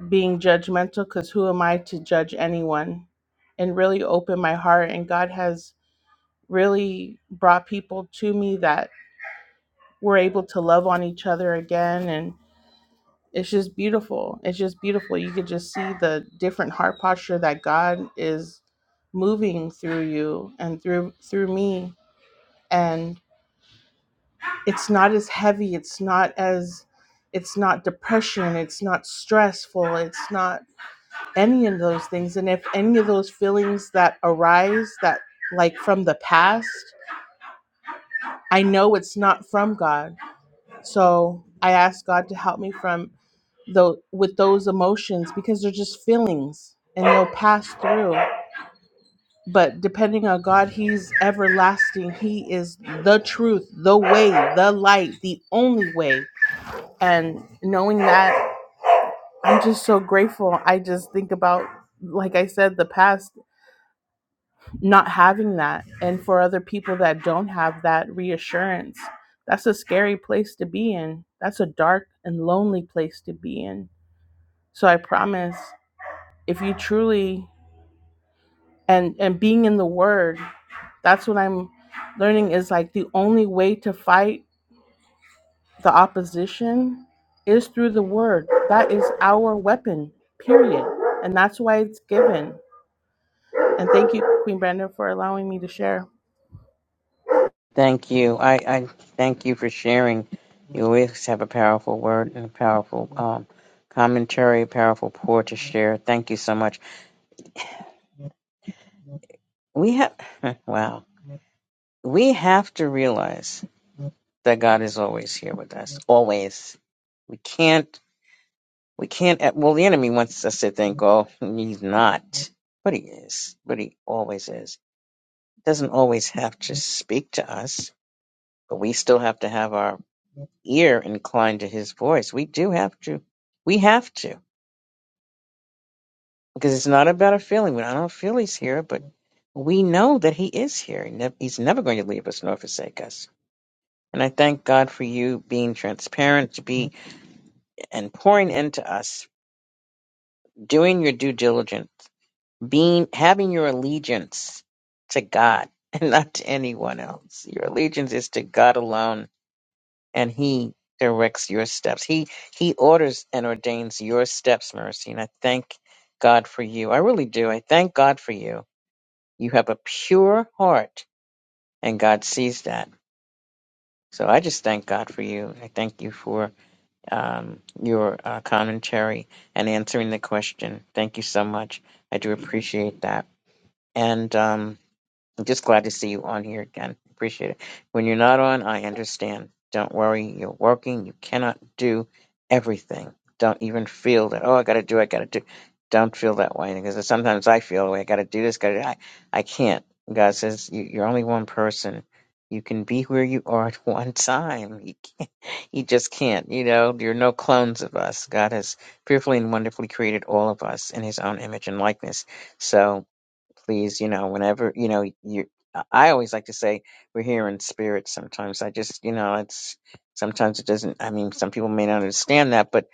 being judgmental, because who am I to judge anyone? And really open my heart. And God has really brought people to me that we're able to love on each other again And it's just beautiful. It's just beautiful. You could just see the different heart posture that God is moving through you and through through me. And it's not as heavy. It's not as it's not depression. It's not stressful. It's not any of those things. And if any of those feelings that arise that like from the past, I know it's not from God. So I ask God to help me from though with those emotions because they're just feelings and they'll pass through but depending on god he's everlasting he is the truth the way the light the only way and knowing that i'm just so grateful i just think about like i said the past not having that and for other people that don't have that reassurance that's a scary place to be in that's a dark and lonely place to be in so i promise if you truly and and being in the word that's what i'm learning is like the only way to fight the opposition is through the word that is our weapon period and that's why it's given and thank you queen brenda for allowing me to share
Thank you. I, I thank you for sharing. You always have a powerful word and a powerful um, commentary, powerful pour to share. Thank you so much. We have, wow, we have to realize that God is always here with us. Always. We can't, we can't, eh, well, the enemy wants us to think, oh, he's not, but he is, but he always is. Doesn't always have to speak to us, but we still have to have our ear inclined to his voice. We do have to. We have to. Because it's not about a feeling. We- I don't feel he's here, but we know that he is here. He nev- He's never going to leave us nor forsake us. And I thank God for you being transparent to be and pouring into us, doing your due diligence, being having your allegiance to God and not to anyone else. Your allegiance is to God alone and he directs your steps. He he orders and ordains your steps, Mercy. And I thank God for you. I really do. I thank God for you. You have a pure heart, and God sees that. So I just thank God for you. I thank you for um, your uh, commentary and answering the question. Thank you so much. I do appreciate that. And um, I'm just glad to see you on here again. Appreciate it. When you're not on, I understand. Don't worry, you're working. You cannot do everything. Don't even feel that, oh, I got to do, I got to do. Don't feel that way because sometimes I feel, the way. I got to do this, got to I, I can't. God says, you, you're only one person. You can be where you are at one time. You can't, you just can't. You know, you're no clones of us. God has fearfully and wonderfully created all of us in his own image and likeness. So please, you know, whenever, you know, you, I I always like to say we're here in spirit sometimes. I just, you know, it's sometimes it doesn't, I mean, some people may not understand that, but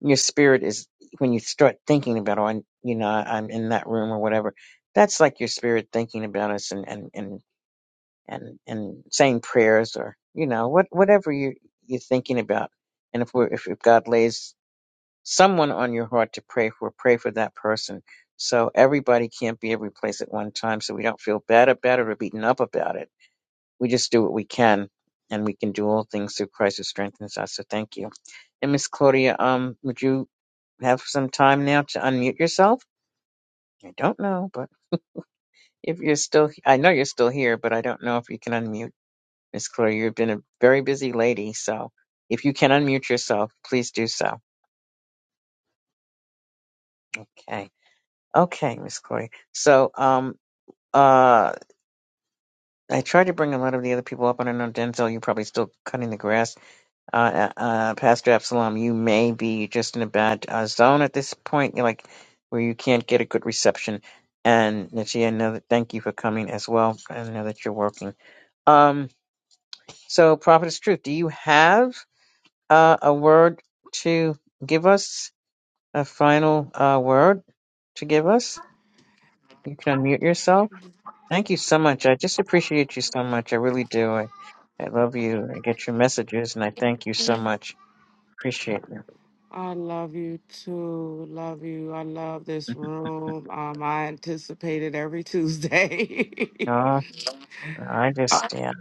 your spirit is when you start thinking about, oh, i you know, I'm in that room or whatever, that's like your spirit thinking about us and, and, and, and, and saying prayers or, you know, what, whatever you, you're thinking about. And if we're, if, if God lays someone on your heart to pray for, pray for that person. So everybody can't be every place at one time. So we don't feel bad about it or beaten up about it. We just do what we can, and we can do all things through Christ who strengthens us. So thank you. And Miss Claudia, um, would you have some time now to unmute yourself? I don't know, but if you're still, I know you're still here, but I don't know if you can unmute. Miss Claudia, you've been a very busy lady, so if you can unmute yourself, please do so. Okay. Okay, Miss Claudia. So, um, Uh, I tried to bring a lot of the other people up. I don't know, Denzel, you're probably still cutting the grass. Uh, uh, uh, Pastor Absalom, you may be just in a bad uh, zone at this point, you're like where you can't get a good reception. And Nichia, I know that thank you for coming as well. I know that you're working. Um, so Prophetess Truth, do you have uh, a word to give us? A final uh, word to give us? You can unmute yourself. Thank you so much. I just appreciate you so much. I really do. I, I love you. I get your messages and I thank you so much. Appreciate you.
i love you too love you i love this room um i anticipate it every tuesday
No, I just, yeah.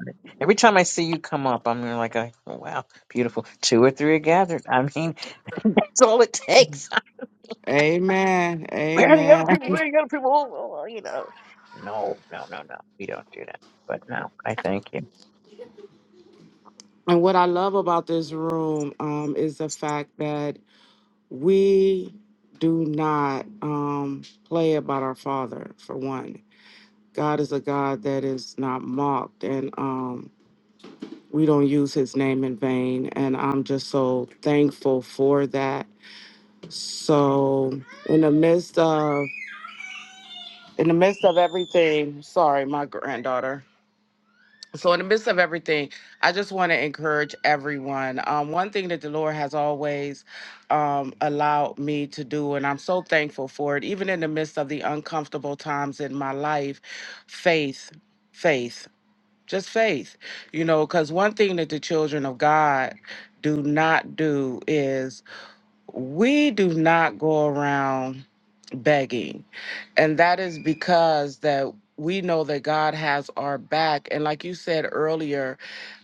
Every time I see you come up, I'm like, I- "Oh, wow, beautiful. Two or three are gathered. I mean, that's all it takes.
amen
Where are the other
amen
people? Where are the other people? Oh, oh, oh, you know. No, no, no, no. We don't do that. But no, I thank you.
and what i love about this room um is the fact that we do not um play about our father for one God is a God that is not mocked, and um, we don't use his name in vain. And I'm just so thankful for that. So, in the midst of in the midst of everything, sorry, my granddaughter. So, in the midst of everything, I just want to encourage everyone. Um, one thing that the Lord has always um, allowed me to do, and I'm so thankful for it, even in the midst of the uncomfortable times in my life, faith, faith. just faith you know because one thing that the children of god do not do is we do not go around begging and that is because that we know that god has our back and like you said earlier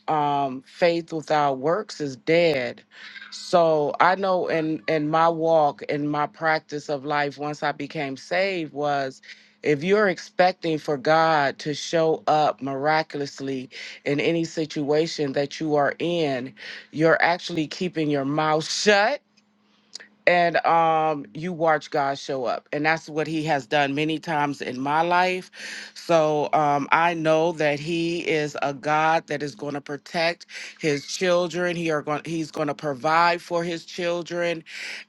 um, faith without works is dead. So I know in in my walk in my practice of life once I became saved was if you're expecting for God to show up miraculously in any situation that you are in, you're actually keeping your mouth shut and um you watch God show up and that's what he has done many times in my life so um I know that he is a God that is going to protect his children he are going he's going to provide for his children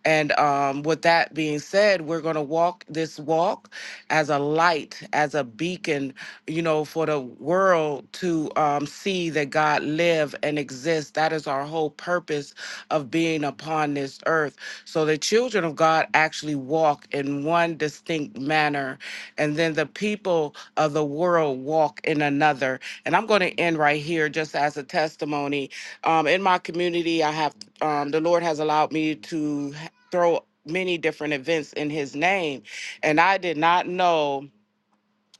and um with that being said we're going to walk this walk as a light as a beacon you know for the world to um see that God live and exists that is our whole purpose of being upon this earth so the children of God actually walk in one distinct manner, and then the people of the world walk in another. And I'm going to end right here just as a testimony. Um, in my community, I have um, the Lord has allowed me to throw many different events in His name, and I did not know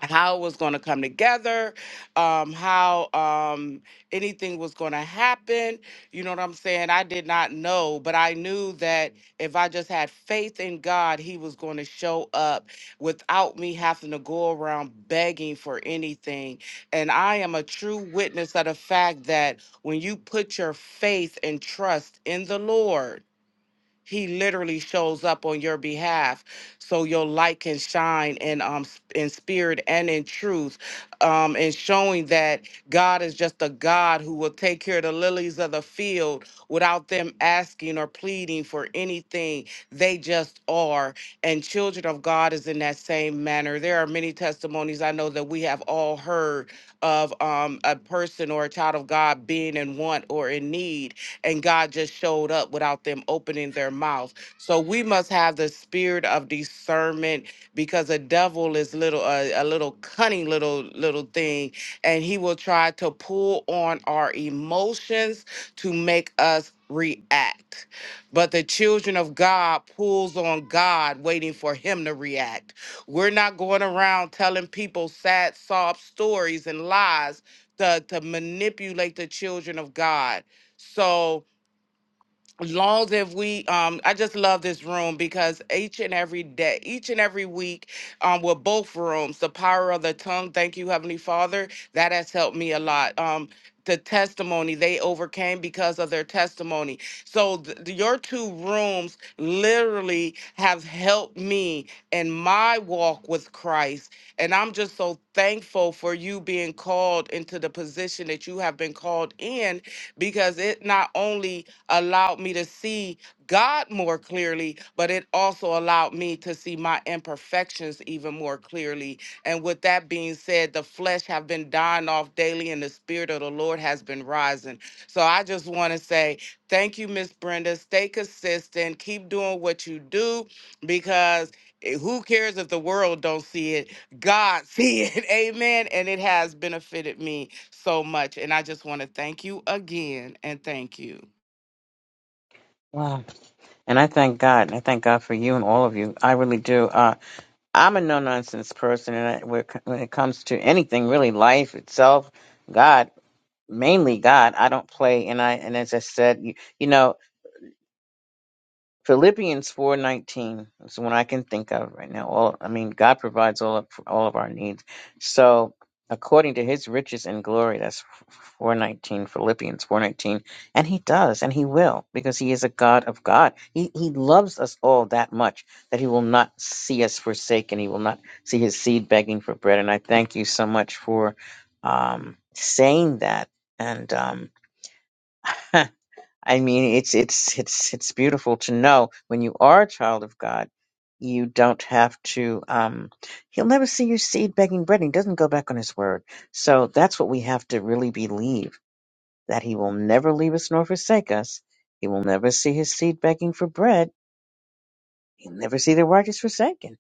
how it was going to come together, um, how um, anything was going to happen. You know what I'm saying? I did not know, but I knew that if I just had faith in God, He was going to show up without me having to go around begging for anything. And I am a true witness of the fact that when you put your faith and trust in the Lord, he literally shows up on your behalf so your light can shine in um s- in spirit and in truth um and showing that god is just a god who will take care of the lilies of the field without them asking or pleading for anything they just are and children of god is in that same manner there are many testimonies i know that we have all heard of um a person or a child of god being in want or in need and God just showed up without them opening their mouth. So we must have the spirit of discernment because the devil is little uh, a little cunning little little thing and he will try to pull on our emotions to make us react. But the children of God pulls on God waiting for him to react. We're not going around telling people sad sob stories and lies to, to manipulate the children of God. So as long as we um i just love this room because each and every day each and every week um with both rooms the power of the tongue thank you heavenly father that has helped me a lot um the testimony they overcame because of their testimony so th- your two rooms literally have helped me in my walk with christ and i'm just so thankful for you being called into the position that you have been called in because it not only allowed me to see God more clearly, but it also allowed me to see my imperfections even more clearly. And with that being said, the flesh have been dying off daily and the spirit of the Lord has been rising. So I just want to say thank you, Miss Brenda. Stay consistent. Keep doing what you do because eh, who cares if the world don't see it? God see it. Amen. And it has benefited me so much. And I just want to thank you again and thank you.
Wow. And I thank God. And I thank God for you and all of you. I really do. Uh, I'm a no nonsense person, and I, when it when it comes to anything, really, life itself, God, mainly God, I don't play. And I, and as I said, you, you know, Philippians 4:19 is the one I can think of right now. All I mean, God provides all of, all of our needs. So, according to His riches and glory, that's 4:19. Philippians 4:19, and He does, and He will, because He is a God of God. He He loves us all that much that He will not see us forsaken. He will not see His seed begging for bread. And I thank you so much for um, saying that. And um, I mean, it's it's it's it's beautiful to know when you are a child of God, you don't have to. Um, he'll never see your seed begging bread. He doesn't go back on his word. So that's what we have to really believe that he will never leave us nor forsake us. He will never see his seed begging for bread. He'll never see the righteous forsaken.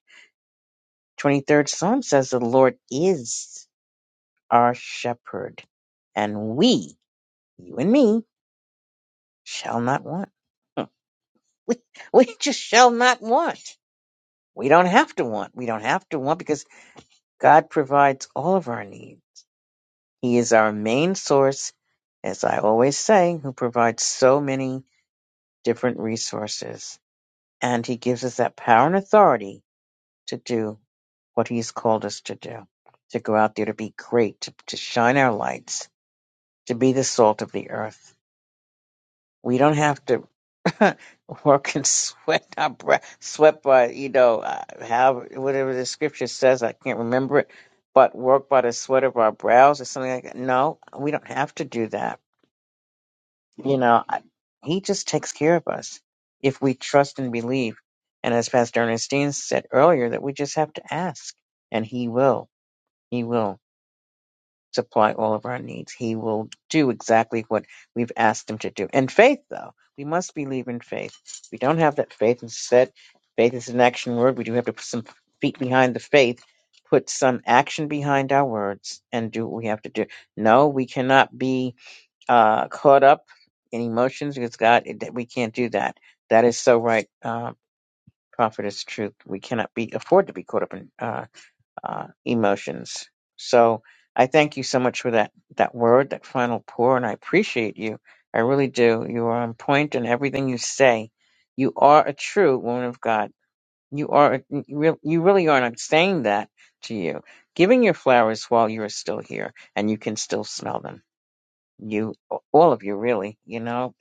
Twenty third Psalm says, "The Lord is our shepherd, and we, you and me, shall not want. we we just shall not want." We don't have to want. We don't have to want because God provides all of our needs. He is our main source, as I always say, who provides so many different resources. And He gives us that power and authority to do what He's called us to do, to go out there to be great, to, to shine our lights, to be the salt of the earth. We don't have to work and sweat our breath, sweat by you know uh, how whatever the scripture says. I can't remember it, but work by the sweat of our brows or something like that. No, we don't have to do that. You know, I, He just takes care of us if we trust and believe. And as Pastor Ernestine said earlier, that we just have to ask, and He will. He will supply all of our needs. He will do exactly what we've asked him to do. And faith, though, we must believe in faith. If we don't have that faith and set faith is an action word. We do have to put some feet behind the faith, put some action behind our words, and do what we have to do. No, we cannot be uh, caught up in emotions because God, it- we can't do that. That is so right. Uh, Prophet is truth. We cannot be afford to be caught up in uh, uh, emotions. So I thank you so much for that that word, that final pour, and I appreciate you. I really do. You are on point in everything you say. You are a true woman of God. You are. a- You re- you really are. And I'm saying that to you, giving your flowers while you are still here, and you can still smell them. You, all of you, really. You know,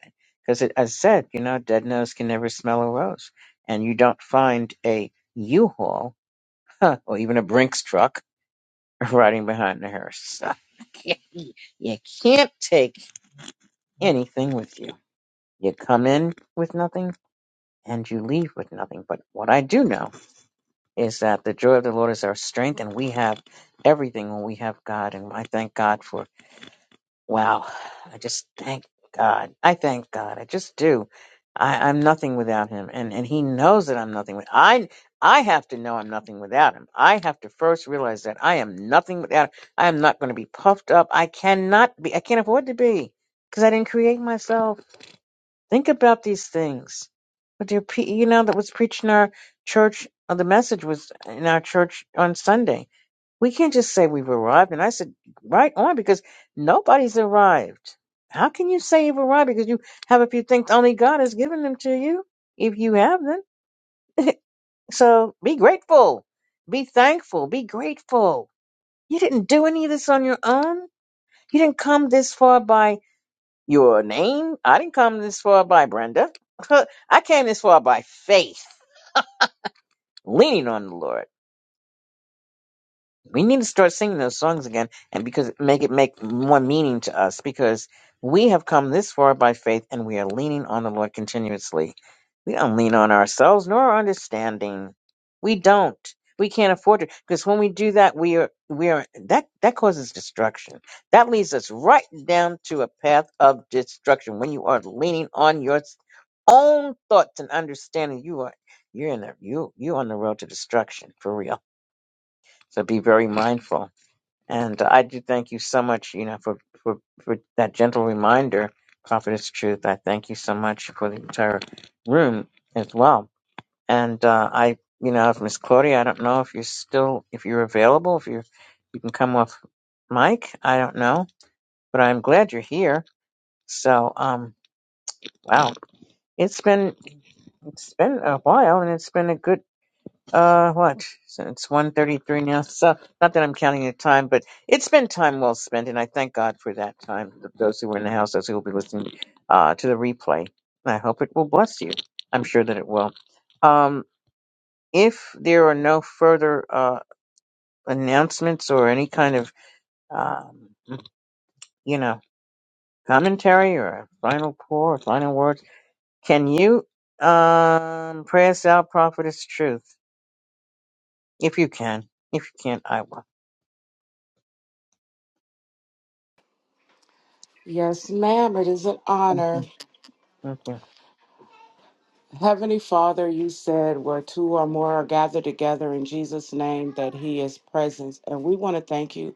because as I said, you know, dead nose can never smell a rose, and you don't find a U-Haul or even a Brinks truck riding behind the hearse. So you can't take anything with you. You come in with nothing and you leave with nothing. But what I do know is that the joy of the Lord is our strength, and we have everything when we have God. And I thank God for Wow. I just thank God. I thank God. I just do. I, I'm nothing without him. And and he knows that I'm nothing with I I have to know I'm nothing without him. I have to first realize that I am nothing without I am not going to be puffed up. I cannot be I can't afford to be because I didn't create myself. Think about these things. But you you know that was preached in our church uh, the message was in our church on Sunday we can't just say we've arrived. And I said, right on, because nobody's arrived. How can you say you've arrived because you have a few things only God has given them to you if you have them? So be grateful, be thankful, be grateful. You didn't do any of this on your own. You didn't come this far by your name. I didn't come this far by Brenda. I came this far by faith, leaning on the Lord. we need to start singing those songs again and because make it make more meaning to us because we have come this far by faith and we are leaning on the lord continuously we don't lean on ourselves nor our understanding we don't we can't afford it because when we do that we are we are that that causes destruction that leads us right down to a path of destruction when you are leaning on your s- own thoughts and understanding you are you're in a you you on the road to destruction for real so be very mindful and I do thank you so much, you know, for, for, for that gentle reminder, Prophetess Truth. I thank you so much for the entire room as well. And uh, I, you know, if Miss Claudia, I don't know if you're still, if you're available, if you you can come off mic. I don't know, but I'm glad you're here. So, um, wow, it's been it's been a while, and it's been a good uh, what? So it's one thirty-three now. So not that I'm counting the time, but it's been time well spent, and I thank God for that time. th- Those who were in the house, those who will be listening uh, to the replay, I hope it will bless you. I'm sure that it will. Um, if there are no further uh, announcements or any kind of, um, you know, commentary or a final pour or final words, can you um, pray us out, prophetess truth? If you can. If you can't, I will.
Yes, ma'am. It is an
Thank
honor.
you. Thank you.
Heavenly Father, you said where two or more are gathered together in Jesus' name that He is present. And we want to thank you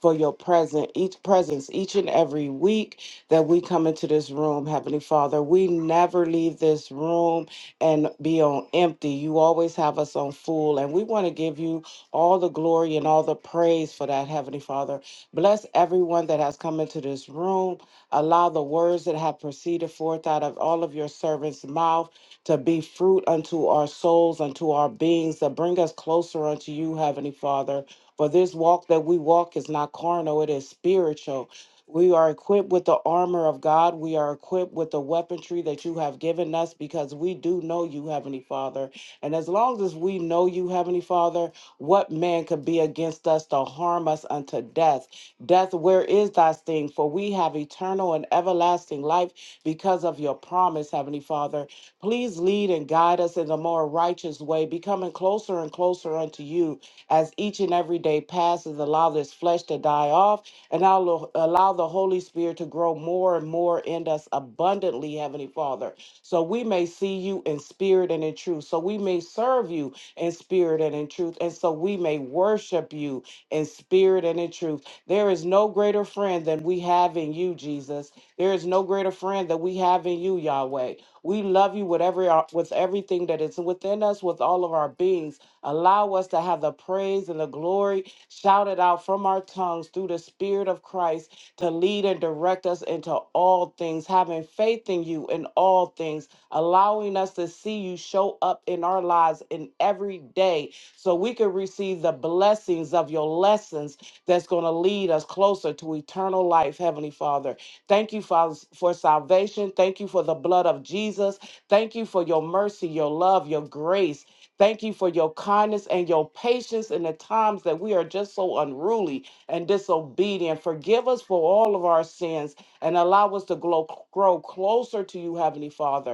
for your present, each presence, each and every week that we come into this room, Heavenly Father. We never leave this room and be on empty. You always have us on full. And we want to give you all the glory and all the praise for that, Heavenly Father. Bless everyone that has come into this room. Allow the words that have proceeded forth out of all of your servants' mouth to be fruit unto our souls, unto our beings, that bring us closer unto you, Heavenly Father. For this walk that we walk is not carnal, it is spiritual. We are equipped with the armor of God. We are equipped with the weaponry that you have given us because we do know you, Heavenly Father. And as long as we know you, Heavenly Father, what man could be against us to harm us unto death? Death, where is thy sting? For we have eternal and everlasting life because of your promise, Heavenly Father. Please lead and guide us in the more righteous way, becoming closer and closer unto you as each and every day passes. Allow this flesh to die off and allow allow the Holy Spirit to grow more and more in us abundantly, Heavenly Father, so we may see you in spirit and in truth, so we may serve you in spirit and in truth, and so we may worship you in spirit and in truth. There is no greater friend than we have in you, Jesus. There is no greater friend that we have in you, Yahweh. We love you with every uh, with everything that is within us, with all of our beings. Allow us to have the praise and the glory shouted out from our tongues through the Spirit of Christ to lead and direct us into all things, having faith in you in all things, allowing us to see you show up in our lives in every day so we can receive the blessings of your lessons that's going to lead us closer to eternal life, Heavenly Father. Thank you, Father, for salvation. Thank you for the blood of Jesus. Thank you for your mercy, your love, your grace. Thank you for your kindness and your patience in the times that we are just so unruly and disobedient. Forgive us for all of our sins and allow us to grow, grow closer to you, Heavenly Father.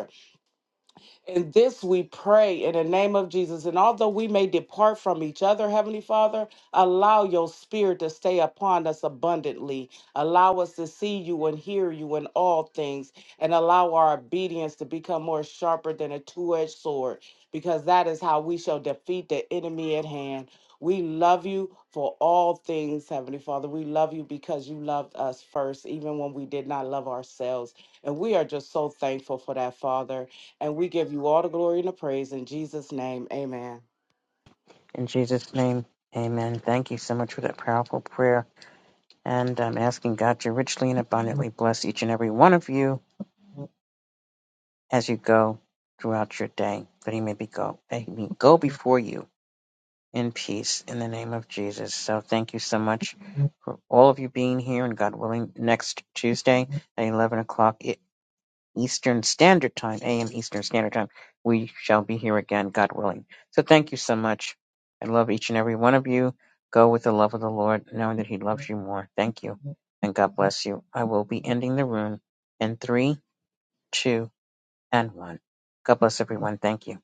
And this we pray in the name of Jesus. And although we may depart from each other, Heavenly Father, allow your spirit to stay upon us abundantly. Allow us to see you and hear you in all things, and allow our obedience to become more sharper than a two edged sword, because that is how we shall defeat the enemy at hand. We love you for all things, Heavenly Father. We love you because you loved us first, even when we did not love ourselves. And we are just so thankful for that, Father. And we give you all the glory and the praise in Jesus' name. Amen.
In Jesus' name, amen. Thank you so much for that powerful prayer. And I'm asking God to richly and abundantly bless each and every one of you as you go throughout your day, that He may be go, that he may go before you in peace in the name of Jesus. So thank you so much for all of you being here and God willing, next Tuesday at 11 o'clock. Eastern Standard Time, AM Eastern Standard Time. We shall be here again, God willing. So thank you so much. I love each and every one of you. Go with the love of the Lord, knowing that He loves you more. Thank you, and God bless you. I will be ending the room in three, two, and one. God bless everyone. Thank you.